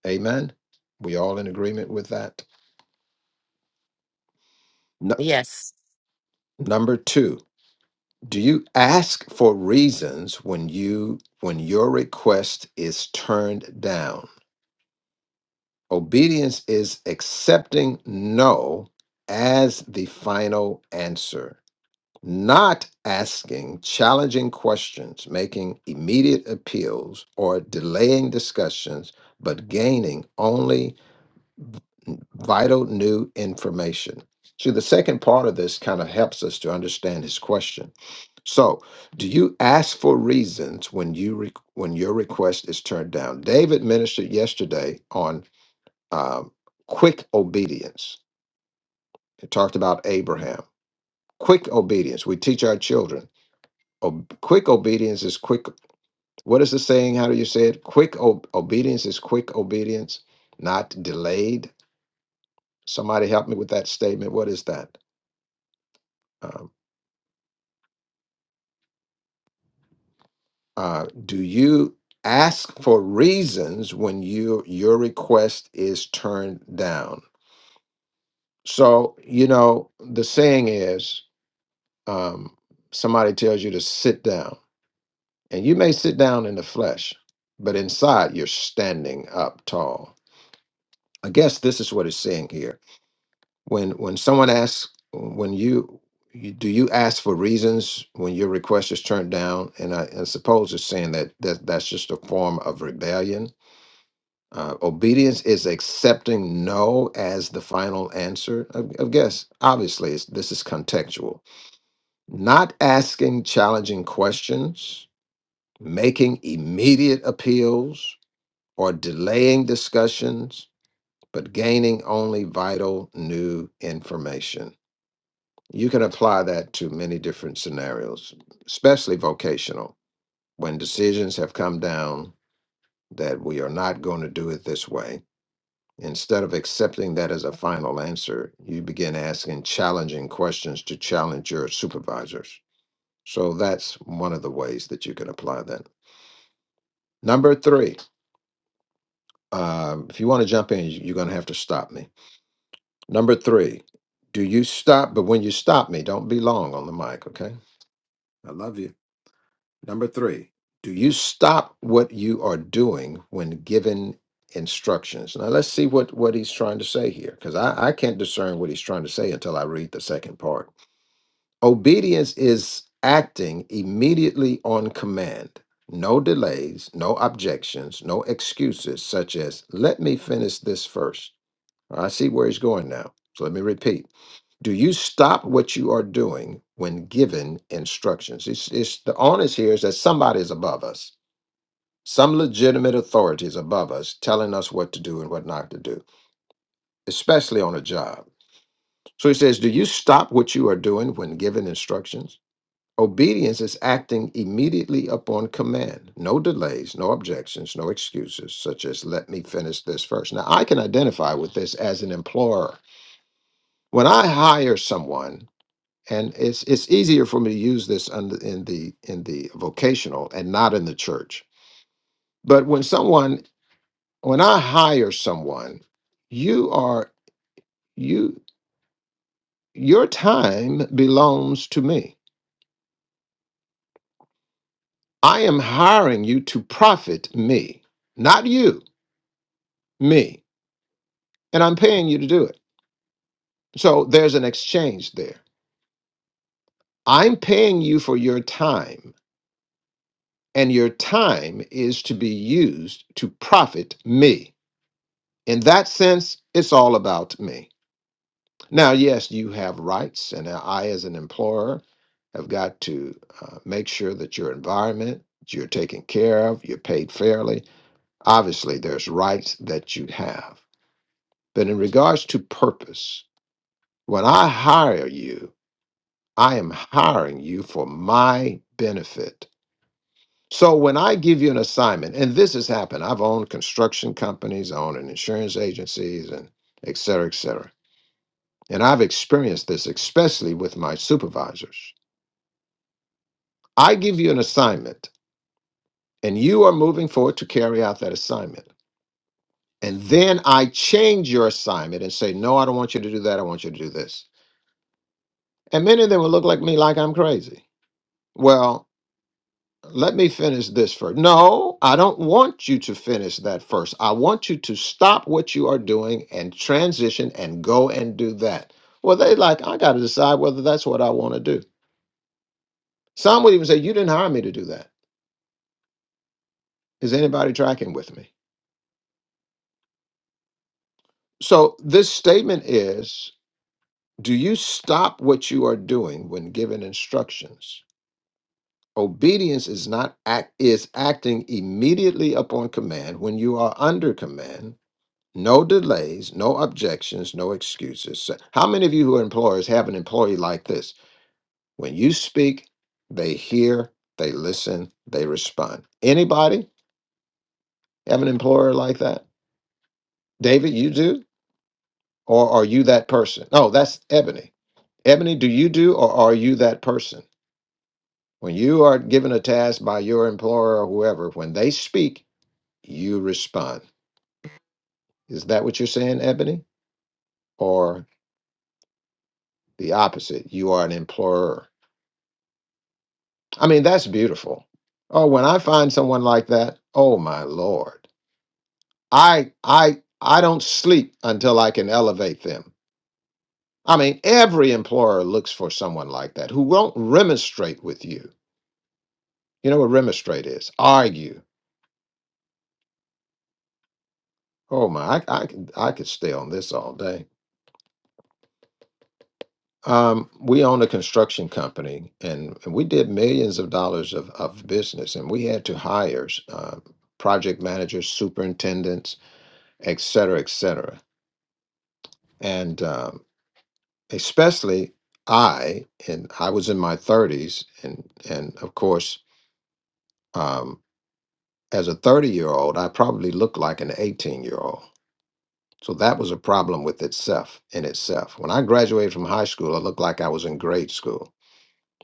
S2: Amen. We all in agreement with that. Nu-
S3: Yes.
S2: number 2. Do you ask for reasons when you when your request is turned down? Obedience is accepting no as the final answer. Not asking challenging questions, making immediate appeals, or delaying discussions, but gaining only vital new information. See, the second part of this kind of helps us to understand his question. So, do you ask for reasons when you re- when your request is turned down? David ministered yesterday on um, quick obedience. He talked about Abraham. Quick obedience. We teach our children. Ob- quick obedience is quick. What is the saying? How do you say it? Quick ob- obedience is quick obedience, not delayed. Somebody help me with that statement. What is that? Um, uh, do you ask for reasons when you your request is turned down? So you know the saying is, um, somebody tells you to sit down, and you may sit down in the flesh, but inside you're standing up tall. I guess this is what it's saying here. When when someone asks, when you you- do you ask for reasons when your request is turned down? And I, I suppose it's saying that, that that's just a form of rebellion Uh, obedience is accepting no as the final answer. Of of guess, obviously, it's, this is contextual. Not asking challenging questions, making immediate appeals, or delaying discussions, but gaining only vital new information. You can apply that to many different scenarios, especially vocational, when decisions have come down that we are not going to do it this way Instead of accepting that as a final answer, you begin asking challenging questions to challenge your supervisors. So that's one of the ways that you can apply that. Number three, um, if you want to jump in, you- you're going to have to stop me. Number three, do you stop? But when you stop me, don't be long on the mic, okay? I love you. Number three, do you stop what you are doing when given instructions? Now let's see what, what he's trying to say here, because I, I can't discern what he's trying to say until I read the second part. Obedience is acting immediately on command. No delays, no objections, no excuses, such as, let me finish this first. I see where he's going now. So let me repeat. Do you stop what you are doing when given instructions? It's, it's the onus here is that somebody is above us, some legitimate authority is above us, telling us what to do and what not to do, especially on a job. So he says, Do you stop what you are doing when given instructions? Obedience is acting immediately upon command. No delays, no objections, no excuses, such as, let me finish this first. Now, I can identify with this as an employer. When I hire someone, and it's it's easier for me to use this under in the in the vocational and not in the church but when someone when i hire someone you are you your time belongs to me i am hiring you to profit me not you me and i'm paying you to do it so there's an exchange there i'm paying you for your time and your time is to be used to profit me In that sense, it's all about me. Now, yes, you have rights, and I, as an employer, have got to uh, make sure that your environment you're taken care of, you're paid fairly. Obviously, there's rights that you have. But in regards to purpose, when I hire you, I am hiring you for my benefit. So when I give you an assignment, and this has happened, I've owned construction companies, I own an insurance agencies, and et cetera, et cetera. And I've experienced this, especially with my supervisors. I give you an assignment, and you are moving forward to carry out that assignment. And then I change your assignment and say, No, I don't want you to do that. I want you to do this. And many of them will look like me like I'm crazy. Well, let me finish this first. No, I don't want you to finish that first. I want you to stop what you are doing and transition and go and do that. Well, they like, I got to decide whether that's what I want to do. Some would even say, You didn't hire me to do that. Is anybody tracking with me? So this statement is do you stop what you are doing when given instructions? Obedience is not act is acting immediately upon command when you are under command. No delays, no objections, no excuses. So how many of you who are employers have an employee like this? When you speak, they hear, they listen, they respond. Anybody have an employer like that? David, you do? Or are you that person? No, that's Ebony. Ebony, do you do or are you that person? When you are given a task by your employer or whoever, when they speak, you respond. Is that what you're saying, Ebony? Or the opposite? You are an employer. I mean, that's beautiful. Oh, when I find someone like that, oh my Lord. I I I don't sleep until I can elevate them. I mean, every employer looks for someone like that who won't remonstrate with you. You know what remonstrate is? Argue Oh my, I, I could I could stay on this all day. Um, we own a construction company, and, and we did millions of dollars of, of business, and we had to hire uh, project managers, superintendents, et cetera, et cetera. And um, especially I, and I was in my thirties, and and of course, um, as a thirty year old, I probably looked like an eighteen year old So that was a problem with itself in itself. When I graduated from high school, it looked like I was in grade school.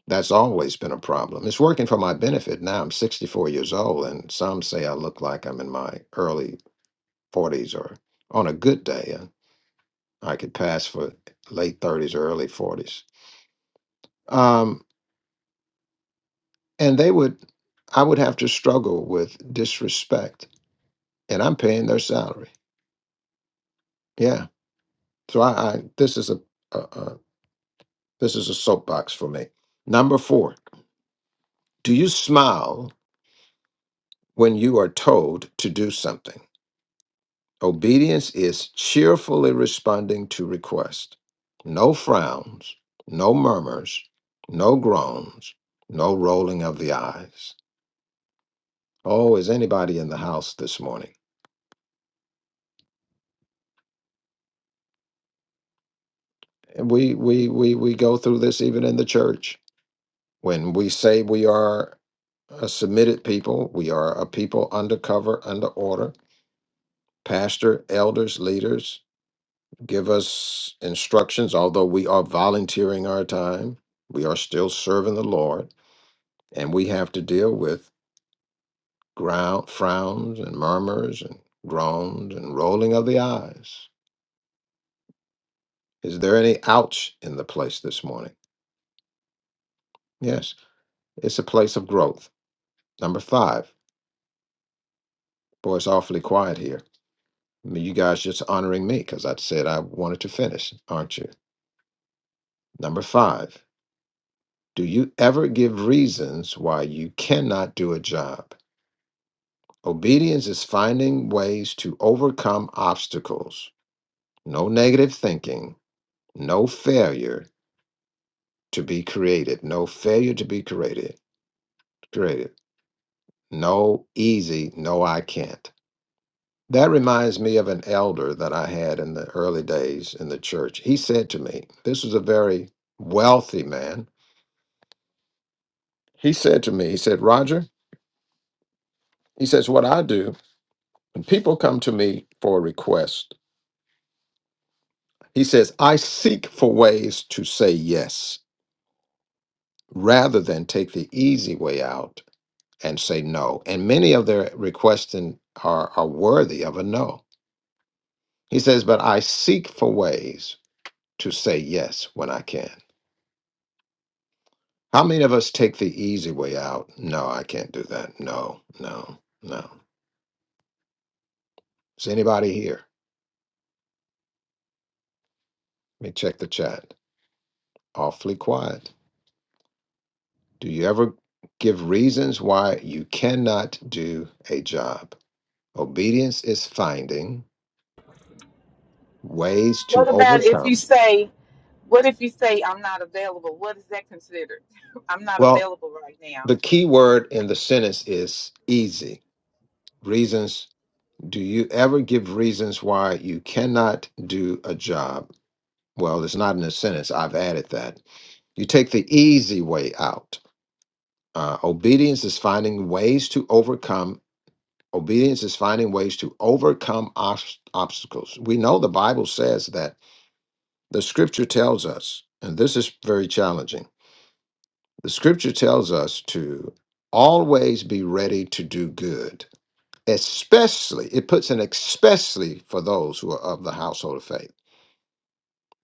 S2: That's always been a problem. It's working for my benefit now. I'm 64 years old, and some say I look like I'm in my early 40s or on a good day, uh, I could pass for late 30s or early 40s. Um, and they would, I would have to struggle with disrespect, and I'm paying their salary. Yeah. So I, I this is a, a, a this is a soapbox for me. Number four. Do you smile when you are told to do something? Obedience is cheerfully responding to request. No frowns, no murmurs, no groans, no rolling of the eyes. Oh, is anybody in the house this morning? And we we we we go through this even in the church. When we say we are a submitted people, we are a people under cover, under order, pastor, elders, leaders, give us instructions, although we are volunteering our time, we are still serving the Lord, and we have to deal with ground, frowns and murmurs and groans and rolling of the eyes. Is there any ouch in the place this morning? Yes, it's a place of growth. Number five, boy, it's awfully quiet here. I mean, you guys just honoring me because I said I wanted to finish, aren't you? Number five, do you ever give reasons why you cannot do a job? Obedience is finding ways to overcome obstacles. No negative thinking, no failure to be created, no failure to be created, created. No easy, no I can't. That reminds me of an elder that I had in the early days in the church. He said to me, this was a very wealthy man. He said to me, he said, "Roger, he says what I do when people come to me for a request, he says, I seek for ways to say yes. rather than take the easy way out and say no. And many of their requests and- are, are worthy of a no. He says, But I seek for ways to say yes when I can. How many of us take the easy way out? No, I can't do that. No, no, no. Is anybody here? Let me check the chat. Awfully quiet. Do you ever give reasons why you cannot do a job? Obedience is finding ways to
S7: What about if you
S2: overcome.
S7: say, what if you say, I'm not available? What is that considered? <laughs> I'm not
S2: Well.
S7: available right now.
S2: The key word in the sentence is easy. Reasons. Do you ever give reasons why you cannot do a job? Well, it's not in a sentence. I've added that. You take the easy way out. Uh, obedience is finding ways to overcome. Obedience is finding ways to overcome obs- obstacles. We know the Bible says that. The scripture tells us, and this is very challenging. The scripture tells us to always be ready to do good especially it puts an especially for those who are of the household of faith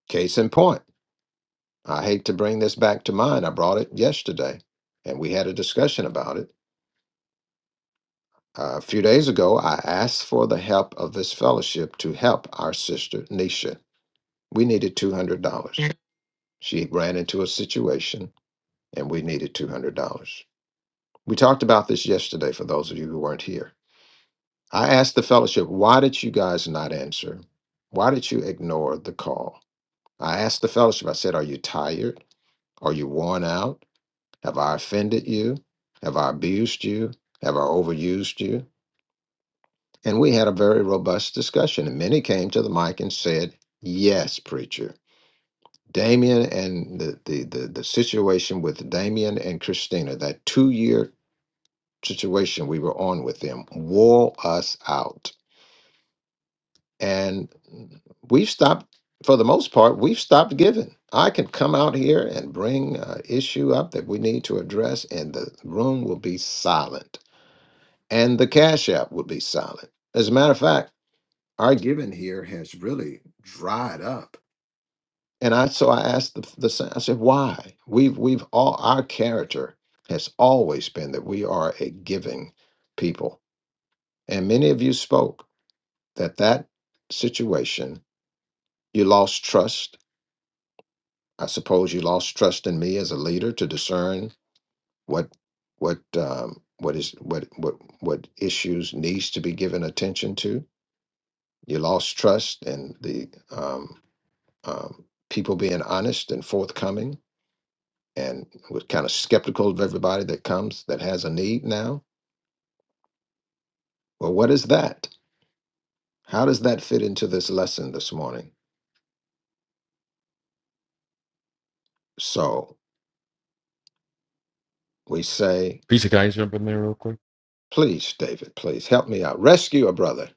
S2: case in point i hate to bring this back to mind i brought it yesterday and we had a discussion about it Uh, a few days ago i asked for the help of this fellowship to help our sister nisha we needed $200 she ran into a situation and we needed $200 we talked about this yesterday for those of you who weren't here i asked the fellowship why did you guys not answer why did you ignore the call I asked the fellowship, I said, Are you tired? Are you worn out? Have I offended you? Have I abused you? Have I overused you? And we had a very robust discussion. And many came to the mic and said, Yes, preacher. Damien and the, the, the, the situation with Damien and Christina, that two year situation we were on with them, wore us out. and we've stopped for the most part we've stopped giving i can come out here and bring an issue up that we need to address and the room will be silent and the cash app will be silent as a matter of fact our giving here has really dried up and i so i asked the, the sa- i said why we've we've all our character has always been that we are a giving people and many of you spoke that that situation you lost trust I suppose you lost trust in me as a leader to discern what what um, what is what what what issues needs to be given attention to. You lost trust in the um, um, people being honest and forthcoming, and was kind of skeptical of everybody that comes that has a need now. Well, what is that? How does that fit into this lesson this morning? So we say Please, David, please help me out. Rescue a brother.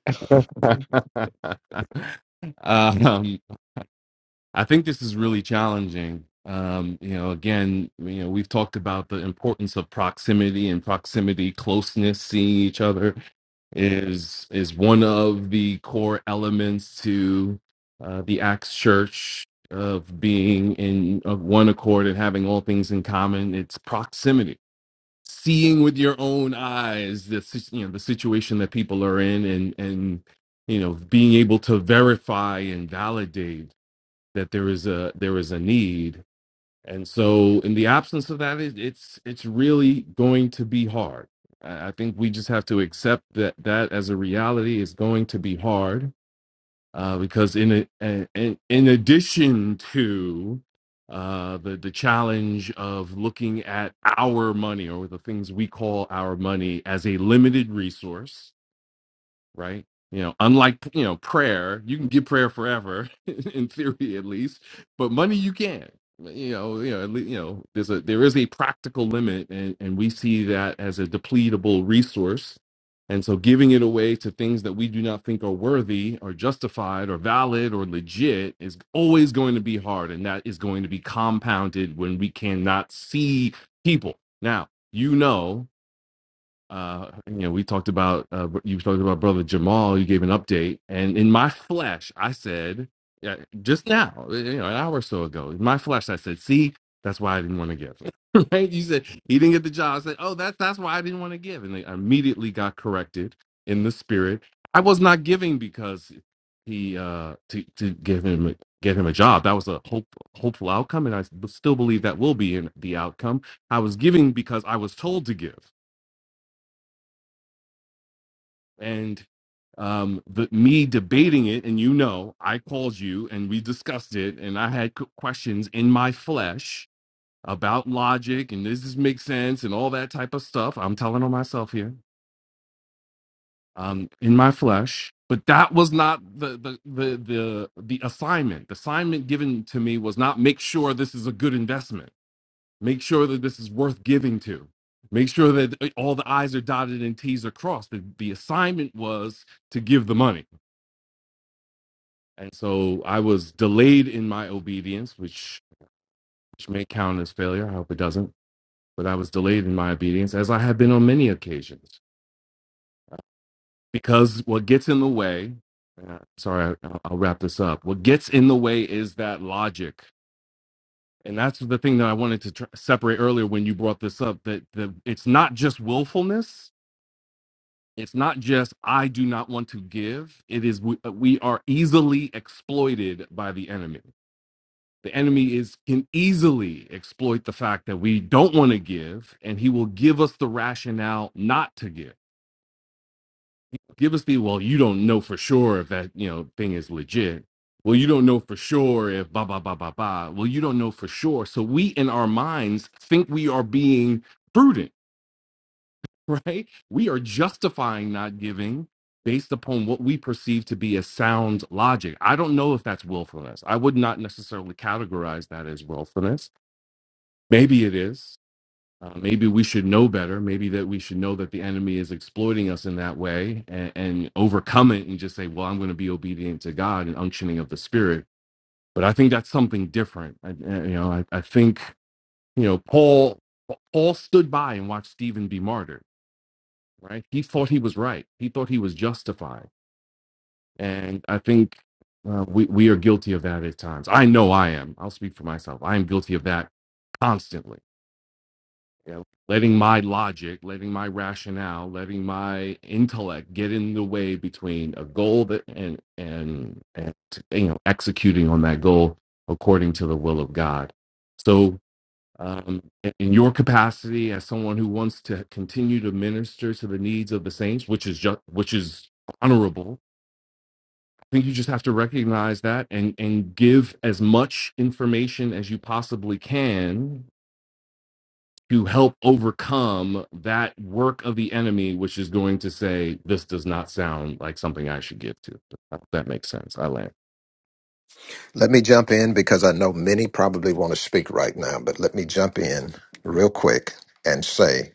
S2: Let me jump in because I know many probably want to speak right now, but let me jump in real quick and say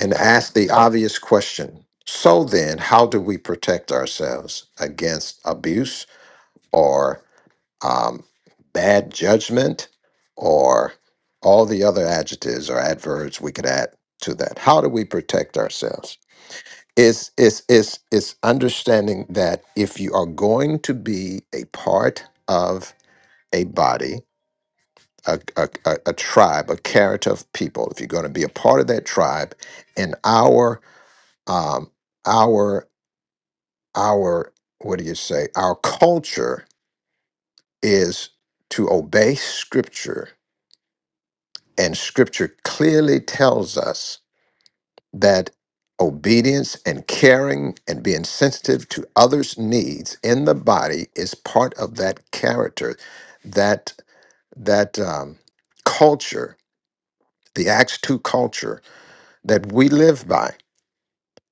S2: and ask the obvious question. So then, how do we protect ourselves against abuse? or? um, bad judgment, or all the other adjectives or adverbs we could add to that. How do we protect ourselves? It's, it's, it's, it's understanding that if you are going to be a part of a body, a, a, a, a tribe, a character of people, if you're going to be a part of that tribe, and our, um, our, our, what do you say? Our culture is to obey scripture And scripture clearly tells us that obedience and caring and being sensitive to others' needs in the body is part of that character, that that um, culture, the Acts 2 culture that we live by.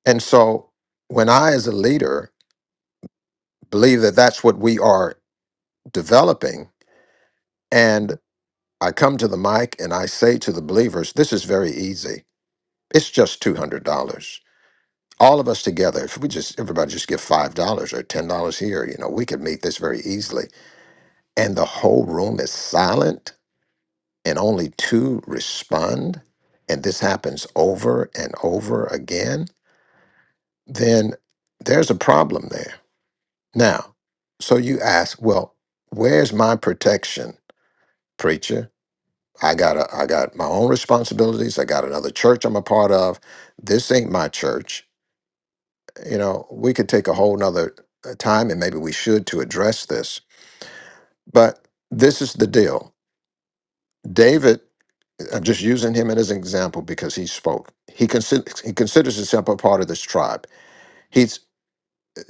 S2: And so when I as a leader believe that that's what we are developing and I come to the mic and I say to the believers, this is very easy. It's just $200. all of us together, if we just everybody just give five dollars or ten dollars here, you know, we could meet this very easily. And the whole room is silent and only two respond, and this happens over and over again, then there's a problem there. Now, so you ask, well, where's my protection, preacher? I got a, I got my own responsibilities. I got another church I'm a part of. This ain't my church. you know, we could take a whole nother uh, time and maybe we should to address this. But this is the deal. David, uh, I'm just using him as an example because he spoke. He considers he considers himself a part of this tribe. He's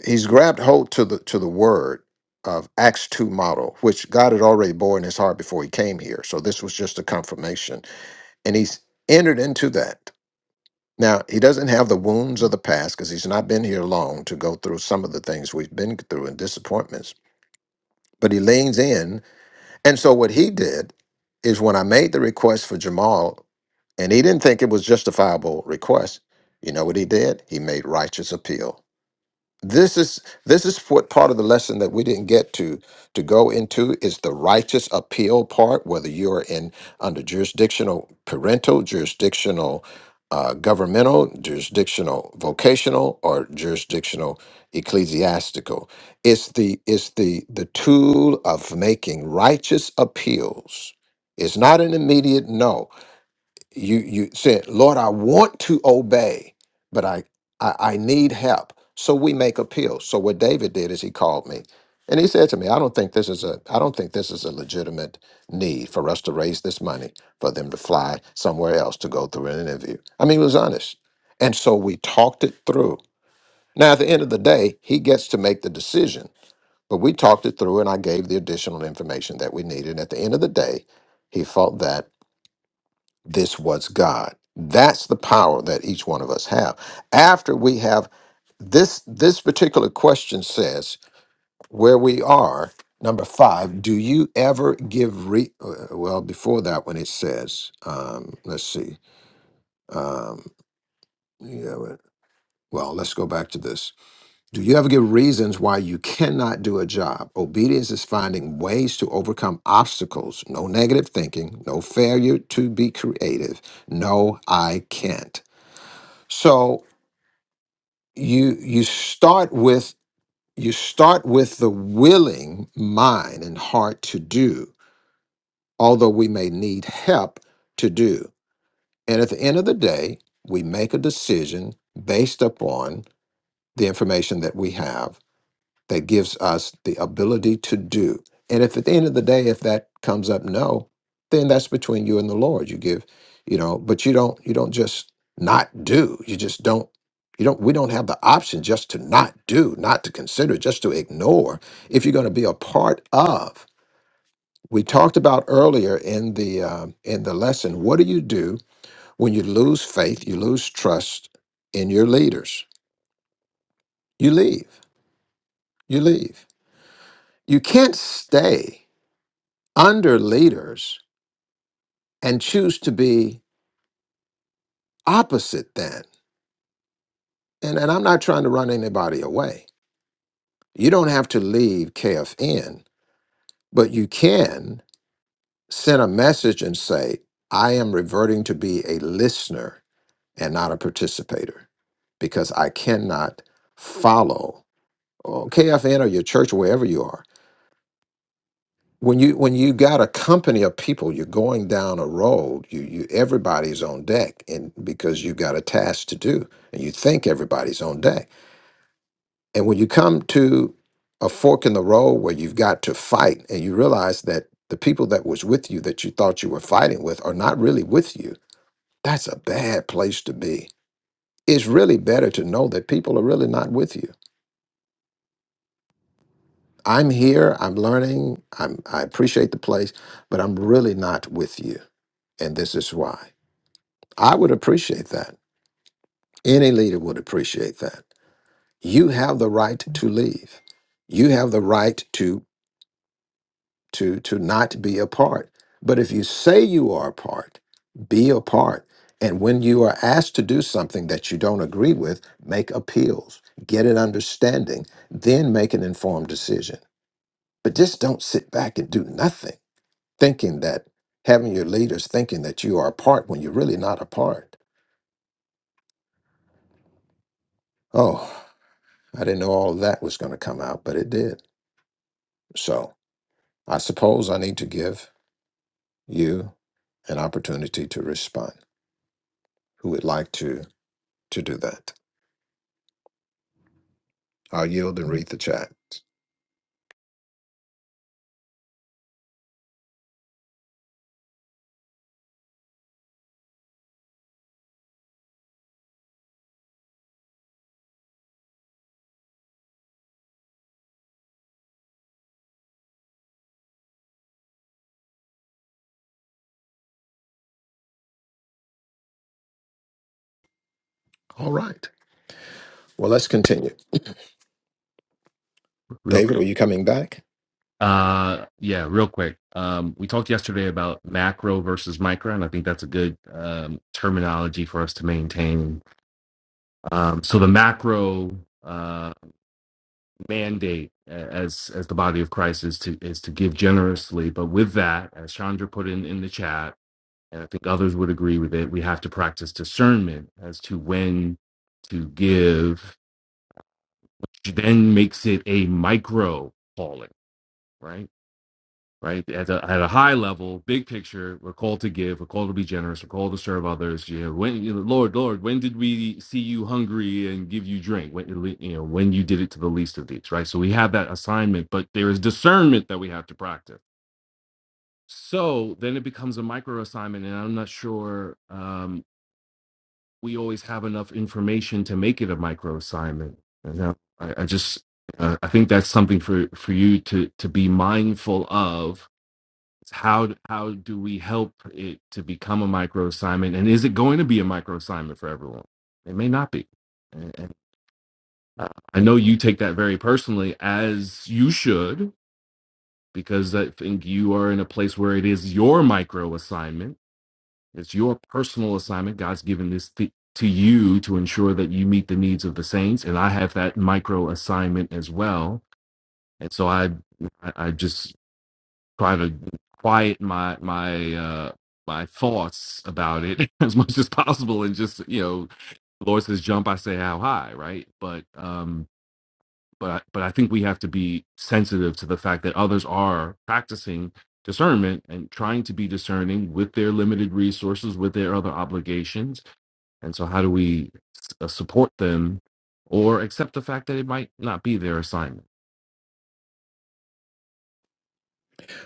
S2: he's grabbed hold to the to the word of Acts 2 model, which God had already bore in his heart before he came here. So this was just a confirmation. And he's entered into that. Now, he doesn't have the wounds of the past because he's not been here long to go through some of the things we've been through and disappointments but he leans in. And so what he did is when I made the request for Jamal, and he didn't think it was justifiable request, you know what he did? He made righteous appeal this is this is what part of the lesson that we didn't get to to go into is the righteous appeal part whether you're in under jurisdictional parental jurisdictional uh, governmental jurisdictional vocational or jurisdictional ecclesiastical it's the it's the the tool of making righteous appeals it's not an immediate no you you said lord i want to obey but I, I i need help so we make appeals so what david did is he called me and he said to me i don't think this is a i don't think this is a legitimate need for us to raise this money for them to fly somewhere else to go through an interview i mean he was honest and so we talked it through now at the end of the day he gets to make the decision but we talked it through and i gave the additional information that we needed and at the end of the day he felt that this was God. That's the power that each one of us have. After we have this this particular question says where we are number 5 do you ever give re uh, well before that when it says um let's see um yeah, wait, well let's go back to this do you ever give reasons why you cannot do a job obedience is finding ways to overcome obstacles no negative thinking no failure to be creative no i can't So you you start with you start with the willing mind and heart to do, although we may need help to do. And at the end of the day, we make a decision based upon the information that we have that gives us the ability to do. And if at the end of the day, if that comes up no, then that's between you and the Lord. You give, you know, but you don't you don't just not do. You just don't you don't we don't have the option just to not do, not to consider, just to ignore if you're going to be a part of. We talked about earlier in the um, in the lesson, what do you do when you lose faith, you lose trust in your leaders? You leave. You leave. You can't stay under leaders and choose to be opposite then. And, and I'm not trying to run anybody away. You don't have to leave KFN, but you can send a message and say, I am reverting to be a listener and not a participator because I cannot follow or KFN or your church, wherever you are. when you when you got a company of people you're going down a road you you everybody's on deck and because you got a task to do and you think everybody's on deck and when you come to a fork in the road where you've got to fight and you realize that the people that was with you that you thought you were fighting with are not really with you that's a bad place to be it's really better to know that people are really not with you i'm here i'm learning i'm i appreciate the place but i'm really not with you and this is why I would appreciate that. Any leader would appreciate that. You have the right to leave. You have the right to to to not be a part. But if you say you are a part, be a part. And when you are asked to do something that you don't agree with, make appeals, get an understanding, then make an informed decision. But just don't sit back and do nothing, thinking that having your leaders thinking that you are a part when you're really not a part. Oh, I didn't know all of that was going to come out, but it did. So I suppose I need to give you an opportunity to respond. Who would like to to do that? I'll yield and read the chat. All right. Well, let's continue. David, are you coming back?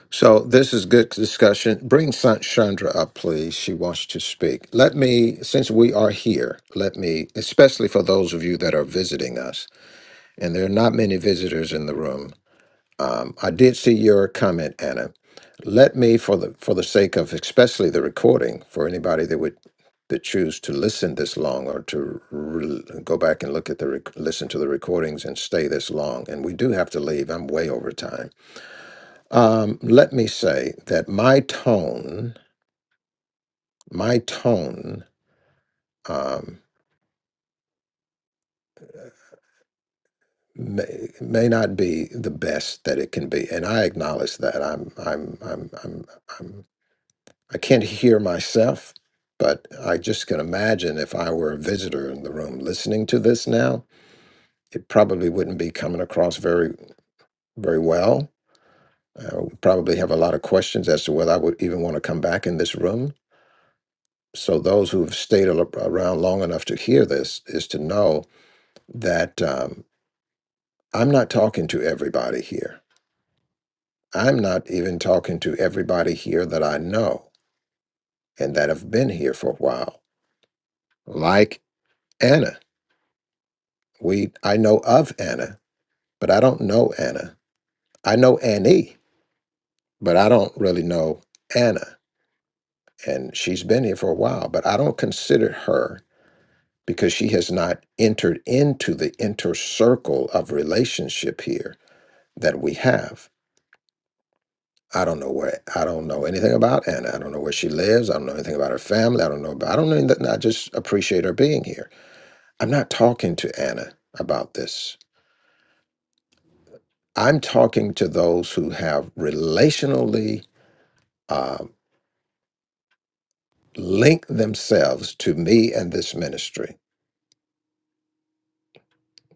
S2: So this is good discussion. Bring San- Chandra up, please. She wants to speak. Let me, since we are here, let me, especially for those of you that are visiting us, and there are not many visitors in the room. Um, I did see your comment, Anna. Let me, for the for the sake of especially the recording, for anybody that would that choose to listen this long or to re- go back and look at the rec- listen to the recordings and stay this long, and we do have to leave. I'm way over time um, let me say that my tone, my tone, um, may, may not be the best that it can be, and I acknowledge that. I'm, I'm, I'm, I'm, I'm I can't hear myself, but I just can imagine if I were a visitor in the room listening to this now, it probably wouldn't be coming across very, very well. I would probably have a lot of questions as to whether I would even want to come back in this room So those who have stayed al- around long enough to hear this is to know that um, I'm not talking to everybody here. I'm not even talking to everybody here that I know and that have been here for a while. Like Anna, we I know of Anna, but I don't know Anna. I know Annie, but I don't really know Anna. And she's been here for a while, but I don't consider her because she has not entered into the inner circle of relationship here that we have. I don't know where I don't know anything about Anna. I don't know where she lives. I don't know anything about her family. I don't know about I don't know anything. I just appreciate her being here. I'm not talking to Anna about this. I'm talking to those who have relationally uh, linked themselves to me and this ministry.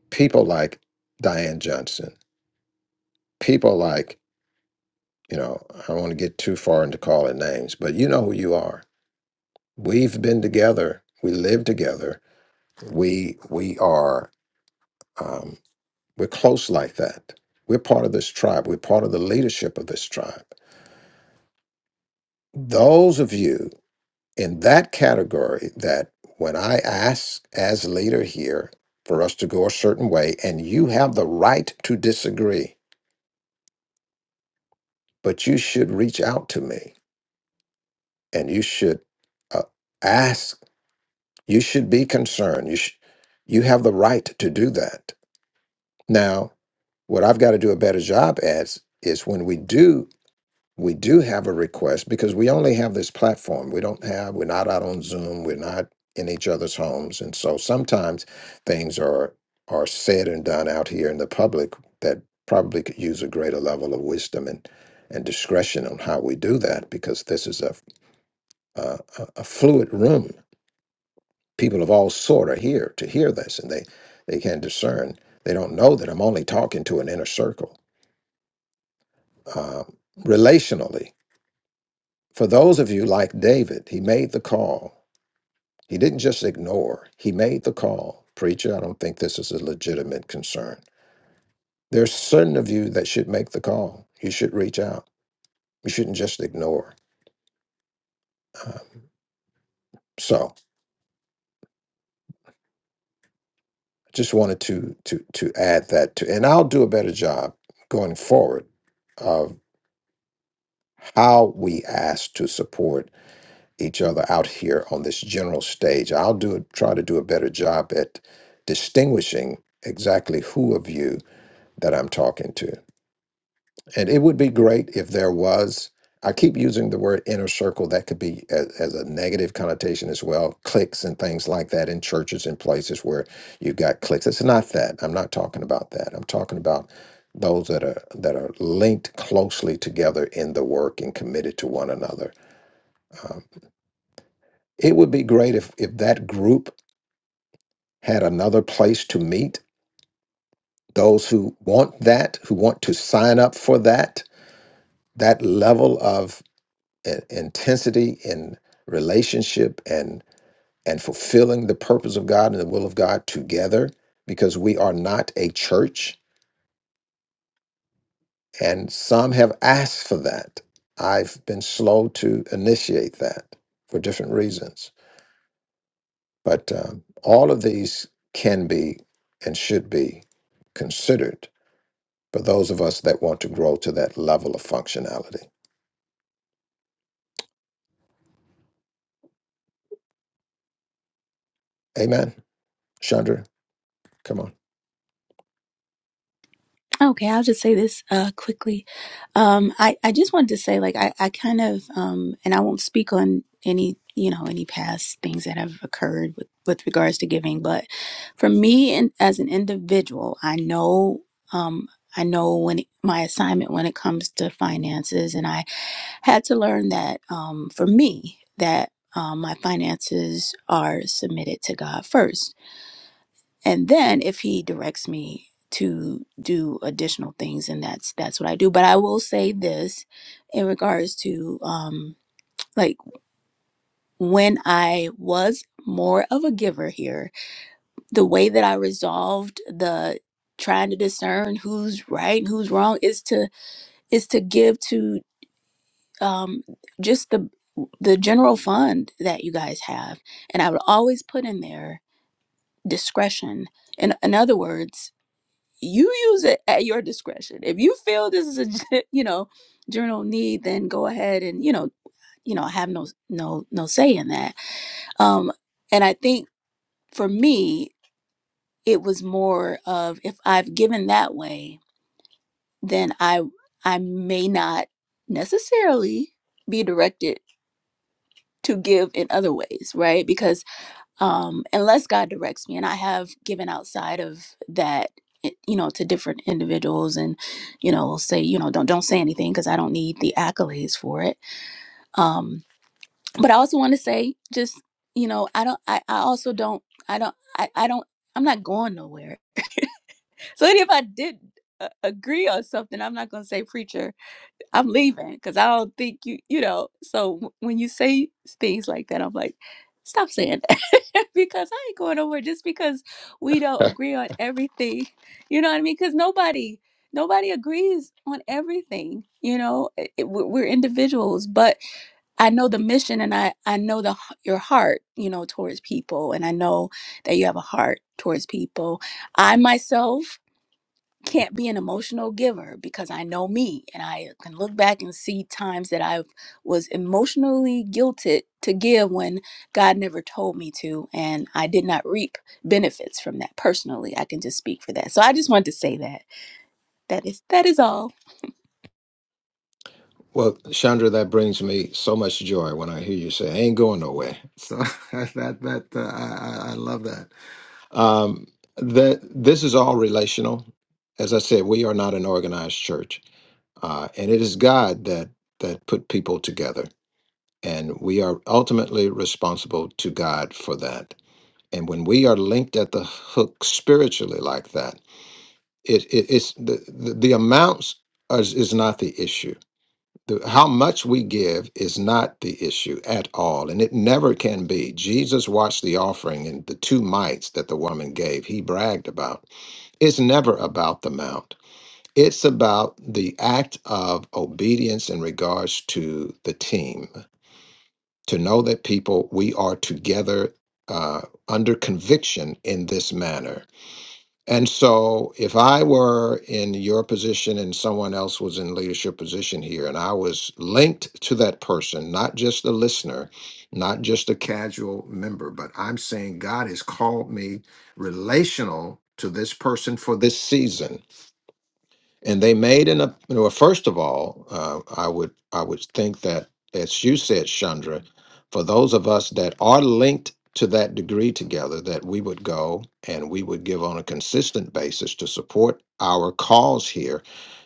S2: People like Diane Johnson. People like you know. I don't want to get too far into calling names, but you know who you are. We've been together. We live together we we are um, we're close like that we're part of this tribe we're part of the leadership of this tribe those of you in that category that when i ask as leader here for us to go a certain way and you have the right to disagree but you should reach out to me and you should uh, ask you should be concerned you sh- you have the right to do that now what i've got to do a better job as is when we do we do have a request because we only have this platform. We don't have, we're not out on Zoom, we're not in each other's homes. And so sometimes things are are said and done out here in the public that probably could use a greater level of wisdom and and discretion on how we do that because this is a a, a a fluid room. People of all sort are here to hear this, and they they can discern. They don't know that I'm only talking to an inner circle. Um, relationally For those of you like David, he made the call. He didn't just ignore, he made the call. Preacher, I don't think this is a legitimate concern. There's certain of you that should make the call. You should reach out. You shouldn't just ignore. Um, so I just wanted to to to add that to and I'll do a better job going forward of how we ask to support each other out here on this general stage. I'll do try to do a better job at distinguishing exactly who of you that I'm talking to. And it would be great if there was, I keep using the word inner circle, that could be as, as a negative connotation as well, cliques and things like that in churches and places where you've got cliques. It's not that. I'm not talking about that. I'm talking about those that are that are linked closely together in the work and committed to one another. Um, it would be great if if that group had another place to meet. Those who want that, who want to sign up for that, that level and intensity in relationship and and fulfilling the purpose of God and the will of God together because we are not a church and some have asked for that. I've been slow to initiate that for different reasons. But um, all of these can be and should be considered for those of us that want to grow to that level of functionality. Amen. Chandra, come on.
S9: Okay, I'll just say this uh, quickly. Um, I I just wanted to say, like, I I kind of um, and I won't speak on any you know any past things that have occurred with with regards to giving, but for me and as an individual, I know um I know when it- my assignment when it comes to finances, and I had to learn that um for me that. Um, my finances are submitted to God first and then if he directs me to do additional things and that's that's what i do but i will say this in regards to um like when i was more of a giver here the way that i resolved the trying to discern who's right and who's wrong is to is to give to um just the the general fund that you guys have and i would always put in there discretion in, in other words you use it at your discretion. If you feel this is a gen- <laughs> you know journal need, then go ahead and you know you know have no no no say in that. Um, and I think for me, it was more of if I've given that way, then I I may not necessarily be directed to give in other ways, right? Because um, unless God directs me. And I have given outside of that, it- you know, to different individuals, and you know, say, you know, don't don't say anything because I don't need the accolades for it. Um, but I also want to say, just you know, I don't, I, I also don't, I don't, I, I don't, I'm not going nowhere. So even if I did uh, agree on something, I'm not going to say preacher I'm leaving because I don't think you, you know. So w- when you say things like that, I'm like, stop saying that <laughs> because I ain't going nowhere just because we don't agree on everything. You know what I mean? Because nobody, nobody agrees on everything. You know, I- I- we're we're individuals, but I know the mission and I, I know the h- your heart, you know, towards people. And I know that you have a heart towards people. I myself can't be an emotional giver because I know me and I can look back and see times that I was emotionally guilted to give when God never told me to and I did not reap benefits from that personally. I can just speak for that. So I just wanted to say that. That is that is all.
S2: Well, Chandra, that brings me so much joy when I hear you say, "I ain't going nowhere." So <laughs> that that uh, I, I I love that. Um, that this is all relational. As I said, we are not an organized church, uh, and it is God that that put people together, and we are ultimately responsible to God for that. And when we are linked at the hook spiritually like that, it, it it's the, the the amounts is, is not the issue the, how much we give is not the issue at all, and it never can be. Jesus watched the offering and the two mites that the woman gave, he bragged about. It's never about the amount, it's about the act of obedience in regards to the team, to know that people, we are together uh, under conviction in this manner. And so, if I were in your position and someone else was in leadership position here, and I was linked to that person, not just a listener, not just a casual member, but I'm saying God has called me relational to this person for this season and they made an ap- well first of all uh, i would i would think that as you said chandra for those of us that are linked to that degree together that we would go and we would give on a consistent basis to support our cause here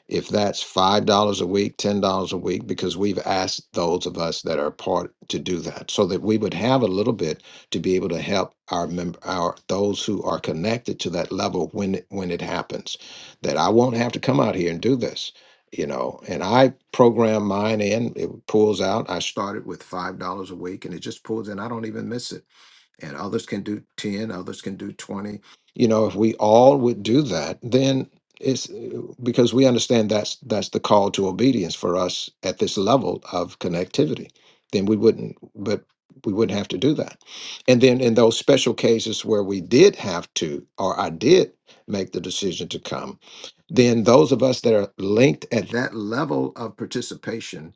S2: if that's five dollars a week ten dollars a week because we've asked those of us that are part to do that so that we would have a little bit to be able to help our member our those who are connected to that level when it when it happens that I won't have to come out here and do this, you know. And I program mine in, it pulls out. I started with $5 a week and it just pulls in. I don't even miss it and others can do 10 others can do 20 you know if we all would do that then it's uh, because we understand that's that's the call to obedience for us at this level of connectivity then we wouldn't but we wouldn't have to do that and then in those special cases where we did have to or i did make the decision to come then those of us that are linked at that level of participation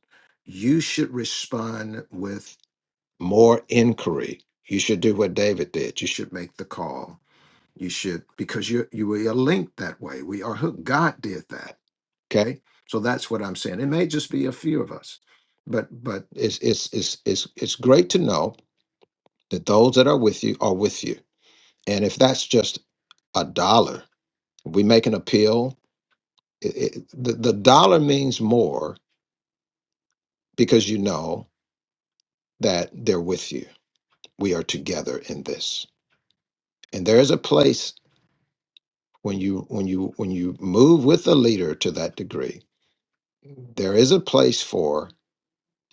S2: you should respond with more inquiry. You should do what David did. You should make the call. You should because you you we are linked that way. We are hooked. God did that. Okay, so that's what I'm saying. It may just be a few of us, but but it's it's it's it's it's great to know that those that are with you are with you. And if that's just a dollar, we make an appeal. It, it, the the dollar means more because you know that they're with you. We are together in this, and there is a place when you when you when you move with the leader to that degree there is a place for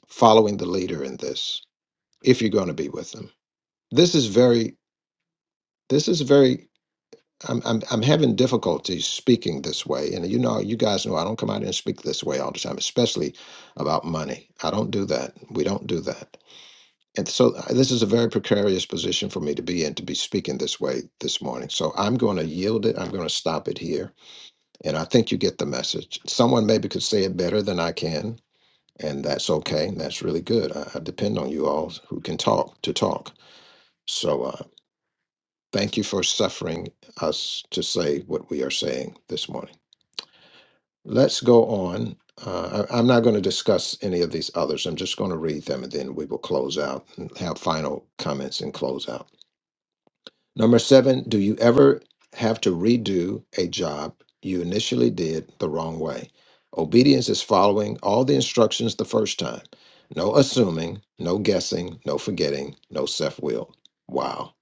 S2: following the leader in this if you're going to be with them this is very this is very I'm, I'm i'm having difficulty speaking this way and you know you guys know i don't come out here and speak this way all the time especially about money i don't do that we don't do that and so uh, this is a very precarious position for me to be in to be speaking this way this morning so i'm going to yield it i'm going to stop it here And I think you get the message. Someone maybe could say it better than I can, and that's okay. And that's really good. I, I depend on you all who can talk to talk. So uh, thank you for suffering us to say what we are saying this morning. Let's go on. Uh, I, I'm not going to discuss any of these others. I'm just going to read them and then we will close out and have final comments and close out. Number seven, do you ever have to redo a job you initially did the wrong way? Obedience is following all the instructions the first time. No assuming, no guessing, no forgetting, no self will. Wow.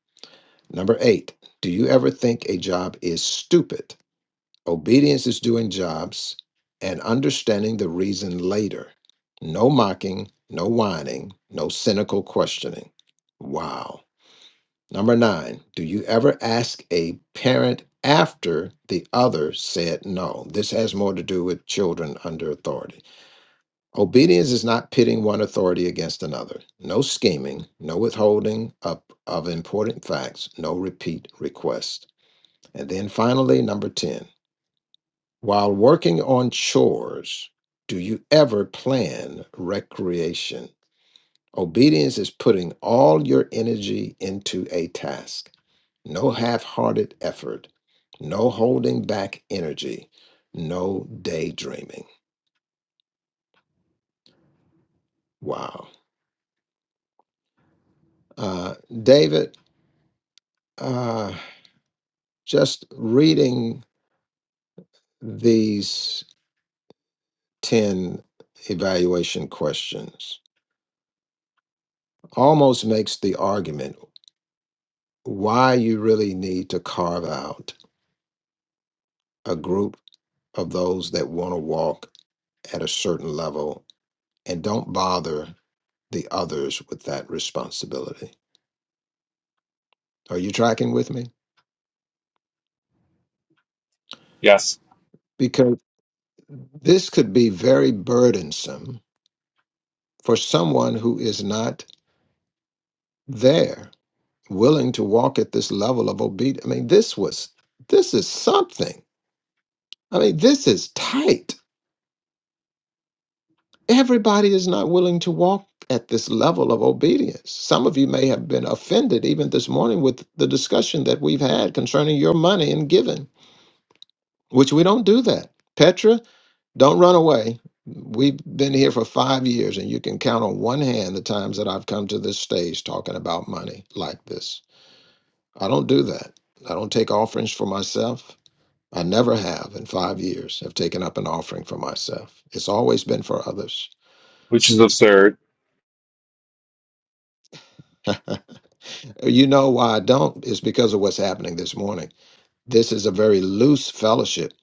S2: Number eight, do you ever think a job is stupid? Obedience is doing jobs and understanding the reason later. No mocking, no whining, no cynical questioning. Wow. Number nine, do you ever ask a parent after the other said no? This has more to do with children under authority. Obedience is not pitting one authority against another. No scheming, no withholding up of important facts, no repeat requests. And then finally, number 10, while working on chores, do you ever plan recreation? Obedience is putting all your energy into a task. No half hearted effort, no holding back energy, no daydreaming. Wow. Uh, David, uh, just reading these 10 evaluation questions almost makes the argument why you really need to carve out a group of those that want to walk at a certain level and don't bother the others with that responsibility. Are you tracking with me?
S10: Yes,
S2: Because this could be very burdensome for someone who is not there, willing to walk at this level of obedience. I mean, this was, this is something. I mean, this is tight. Everybody is not willing to walk at this level of obedience. Some of you may have been offended even this morning with the discussion that we've had concerning your money and giving, which we don't do that. Petra, Don't run away. We've been here for five years, and you can count on one hand the times that I've come to this stage talking about money like this. I don't do that. I don't take offerings for myself. I never have in five years have taken up an offering for myself. It's always been for others. <laughs> You know why I don't? It's because of what's happening this morning. This is a very loose fellowship.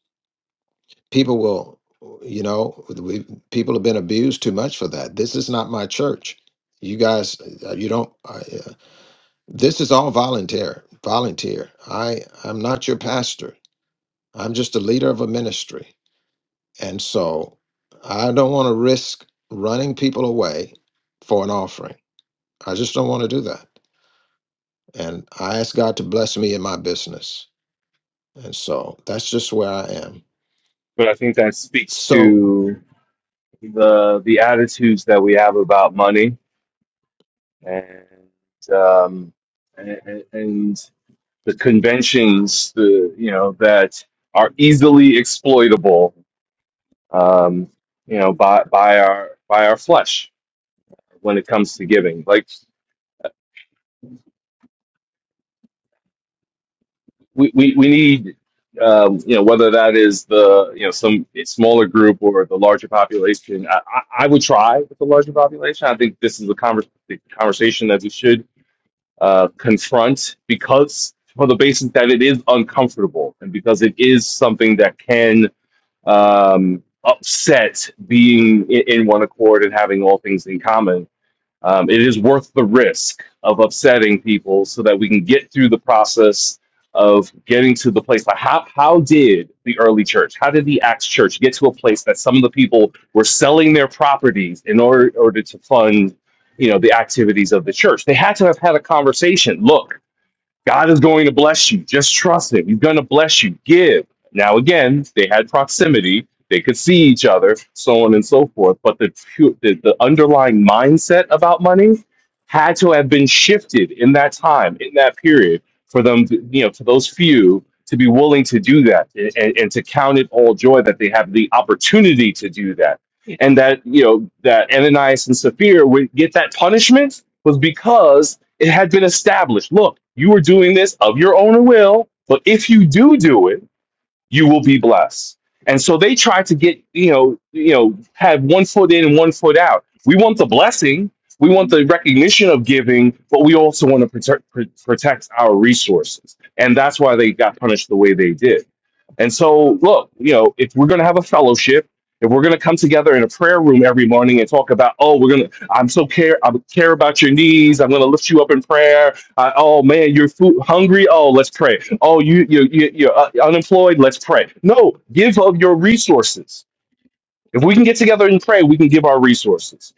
S2: People will, you know, we people have been abused too much for that. This is not my church. You guys, uh, you don't. I, uh, This is all volunteer. Volunteer. I I'm not your pastor. I'm just a leader of a ministry. And so I don't want to risk running people away for an offering. I just don't want to do that. And I ask God to bless me in my business. And so that's just where I am.
S10: but I think that speaks
S2: So
S10: to the the attitudes that we have about money and um, and, and the conventions, the you know that are easily exploitable, um, you know, by by our by our flesh when it comes to giving. Like we, we, we need um, you know whether that is the you know some smaller group or the larger population I, I I would try with the larger population I think this is the, conver- the conversation that we should uh, confront because for the basis that it is uncomfortable and because it is something that can um, upset being in, in one accord and having all things in common um, it is worth the risk of upsetting people so that we can get through the process of getting to the place. Like how, how did the early church, how did the Acts church get to a place that some of the people were selling their properties in order, order to fund, you know, the activities of the church? They had to have had a conversation. Look, God is going to bless you. Just trust him. He's going to bless you. Give. Now, again, they had proximity. They could see each other, so on and so forth. But the, pu- the, the underlying mindset about money had to have been shifted in that time, in that period, for them, to, you know, for those few to be willing to do that and, and, and to count it all joy that they have the opportunity to do that. And that, you know, that Ananias and Sapphira would get that punishment was because it had been established. Look, you are doing this of your own will, but if you do do it, you will be blessed. And so they try to get, you know, you know, have one foot in and one foot out. We want the blessing, we want the recognition of giving, but we also want to protect pr- protect our resources. And that's why they got punished the way they did. And so, look, you know, if we're going to have a fellowship, if we're going to come together in a prayer room every morning and talk about, oh, we're going to, I'm so care, I care about your needs. I'm going to lift you up in prayer. I, oh man, you're food hungry. Oh, let's pray. Oh, you you you you're uh, unemployed. Let's pray. No, give of your resources. If we can get together and pray, we can give our resources.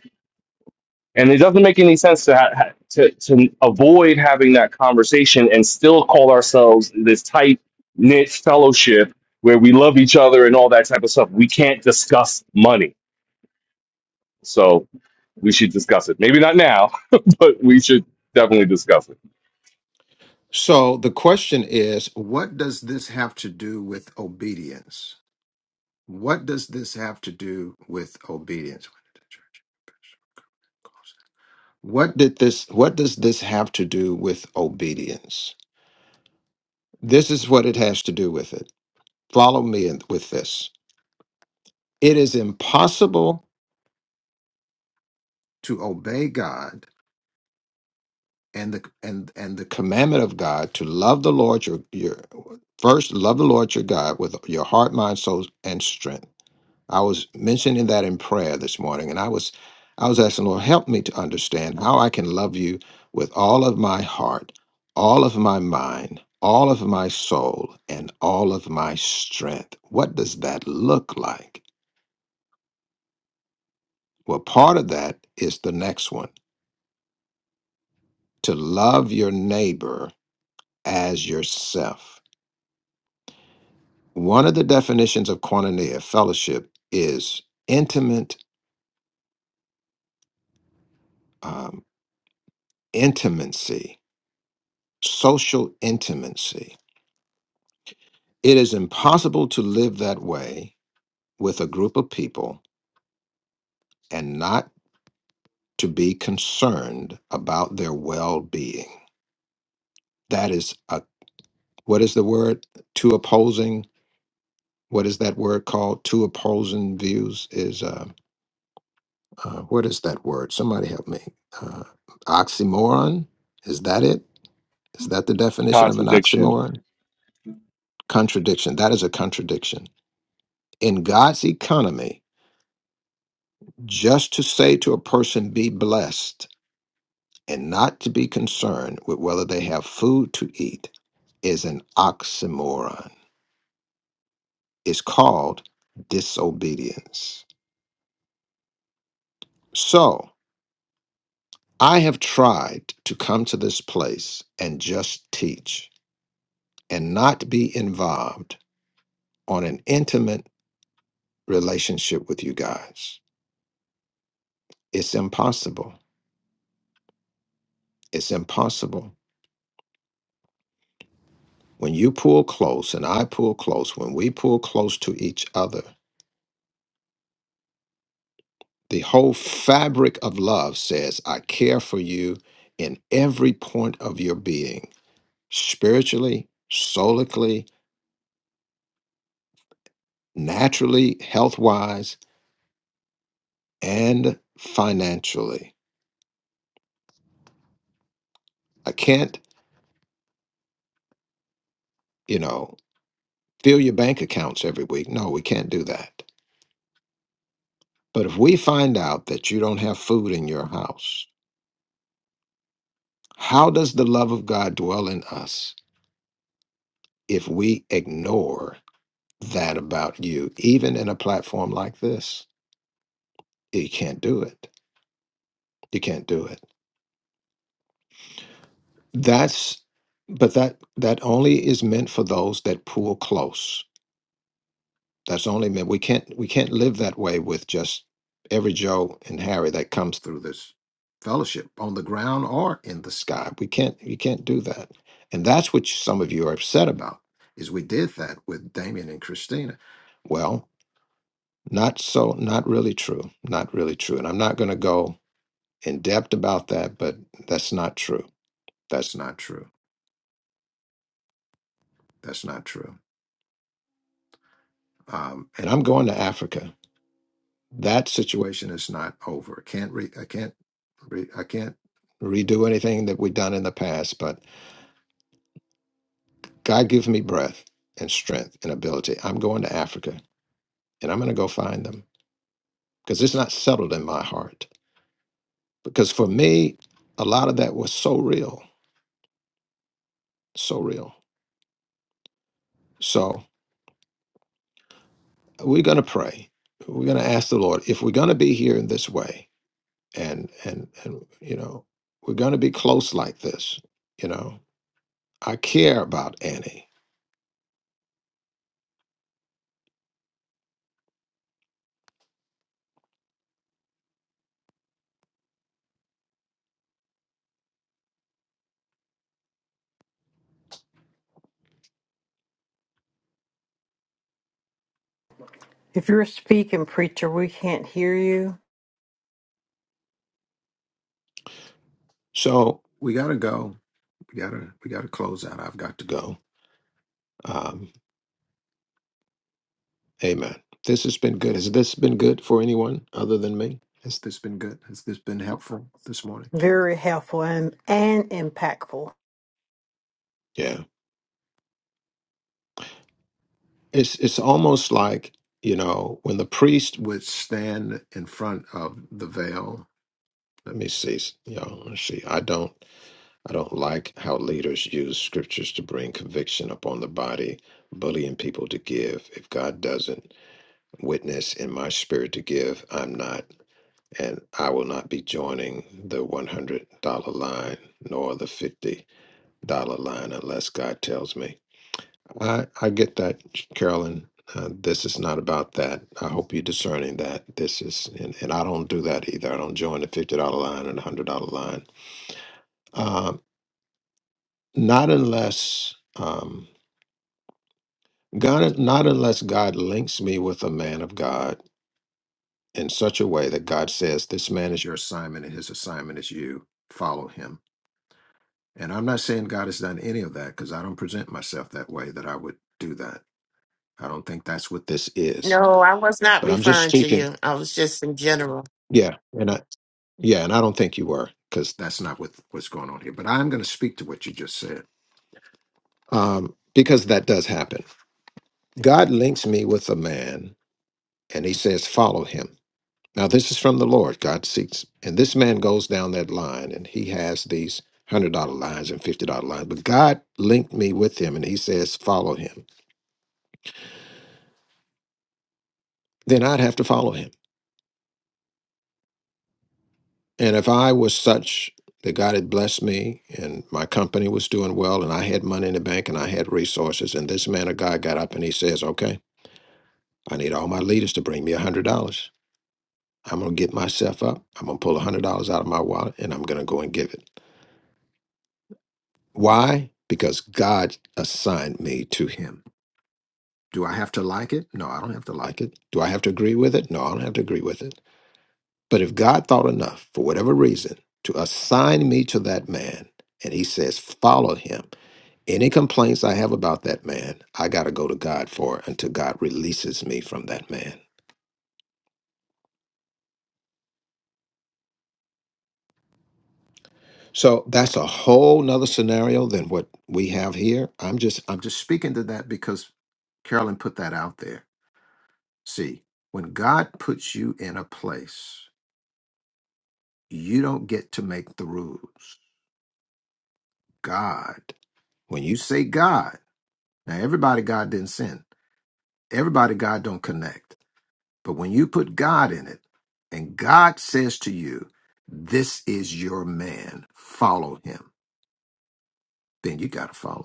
S10: And it doesn't make any sense to ha- ha- to to avoid having that conversation and still call ourselves this tight knit fellowship where we love each other and all that type of stuff. We can't discuss money, so we should discuss it. Maybe not now, <laughs> but we should definitely discuss it.
S2: so the question is, what does this have to do with obedience? What does this have to do with obedience? What did this what does this have to do with obedience? This is what it has to do with it. Follow me in, with this. It is impossible to obey God and the and and the commandment of God to love the Lord your your first love the Lord your God with your heart, mind, soul and strength I was mentioning that in prayer this morning, and I was I was asking, Lord, help me to understand how I can love you with all of my heart, all of my mind, all of my soul, and all of my strength. What does that look like? Well, part of that is the next one to love your neighbor as yourself. One of the definitions of koinonia, fellowship, is intimate um, intimacy, social intimacy It is impossible to live that way with a group of people and not to be concerned about their well being. That is a what is the word? Two opposing. What is that word called? Two opposing views is uh, uh, what is that word? Somebody help me. Uh, oxymoron. Is that it? Is that the
S10: It's a
S2: definition of an
S10: contradiction
S2: oxymoron? Contradiction. That is a contradiction. In God's economy, just to say to a person, be blessed and not to be concerned with whether they have food to eat is an oxymoron. It's called disobedience. So I have tried to come to this place and just teach and not be involved on an intimate relationship with you guys. It's impossible. It's impossible. When you pull close and I pull close, when we pull close to each other, The whole fabric of love says, I care for you in every point of your being, spiritually, solically, naturally, health wise, and financially. I can't, you know, fill your bank accounts every week. No, we can't do that. But if we find out that you don't have food in your house, how does the love of God dwell in us if we ignore that about you, even in a platform like this? You can't do it. You can't do it. That's but that that only is meant for those that pull close. That's only meant we can't we can't live that way with just every Joe and Harry that comes through this fellowship on the ground or in the sky. We can't you can't do that. And that's what some of you are upset about is we did that with Damien and Christina. Well, not so not really true. Not really true. And I'm not gonna go in depth about that, but that's not true. That's not true That's not true. Um, and I'm going to Africa. That situation is not over. Can't re- I can't re- I can't redo anything that we've done in the past. But God gives me breath and strength and ability. I'm going to Africa, and I'm going to go find them because it's not settled in my heart. Because for me, a lot of that was so real, so real. So we're going to pray. We're going to ask the Lord if we're going to be here in this way and and and you know we're going to be close like this you know i care about annie
S4: If you're a speaking preacher, we can't hear you.
S2: so we got to go we got to we got to close out i've got to go um amen this has been good has this been good for anyone other than me has this been good has this been helpful this morning
S4: Very helpful and, and impactful.
S2: Yeah. it's it's almost like you know when the priest would stand in front of the veil let me see you all let's see i don't i don't like how leaders use scriptures to bring conviction upon the body bullying people to give if god doesn't witness in my spirit to give i'm not and i will not be joining the $100 line nor the $50 line unless god tells me I, I get that, Carolyn. Uh, this is not about that. I hope you're discerning that this is, and, and I don't do that either. I don't join the fifty dollar line and the hundred dollar line. Uh, not unless um, God, not unless God links me with a man of God in such a way that God says, "This man is your assignment, and his assignment is you. Follow him." And I'm not saying God has done any of that because I don't present myself that way that I would do that. I don't think that's what this is.
S3: No, I was not
S2: But I'm just
S3: referring to
S2: speaking.
S3: you. I was just in general.
S2: Yeah, and I, Yeah, and I don't think you were because that's not what what's going on here. But I'm going to speak to what you just said um, because that does happen. God links me with a man, and He says, "Follow him." Now, this is from the Lord. God seeks, and this man goes down that line, and he has these hundred dollar lines and fifty dollar lines. But God linked me with him, and He says, "Follow him." Then I'd have to follow him. And if I was such that God had blessed me and my company was doing well and I had money in the bank and I had resources, and this man of God got up and he says, Okay, I need all my leaders to bring me a hundred dollars. I'm gonna get myself up, I'm gonna pull a hundred dollars out of my wallet and I'm gonna go and give it. Why? Because God assigned me to him. Do I have to like it? No, I don't have to like it. Do I have to agree with it? No, I don't have to agree with it. But if God thought enough, for whatever reason, to assign me to that man, and he says, follow him, any complaints I have about that man, I got to go to God for it until God releases me from that man. So that's a whole nother scenario than what we have here. I'm just I'm just speaking to that because Carolyn put that out there. See, when God puts you in a place, you don't get to make the rules. God, when you say God, now everybody God didn't sin. Everybody, God don't connect. But when you put God in it and God says to you, this is your man, follow him, then you got to follow.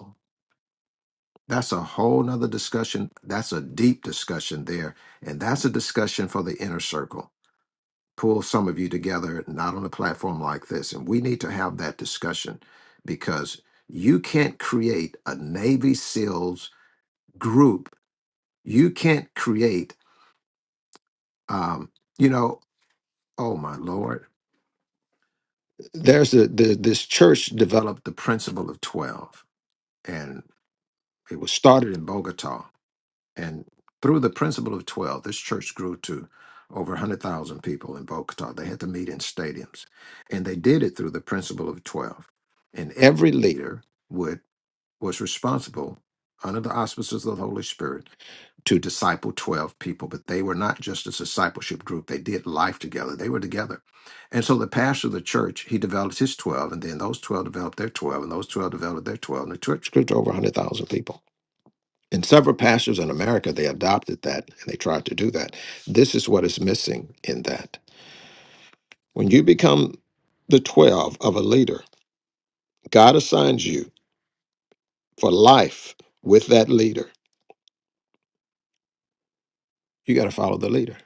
S2: That's a whole nother discussion. That's a deep discussion there. And that's a discussion for the inner circle. Pull some of you together, not on a platform like this. And we need to have that discussion because you can't create a Navy SEALs group. You can't create, um, you know, oh my Lord there's a the, this church developed the principle of 12 and it was started in bogota and through the principle of 12 this church grew to over 100000 people in bogota they had to meet in stadiums and they did it through the principle of 12 and every leader would was responsible under the auspices of the Holy Spirit to disciple 12 people, but they were not just a discipleship group. They did life together. They were together. And so the pastor of the church, he developed his 12, and then those 12 developed their 12, and those 12 developed their 12, and the church grew to over 100,000 people. And several pastors in America, they adopted that and they tried to do that. This is what is missing in that. When you become the 12 of a leader, God assigns you for life with that leader You got to follow the leader.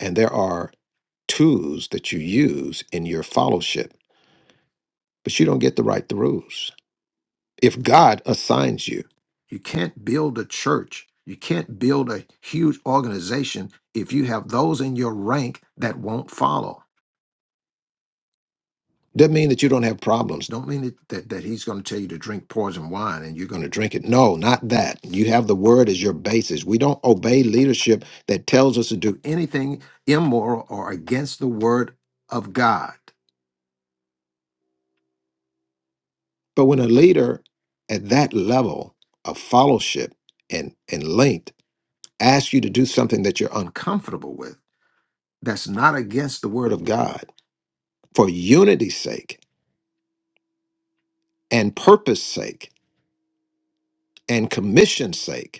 S2: And there are tools that you use in your fellowship, but you don't get to write the rules. If God assigns you, you can't build a church, you can't build a huge organization if you have those in your rank that won't follow. Doesn't mean that you don't have problems. Don't mean that, that, that he's going to tell you to drink poison wine and you're going to drink it. No, not that. You have the word as your basis. We don't obey leadership that tells us to do anything immoral or against the word of God. But when a leader at that level of fellowship and, and length asks you to do something that you're uncomfortable with, that's not against the word of God, for unity's sake and purpose's sake and commission's sake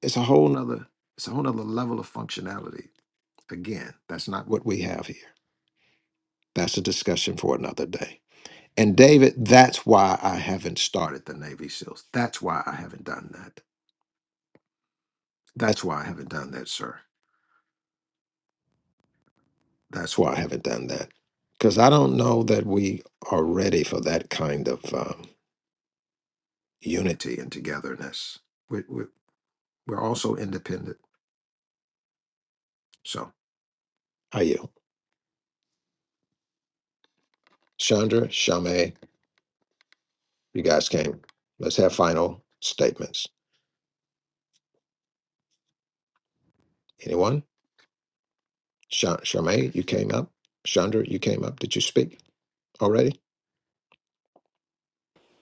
S2: It's a whole nother, it's a whole nother level of functionality. Again, that's not what we have here. That's a discussion for another day. And David, that's why I haven't started the Navy SEALs. That's why I haven't done that. That's why I haven't done that, sir. That's why I haven't done that. Because I don't know that we are ready for that kind of um, unity and togetherness. We, we, we're also independent. So, how are you? Chandra, Shame, you guys came. Let's have final statements. Anyone? Sha- Charmaine, you came up. Chandra, you came up. Did you speak already?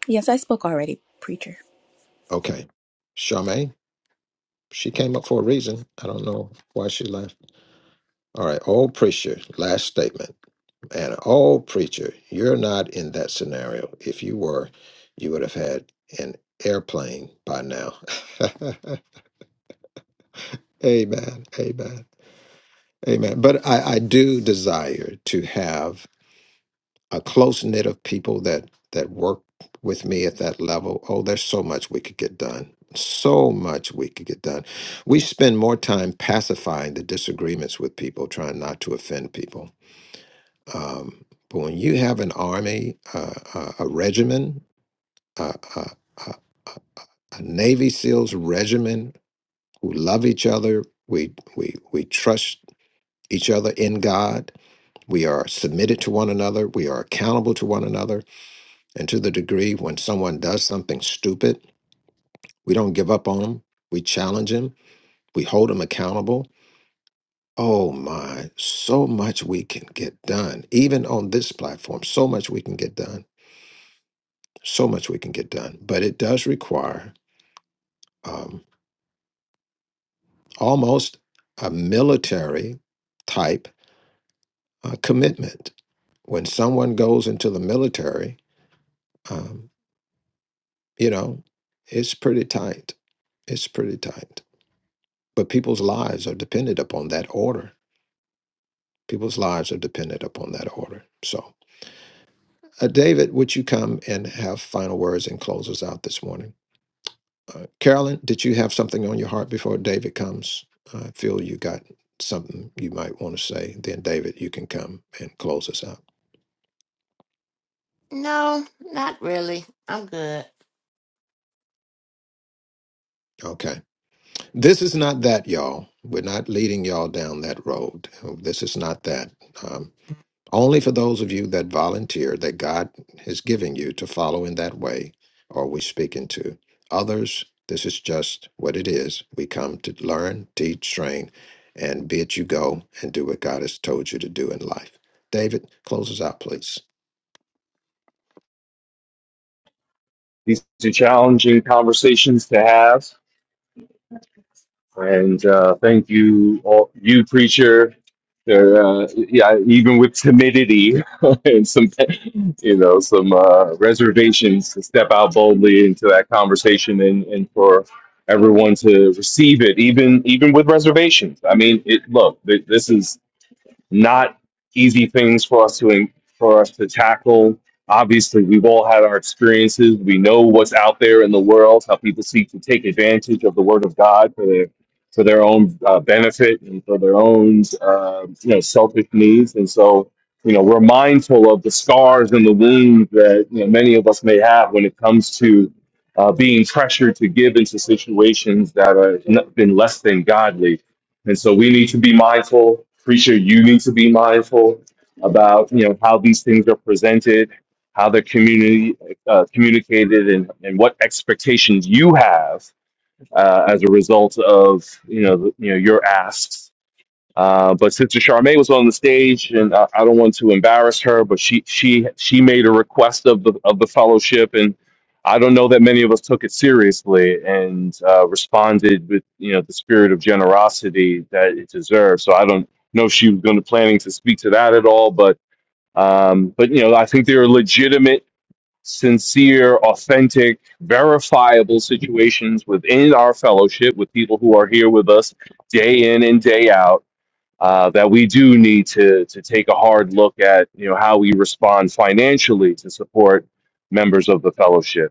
S9: Yes, I spoke already, preacher.
S2: Okay. Charmaine, she came up for a reason. I don't know why she left. All right. Old preacher, last statement. And old preacher, you're not in that scenario. If you were, you would have had an airplane by now. <laughs> amen. Amen. Amen. But I, I do desire to have. a close knit of people that that work with me at that level. Oh, there's so much we could get done. So much we could get done. We spend more time pacifying the disagreements with people, trying not to offend people. Um, but when you have an army, uh, uh, a regiment, uh, uh, uh, uh, a Navy SEALs regiment who love each other, we we we trust each other in God. We are submitted to one another. We are accountable to one another And to the degree when someone does something stupid, we don't give up on them. We challenge them. We hold them accountable. Oh my, so much we can get done. Even on this platform, so much we can get done. So much we can get done. But it does require um, almost a military type uh, commitment. When someone goes into the military, um, you know, it's pretty tight. It's pretty tight. But people's lives are dependent upon that order People's lives are dependent upon that order. So, uh, David, would you come and have final words and close us out this morning? Uh, Carolyn, did you have something on your heart before David comes? I feel you got something you might want to say. Then, David, you can come and close us out.
S3: No, not really. I'm good.
S2: Okay. This is not that, y'all. We're not leading y'all down that road. This is not that. Um, Only for those of you that volunteer that God has given you to follow in that way are we speaking to. Others, this is just what it is. We come to learn, teach, train, and bid you go and do what God has told you to do in life. David, close us out, please.
S10: These are challenging conversations to have. And uh, thank you, all, you preacher. Uh, yeah, even with timidity <laughs> and some, you know, some uh, reservations to step out boldly into that conversation and, and for everyone to receive it, even even with reservations. I mean, it look, th- this is not easy things for us to for us to tackle. Obviously, we've all had our experiences. We know what's out there in the world, how people seek to take advantage of the Word of God for their for their own uh, benefit and for their own uh, you know selfish needs. And so, you know, we're mindful of the scars and the wounds that you know, many of us may have when it comes to uh, being pressured to give into situations that have been less than godly and so we need to be mindful. Preacher, you need to be mindful about you know how these things are presented, how they're community uh, communicated, and, and what expectations you have uh, as a result of you know the- you know your asks uh, but Sister Charmaine was on the stage, and I, I don't want to embarrass her, but she she she made a request of the of the fellowship, and I don't know that many of us took it seriously and uh, responded with you know the spirit of generosity that it deserves. So I don't know if she was going to planning to speak to that at all, but um, but you know I think there are legitimate, sincere, authentic, verifiable situations within our fellowship with people who are here with us day in and day out uh, that we do need to to take a hard look at you know how we respond financially to support members of the fellowship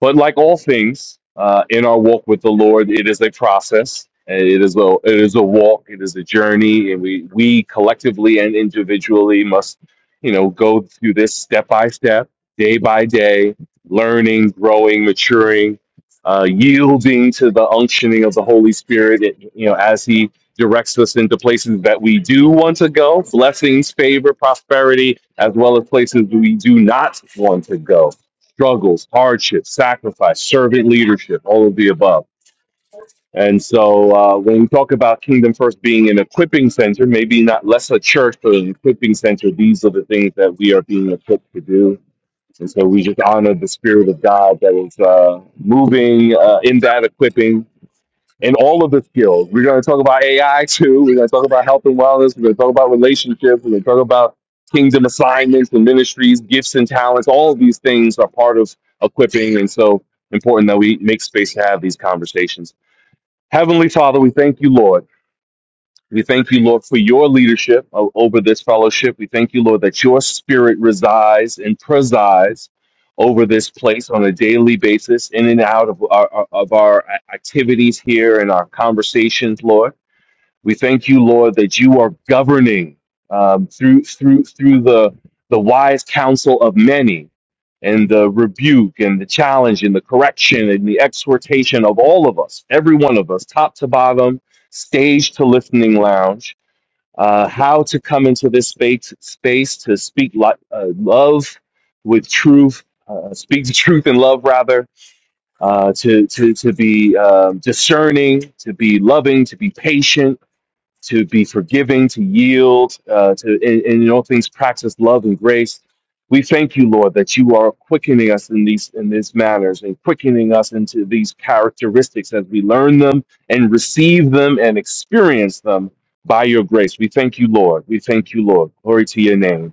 S10: but like all things uh, in our walk with the Lord, it is a process. It is a it is a walk. It is a journey, and we we collectively and individually must, you know, go through this step by step, day by day, learning, growing, maturing, uh, yielding to the unctioning of the Holy Spirit. It, you know, as He directs us into places that we do want to go, blessings, favor, prosperity, as well as places we do not want to go struggles, hardships, sacrifice, servant leadership, all of the above. And so uh, when we talk about Kingdom First being an equipping center, maybe not less a church, but an equipping center, these are the things that we are being equipped to do. And so we just honor the Spirit of God that is uh, moving uh, in that equipping in all of the skills. We're going to talk about AI too. We're going to talk about health and wellness. We're going to talk about relationships. We're going to talk about kingdom assignments and ministries, gifts and talents. All of these things are part of equipping. And so important that we make space to have these conversations. Heavenly Father, we thank you, Lord. We thank you, Lord, for your leadership o- over this fellowship. We thank you, Lord, that your spirit resides and presides over this place on a daily basis, in and out of our, of our activities here and our conversations, Lord. We thank you, Lord, that you are governing um, through through through the the wise counsel of many, and the rebuke and the challenge and the correction and the exhortation of all of us, every one of us, top to bottom, stage to listening lounge. Uh, how to come into this space space to speak li- uh, love with truth, uh, speak the truth in love, rather. Uh, to to to be um, discerning, to be loving, to be patient to be forgiving, to yield, uh, to and, and in all things practice love and grace. We thank you, Lord, that you are quickening us in these in these manners and quickening us into these characteristics as we learn them and receive them and experience them by your grace. We thank you, Lord. We thank you, Lord. Glory to your name.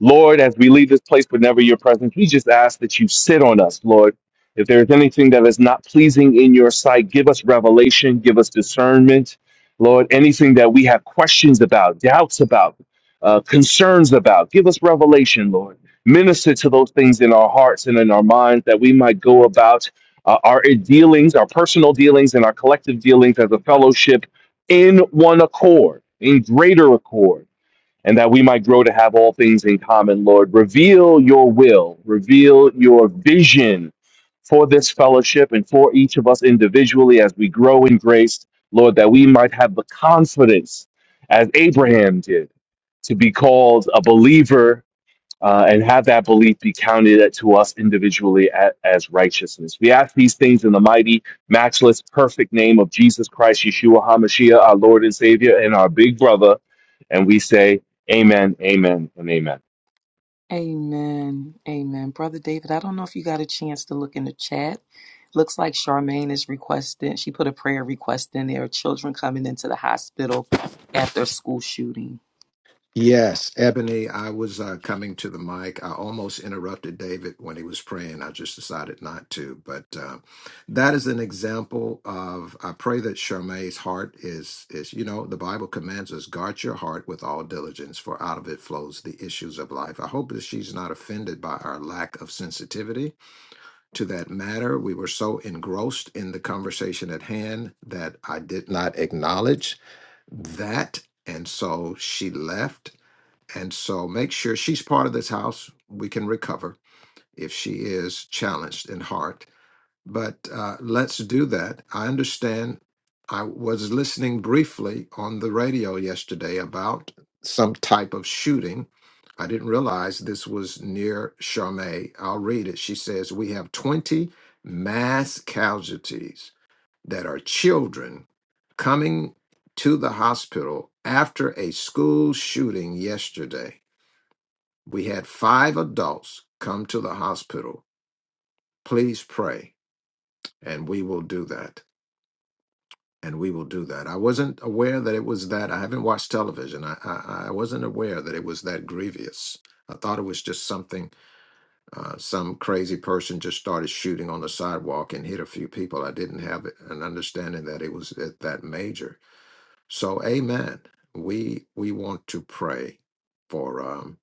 S10: Lord, as we leave this place, but never your presence, we just ask that you sit on us, Lord. If there is anything that is not pleasing in your sight, give us revelation, give us discernment, Lord. Anything that we have questions about, doubts about, uh, concerns about, give us revelation, Lord. Minister to those things in our hearts and in our minds that we might go about uh, our dealings, our personal dealings, and our collective dealings as a fellowship in one accord, in greater accord and that we might grow to have all things in common, Lord. Reveal your will, reveal your vision for this fellowship and for each of us individually as we grow in grace, Lord, that we might have the confidence, as Abraham did, to be called a believer uh, and have that belief be counted to us individually a- as righteousness. We ask these things in the mighty, matchless, perfect name of Jesus Christ, Yeshua HaMashiach, our Lord and Savior, and our big brother. And we say, Amen, Amen, and Amen.
S5: Amen. Amen. Brother David, I don't know if you got a chance to look in the chat. Looks like Charmaine is requesting, she put a prayer request in there, children coming into the hospital after a school shooting.
S2: Yes, Ebony, I was uh, coming to the mic. I almost interrupted David when he was praying. I just decided not to. But uh, that is an example of. I pray that Charmaine's heart is is. You know, the Bible commands us guard your heart with all diligence, for out of it flows the issues of life. I hope that she's not offended by our lack of sensitivity to that matter. We were so engrossed in the conversation at hand that I did not acknowledge that, and so she left and so make sure she's part of this house. We can recover if she is challenged in heart. But uh, let's do that. I understand. I was listening briefly on the radio yesterday about some type of shooting. I didn't realize this was near Charmey. I'll read it. She says, We have 20 mass casualties that are children coming to the hospital after a school shooting yesterday. We had five adults come to the hospital. Please pray, and we will do that. And we will do that. I wasn't aware that it was that. I haven't watched television. I, I, I wasn't aware that it was that grievous. I thought it was just something, uh, some crazy person just started shooting on the sidewalk and hit a few people. I didn't have an understanding that it was that, that major. So, amen. We we want to pray for. um,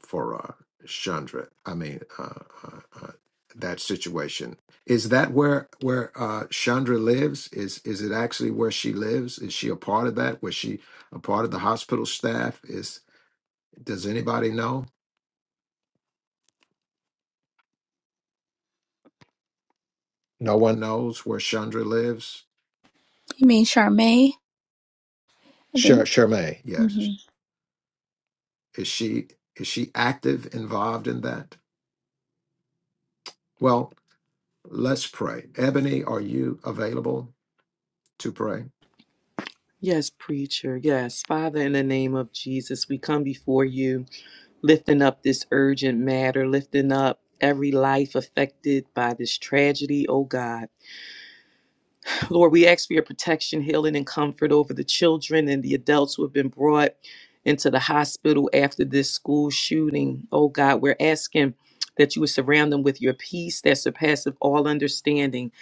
S2: for uh, Chandra. I mean, uh, uh, uh, that situation is that where where uh, Chandra lives? Is is it actually where she lives? Is she a part of that? Was she a part of the hospital staff? Is does anybody know? No one knows where Chandra lives.
S9: You mean Charmaine? I didn't.
S2: Charmaine. Yes, is she is she active involved in that? Well, let's pray. Ebony, are you available to pray?
S5: Yes, sir. yes. Father, in the name of Jesus, we come before you, lifting up this urgent matter, lifting up every life affected by this tragedy, oh God. Lord, we ask for your protection, healing, and comfort over the children and the adults who have been brought into the hospital after this school shooting. Oh God, we're asking that you would surround them with your peace that surpasses all understanding.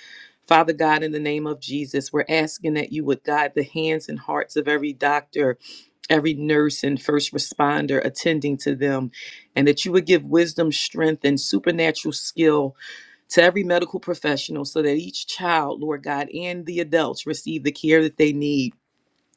S5: Father God, in the name of Jesus, we're asking that you would guide the hands and hearts of every doctor, every nurse, and first responder attending to them, and that you would give wisdom, strength, and supernatural skill to every medical professional so that each child, Lord God, and the adults receive the care that they need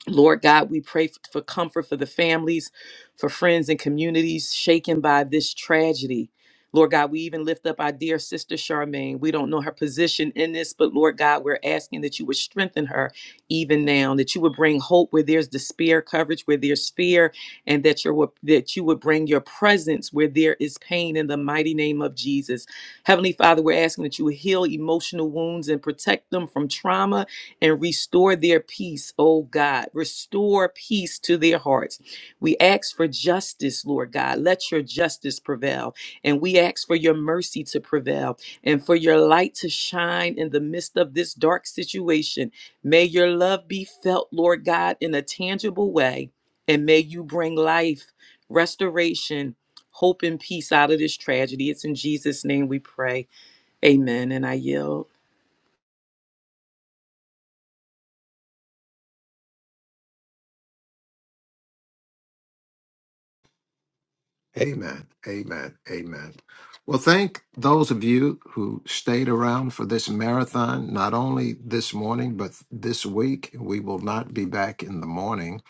S5: Lord God, we pray f- for comfort for the families, for friends and communities shaken by this tragedy. Lord God, we even lift up our dear sister Charmaine. We don't know her position in this, but Lord God, we're asking that you would strengthen her even now, that you would bring hope where there's despair, coverage where there's fear, and that your that you would bring your presence where there is pain in the mighty name of Jesus. Heavenly Father, we're asking that you would heal emotional wounds and protect them from trauma and restore their peace, oh God. Restore peace to their hearts. We ask for justice, Lord God. Let your justice prevail. And we ask for your mercy to prevail and for your light to shine in the midst of this dark situation. May your love be felt, Lord God, in a tangible way. And may you bring life, restoration, hope, and peace out of this tragedy. It's in Jesus' name we pray. Amen. And I yield.
S2: Amen. Amen. Amen. Well, thank those of you who stayed around for this marathon, not only this morning, but this week. We will not be back in the morning.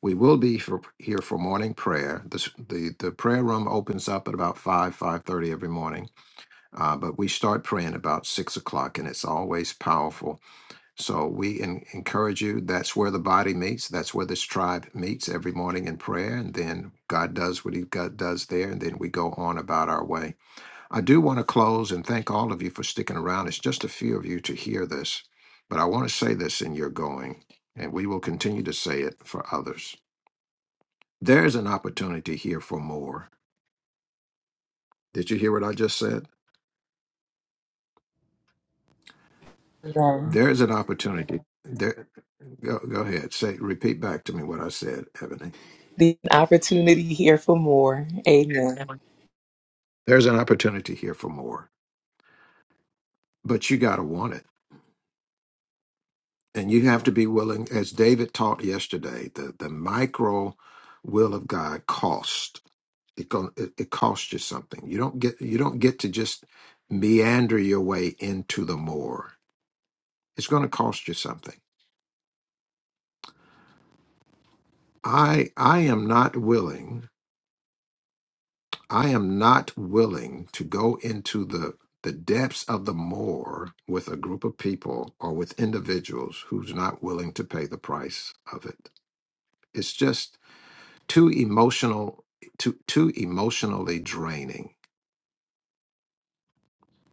S2: We will be for, here for morning prayer. The, the The prayer room opens up at about 5, 5.30 every morning, uh, but we start praying about 6 o'clock, and it's always powerful so we en- encourage you. That's where the body meets. That's where this tribe meets every morning in prayer. And then God does what He God does there. And then we go on about our way. I do want to close and thank all of you for sticking around. It's just a few of you to hear this, but I want to say this in your going, and we will continue to say it for others. There is an opportunity here for more. Did you hear what I just said? There is an opportunity. There, go, go ahead. Say, repeat back to me what I said, Ebony.
S5: the opportunity here for more. Amen.
S2: There's an opportunity here for more, but you got to want it. And you have to be willing, as David taught yesterday, the, the micro will of God cost. It, gon- it it costs you something. You don't get you don't get to just meander your way into the more. It's going to cost you something. I I am not willing. I am not willing to go into the the depths of the more with a group of people or with individuals who's not willing to pay the price of it. it's just too emotional too too emotionally draining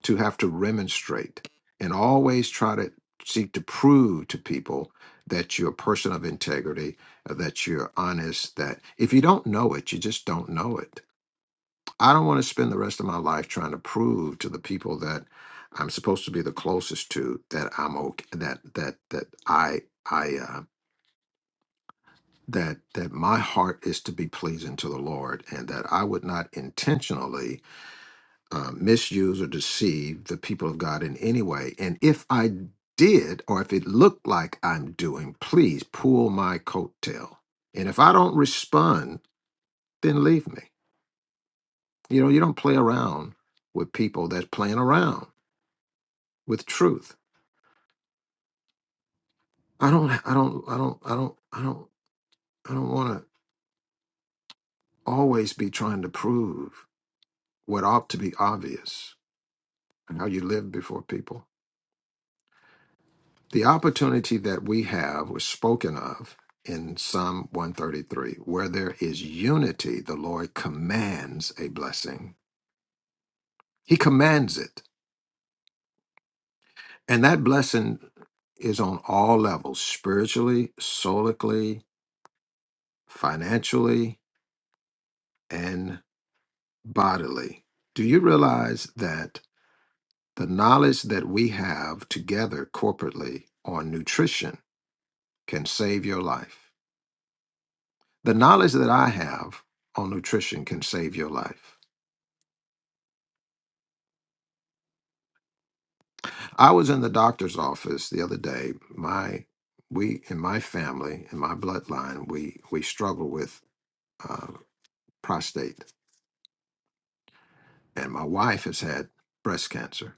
S2: to have to remonstrate and always try to seek to prove to people that you're a person of integrity uh, that you're honest that if you don't know it you just don't know it i don't want to spend the rest of my life trying to prove to the people that i'm supposed to be the closest to that i'm okay that that that i i am that that my heart is to be pleasing to the Lord, and that I would not intentionally uh, misuse or deceive the people of God in any way. And if I did, or if it looked like I'm doing, please pull my coattail. And if I don't respond, then leave me. You know, you don't play around with people that's playing around with truth. I don't, I don't, I don't, I don't, I don't, I don't want to always be trying to prove what ought to be obvious and how you live before people. The opportunity that we have was spoken of in Psalm 133. Where there is unity, the Lord commands a blessing. He commands it. And that blessing is on all levels spiritually, solically, financially, and bodily. Do you realize that the knowledge that we have together corporately on nutrition can save your life? The knowledge that I have on nutrition can save your life. I was in the doctor's office the other day. My we in my family in my bloodline we we struggle with uh, prostate, and my wife has had breast cancer.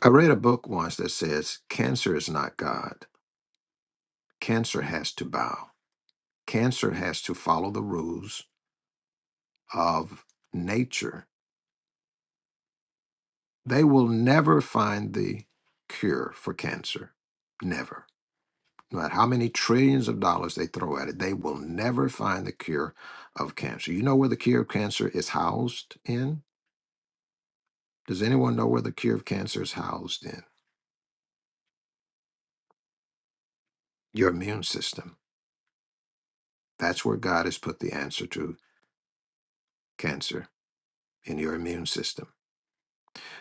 S2: I read a book once that says cancer is not God. Cancer has to bow. Cancer has to follow the rules of nature. They will never find the cure for cancer. Never No matter how many trillions of dollars they throw at it, they will never find the cure of cancer. You know where the cure of cancer is housed in? Does anyone know where the cure of cancer is housed in? Your immune system. That's where God has put the answer to cancer in your immune system.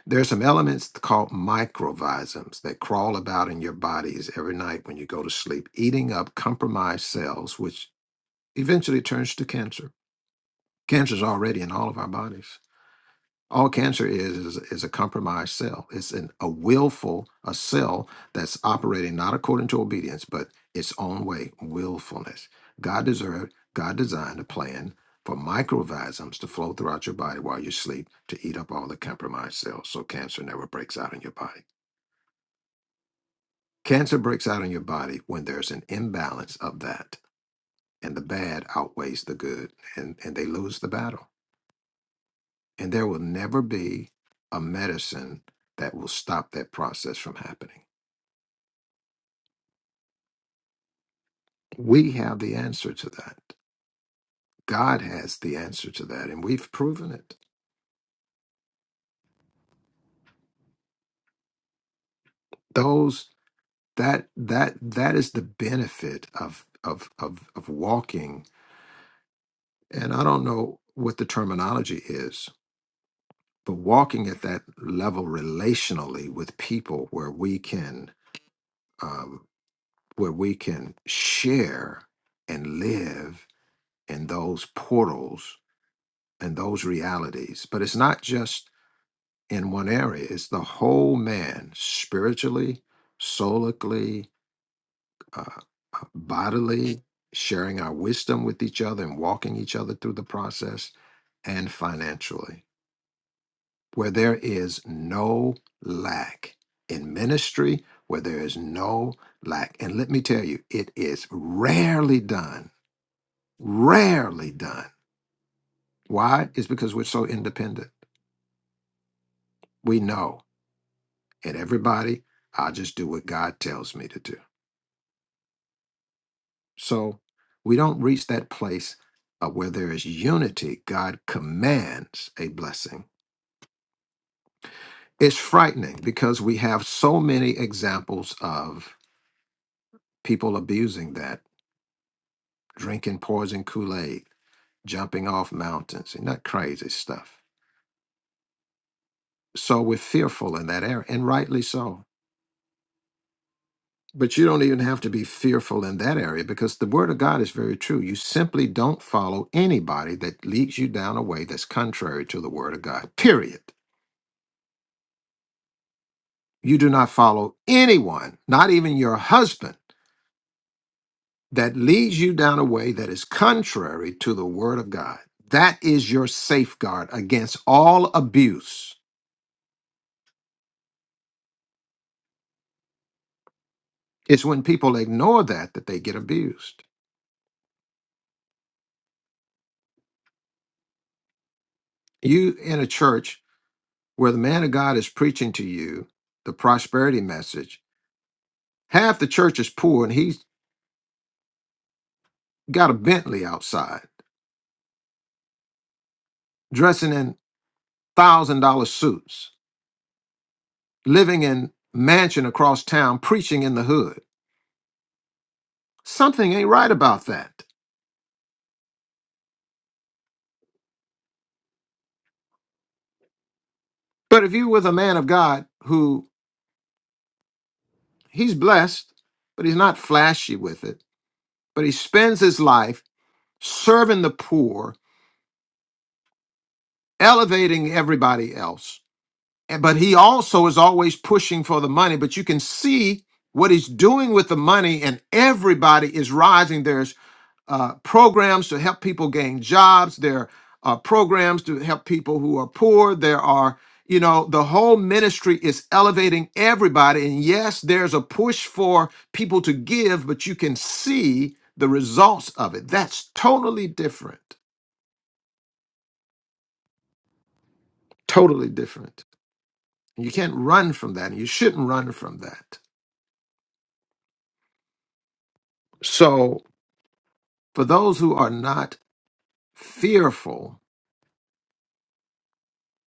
S2: There are some elements called microvisms that crawl about in your bodies every night when you go to sleep, eating up compromised cells, which eventually turns to cancer. Cancer is already in all of our bodies. All cancer is, is is a compromised cell. It's an, a willful a cell that's operating not according to obedience, but its own way, willfulness. God deserved, God designed a plan for microorganisms to flow throughout your body while you sleep to eat up all the compromised cells, so cancer never breaks out in your body. Cancer breaks out in your body when there's an imbalance of that, and the bad outweighs the good, and and they lose the battle. And there will never be a medicine that will stop that process from happening. We have the answer to that. God has the answer to that, and we've proven it. Those that that that is the benefit of of of of walking. And I don't know what the terminology is, but walking at that level relationally with people where we can um, where we can share and live in those portals and those realities. But it's not just in one area, it's the whole man spiritually, solically, uh, uh, bodily, sharing our wisdom with each other and walking each other through the process, and financially, where there is no lack in ministry, where there is no lack. And let me tell you, it is rarely done, rarely done. Why? It's because we're so independent. We know and everybody. I just do what God tells me to do. So we don't reach that place uh, where there is unity. God commands a blessing. It's frightening because we have so many examples of people abusing that, drinking poison Kool Aid, jumping off mountains, and that crazy stuff. So we're fearful in that area, and rightly so But you don't even have to be fearful in that area because the word of God is very true. You simply don't follow anybody that leads you down a way that's contrary to the word of God, period. You do not follow anyone, not even your husband, that leads you down a way that is contrary to the word of God. That is your safeguard against all abuse. It's when people ignore that that they get abused. You in a church where the man of God is preaching to you the prosperity message Half the church is poor, and he's got a Bentley outside, dressing in thousand dollar suits, living in mansion across town, preaching in the hood. Something ain't right about that. But if you with a man of God who he's blessed, but he's not flashy with it, but he spends his life serving the poor, elevating everybody else, and- but he also is always pushing for the money. But you can see what he's doing with the money, and everybody is rising. There's uh, programs to help people gain jobs. There are programs to help people who are poor. There are, you know, the whole ministry is elevating everybody. And yes, there's a push for people to give, but you can see the results of it. That's totally different. Totally different. And You can't run from that. And you shouldn't run from that. So, for those who are not fearful,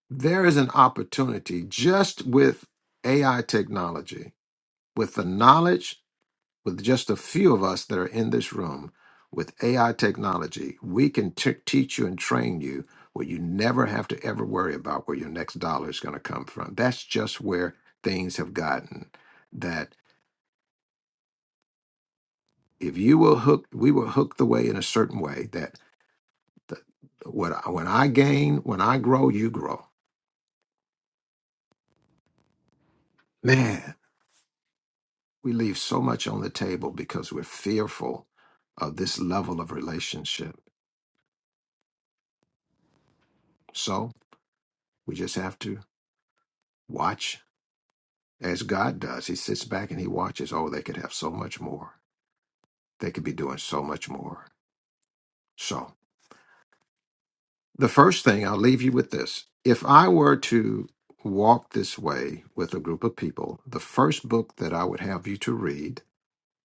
S2: there is an opportunity just with AI technology with the knowledge, with just a few of us that are in this room, with AI technology, we can t- teach you and train you where you never have to ever worry about where your next dollar is going to come from. That's just where things have gotten. That if you will hook, we will hook the way in a certain way that the, what I, when I gain, when I grow, you grow. Man, we leave so much on the table because we're fearful of this level of relationship. So we just have to Watch as God does. He sits back and he watches. Oh, they could have so much more. They could be doing so much more. So, the first thing I'll leave you with this if I were to walk this way with a group of people, the first book that I would have you to read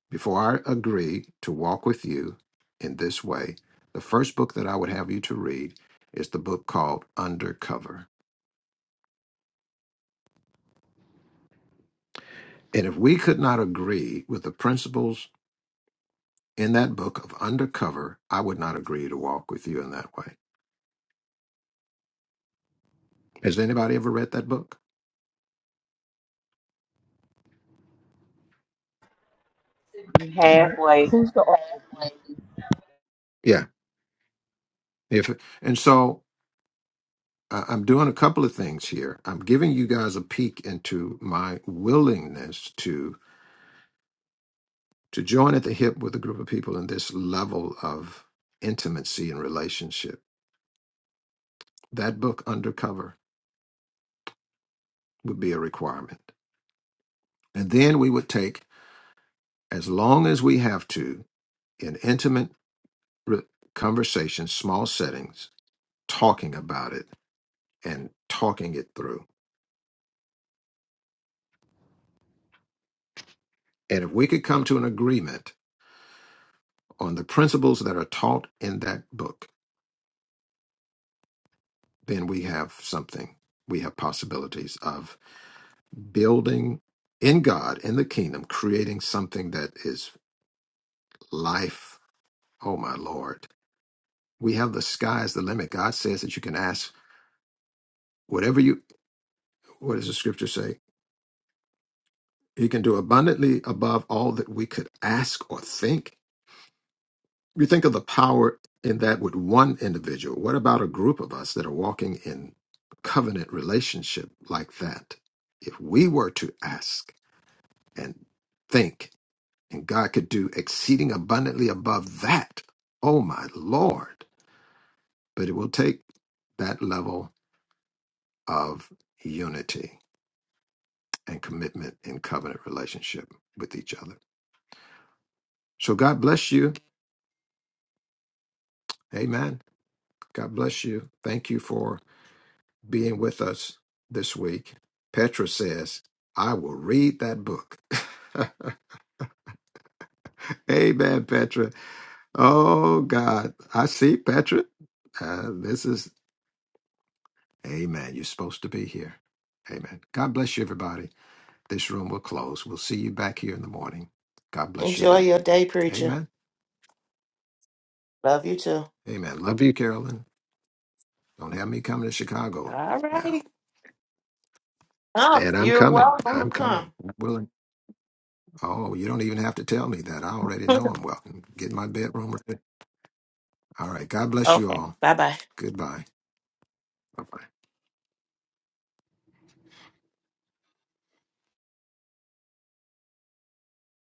S2: before I agree to walk with you in this way, the first book that I would have you to read is the book called Undercover. And if we could not agree with the principles in that book of Undercover, I would not agree to walk with you in that way. Has anybody ever read that book?
S7: Halfway.
S2: Yeah. If and so uh, I'm doing a couple of things here. I'm giving you guys a peek into my willingness to to join at the hip with a group of people in this level of intimacy and relationship. That book Undercover would be a requirement. And then we would take as long as we have to in intimate re- conversations, small settings, talking about it and talking it through. And if we could come to an agreement on the principles that are taught in that book, then we have something. We have possibilities of building in God, in the kingdom, creating something that is life. Oh my Lord. We have the sky's the limit. God says that you can ask whatever you what does the scripture say? He can do abundantly above all that we could ask or think. you think of the power in that with one individual. What about a group of us that are walking in covenant relationship like that? If we were to ask and think, and God could do exceeding abundantly above that, oh my Lord. But it will take that level of unity and commitment in covenant relationship with each other. So God bless you. Amen. God bless you. Thank you for being with us this week. Petra says, I will read that book. <laughs> Amen, Petra. Oh, God. I see, Petra. Uh, this is, Amen. You're supposed to be here. Amen. God bless you, everybody. This room will close. We'll see you back here in the morning. God bless your
S3: Enjoy
S2: day.
S3: your day, preacher.
S2: Amen.
S3: Love you too.
S2: Amen. Love you, Carolyn. Don't have me coming to Chicago
S3: All
S2: now.
S3: righty. Come.
S2: And I'm
S3: You're
S2: coming.
S3: welcome to
S2: I'm
S3: come.
S2: coming. Willing. Oh, you don't even have to tell me that. I already know I'm welcome. Get my bedroom ready. All right. God
S3: <laughs>
S2: bless you
S3: okay.
S2: all.
S3: Bye bye.
S2: Goodbye. Bye bye.